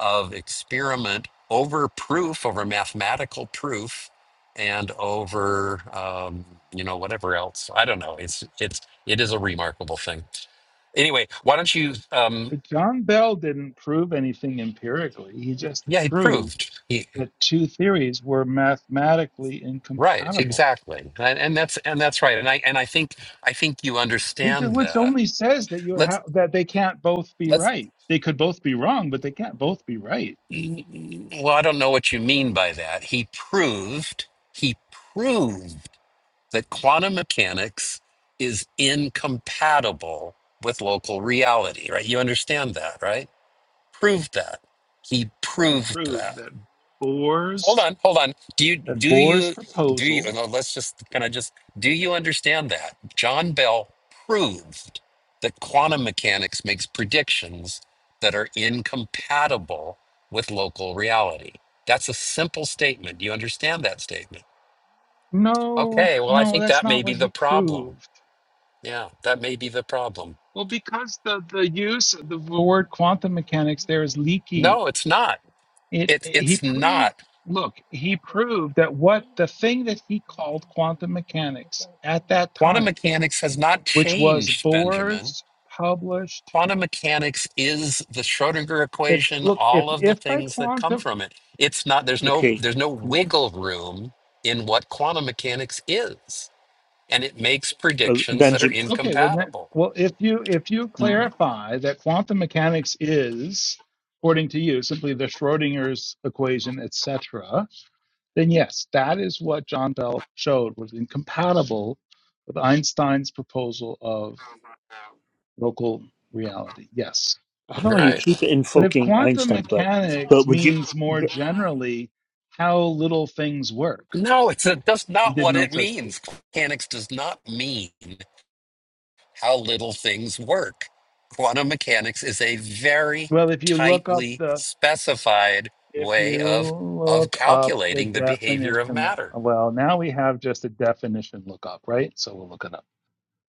B: of experiment over proof, over mathematical proof, and over um, you know whatever else. I don't know. It's it's it is a remarkable thing anyway, why don't you? Um,
C: But John Bell didn't prove anything empirically. He just
B: yeah, he
C: proved
B: proved he
C: that two theories were mathematically
B: right
C: incompatible,
B: exactly, and, and that's and that's right, and I and I think I think you
C: it,
B: understand
C: which
B: that.
C: only says that you
B: Let's
C: have that they can't both be
B: let's.
C: right. They could both be wrong, but they can't both be right.
B: Well, I don't know what you mean by that. He proved he proved that quantum mechanics is incompatible with local reality. Right? You understand that, right? Proved that. He
C: He
B: proved that
C: proved that
B: hold
C: Bohr's
B: on hold on do you
C: that
B: do
C: Bohr's
B: you do you
C: proposal
B: no, let's just kind of just do you understand that john bell proved that quantum mechanics makes predictions that are incompatible with local reality that's a simple statement do you understand that statement
C: No,
B: okay well i
C: no,
B: think
C: that's
B: that
C: not
B: may be
C: what he
B: the problem
C: proved.
B: yeah that may be the problem
C: Well, because the, the use of the word quantum mechanics there is leaky.
B: no it's not
C: It
B: it's
C: he
B: it's
C: proved
B: not
C: look, he proved that what the thing that he called quantum mechanics at that
B: quantum
C: time,
B: mechanics has not
C: which was
B: changed benjamin
C: Bohr's published
B: quantum mechanics is the Schrodinger
C: if
B: equation,
C: look, if
B: all of the
C: if by
B: things that come
C: quantum
B: from it. It's not there's no
J: Okay,
B: there's no wiggle room in what quantum mechanics is, and it makes
J: uh,
B: predictions that are
J: Benjamin.
C: okay, well then
B: incompatible.
C: well if you if you
J: I
C: clarify that quantum mechanics is, according to you, simply the Schrodinger's equation, etc then yes, that is what John Bell showed was incompatible with Einstein's proposal of local reality. Yes.
J: know you
B: Right?
J: keep
C: But if
J: invoking
C: quantum
J: Einstein, but
C: mechanics
J: but would you?
C: means more
J: but-
C: generally how little things work,
B: No, it's a, that's
C: he
B: not
C: did
B: what
C: no
B: it
C: such proof.
B: means. Quantum Mechanics does not mean how little things work. Quantum mechanics is a very
C: Well, if you look up
B: tightly
C: the
B: specified
C: if
B: way
C: you
B: of of
C: look up the
B: calculating the behavior of
C: definition of,
B: matter.
C: well, now we have just a definition lookup, right? So we'll look it up.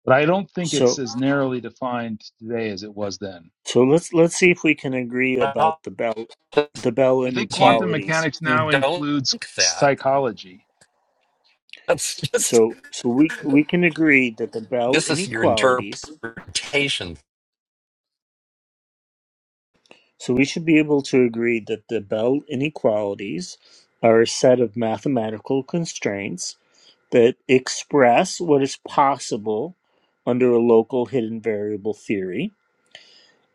C: But I don't think it's
J: So
C: as narrowly defined today as it was then.
J: so let's let's see if we can agree about
B: Well,
J: the Bell the Bell
C: I think
B: you
C: quantum
J: inequalities.
C: mechanics now
B: don't
C: includes
B: think that.
C: psychology.
B: That's just
J: So so we we can agree that the Bell
B: this is your
J: inequalities.
B: interpretation.
J: So we should be able to agree that the Bell inequalities are a set of mathematical constraints that express what is possible under a local hidden variable theory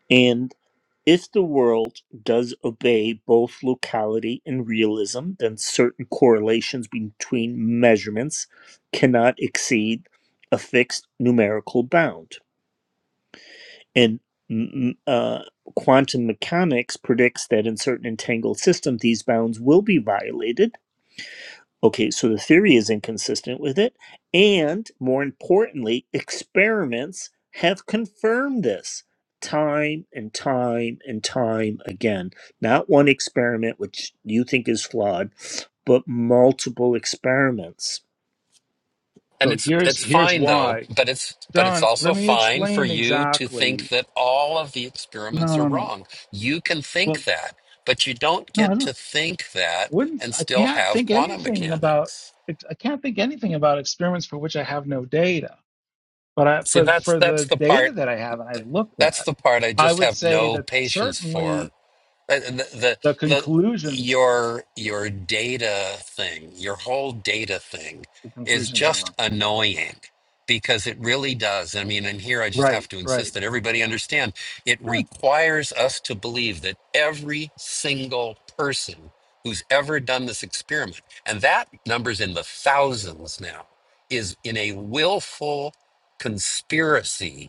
J: And if the world does obey both locality and realism, then certain correlations between measurements cannot exceed a fixed numerical bound. And mm, mm, uh, quantum mechanics predicts that in certain entangled systems, these bounds will be violated Okay, so the theory is inconsistent with it. And more importantly, experiments have confirmed this time and time and time again. Not one experiment, which you think is flawed, but multiple experiments.
B: And
C: So
B: it's
C: here's
B: it's
C: here's
B: fine though,
C: why.
B: but it's but it's
C: John, let
B: also
C: me
B: fine for
C: explain
B: you to think
C: exactly.
B: that all of the experiments
C: No,
B: are
C: no, no.
B: wrong. You can
C: Well,
B: think that, but you don't
C: no, I
B: get
C: don't
B: to think that
C: wouldn't
B: and
C: I
B: still
C: can't
B: have
C: think
B: quantum
C: anything about
B: mechanics.
C: I can't think anything about experiments for which I have no data. But I,
B: See,
C: for
B: that's
C: for
B: that's
C: the
B: the
C: data
B: part
C: that I have and I've looked
B: that's
C: at,
B: the part I
C: I
B: just
C: would
B: have
C: say
B: no
C: that
B: patience for
C: certainly
B: Right, and The, the
C: the
B: the
C: conclusions
B: your your data thing, your whole data thing
C: the
B: is
C: conclusions are
B: just
C: wrong.
B: annoying because it really does. I mean, and here I just
C: Right,
B: have to
C: right.
B: insist that everybody understand it requires us to believe that every single person who's ever done this experiment, and that number's in the thousands now, is in a willful conspiracy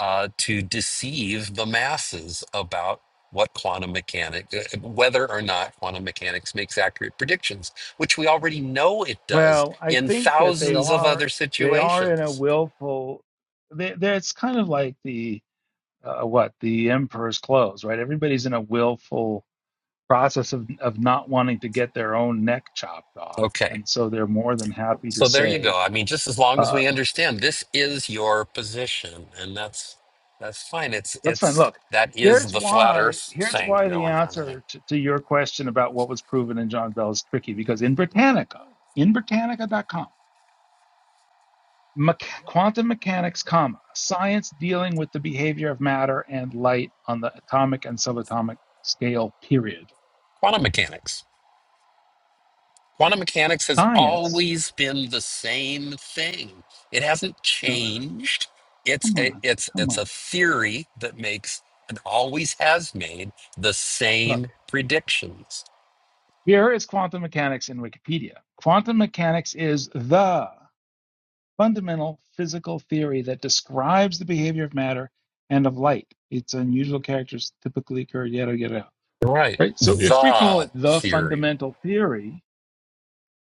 B: uh, to deceive the masses about what quantum mechanics, whether or not quantum mechanics makes accurate predictions, which we already know it does
C: Well, I
B: in
C: think that they
B: thousands of
C: are
B: other
C: they are in a
B: situations.
C: willful. They, they, it's kind of like the uh, what the emperor's clothes, right? Everybody's in a willful process of of not wanting to get their own neck chopped off,
B: Okay.
C: and so they're more than happy to
B: So there you
C: say,
B: go. I mean, just as long as
C: uh,
B: we understand this is your position, and that's that's fine. It's
C: "That's fine."
B: it's
C: Look,
B: that is
C: here's
B: the flat
C: why.
B: Earth
C: Here's
B: thing
C: why the
B: going on there.
C: answer to, to your question about what was proven in John Bell is tricky, because in Britannica, in Britannica.com. Mech- quantum mechanics, comma, science dealing with the behavior of matter and light on the atomic and subatomic scale, period.
B: Quantum mechanics. Quantum mechanics has
C: Science,
B: always been the same thing. It hasn't
C: no,
B: changed. It's
C: come
B: a,
C: on,
B: it's
C: come
B: it's
C: on.
B: a theory that makes and always has made the
C: Look,
B: same predictions.
C: here is quantum mechanics in Wikipedia. Quantum mechanics is the fundamental physical theory that describes the behavior of matter and of light. Its unusual characters typically occur, yada, yada. yada.
B: Right.
C: Right? So if we call
B: The
C: it the
B: theory.
C: fundamental theory,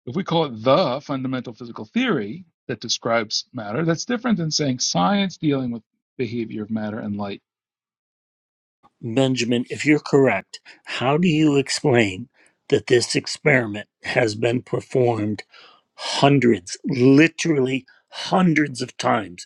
C: If we call it the fundamental physical theory that describes matter, that's different than saying science dealing with behavior of matter and light
J: Benjamin, if you're correct, how do you explain that this experiment has been performed hundreds, literally hundreds of times?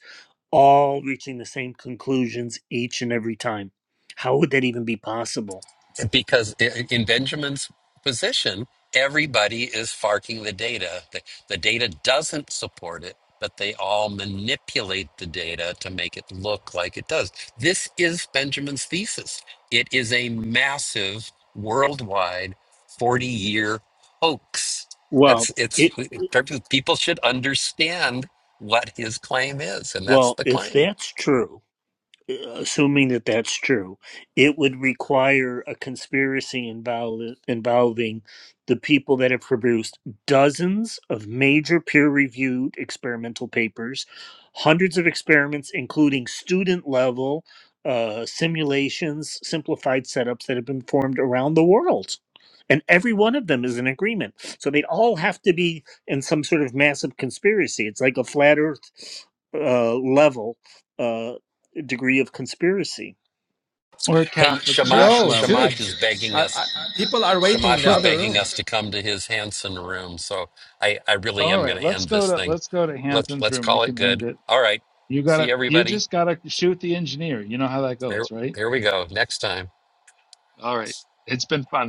J: all reaching the same conclusions each and every time. How would that even be possible?
B: because in Benjamin's position, everybody is farking the data. The, the data doesn't support it, but they all manipulate the data to make it look like it does. This is Benjamin's thesis. It is a massive worldwide 40 year hoax.
J: Well,
B: That's it's
J: it
B: people should understand what his claim is, and that's
J: well,
B: the
J: if
B: claim.
J: that's true, assuming that that's true, it would require a conspiracy invol- involving the people that have produced dozens of major peer reviewed experimental papers, hundreds of experiments, including student level uh, simulations, simplified setups that have been formed around the world. And every one of them is in agreement. So they'd all have to be in some sort of massive conspiracy. It's like a flat earth uh, level uh, degree of conspiracy.
C: or a
B: Hey,
C: Catholic
B: Shamash,
C: Church
N: Yo, dude,
C: level.
B: Shamash is begging
N: I,
B: us
N: I, people are waiting in
B: Shamash
N: the
B: is
C: Look,
N: other room.
B: begging us to come to his Hanson room, so I, I really
C: all
B: am
C: right,
B: going to
C: let's
B: end
C: go
B: this
C: to
B: thing.
C: let's go to
B: Let's
C: Hampton's
B: let's
C: room. You
B: call it
C: can end
B: good.
C: it.
B: All right,
C: You
B: see
C: gotta you
B: everybody.
C: just gotta shoot the engineer. You know how that
B: Here,
C: goes, right?
B: here we go. Next time.
C: All right. It's been fun.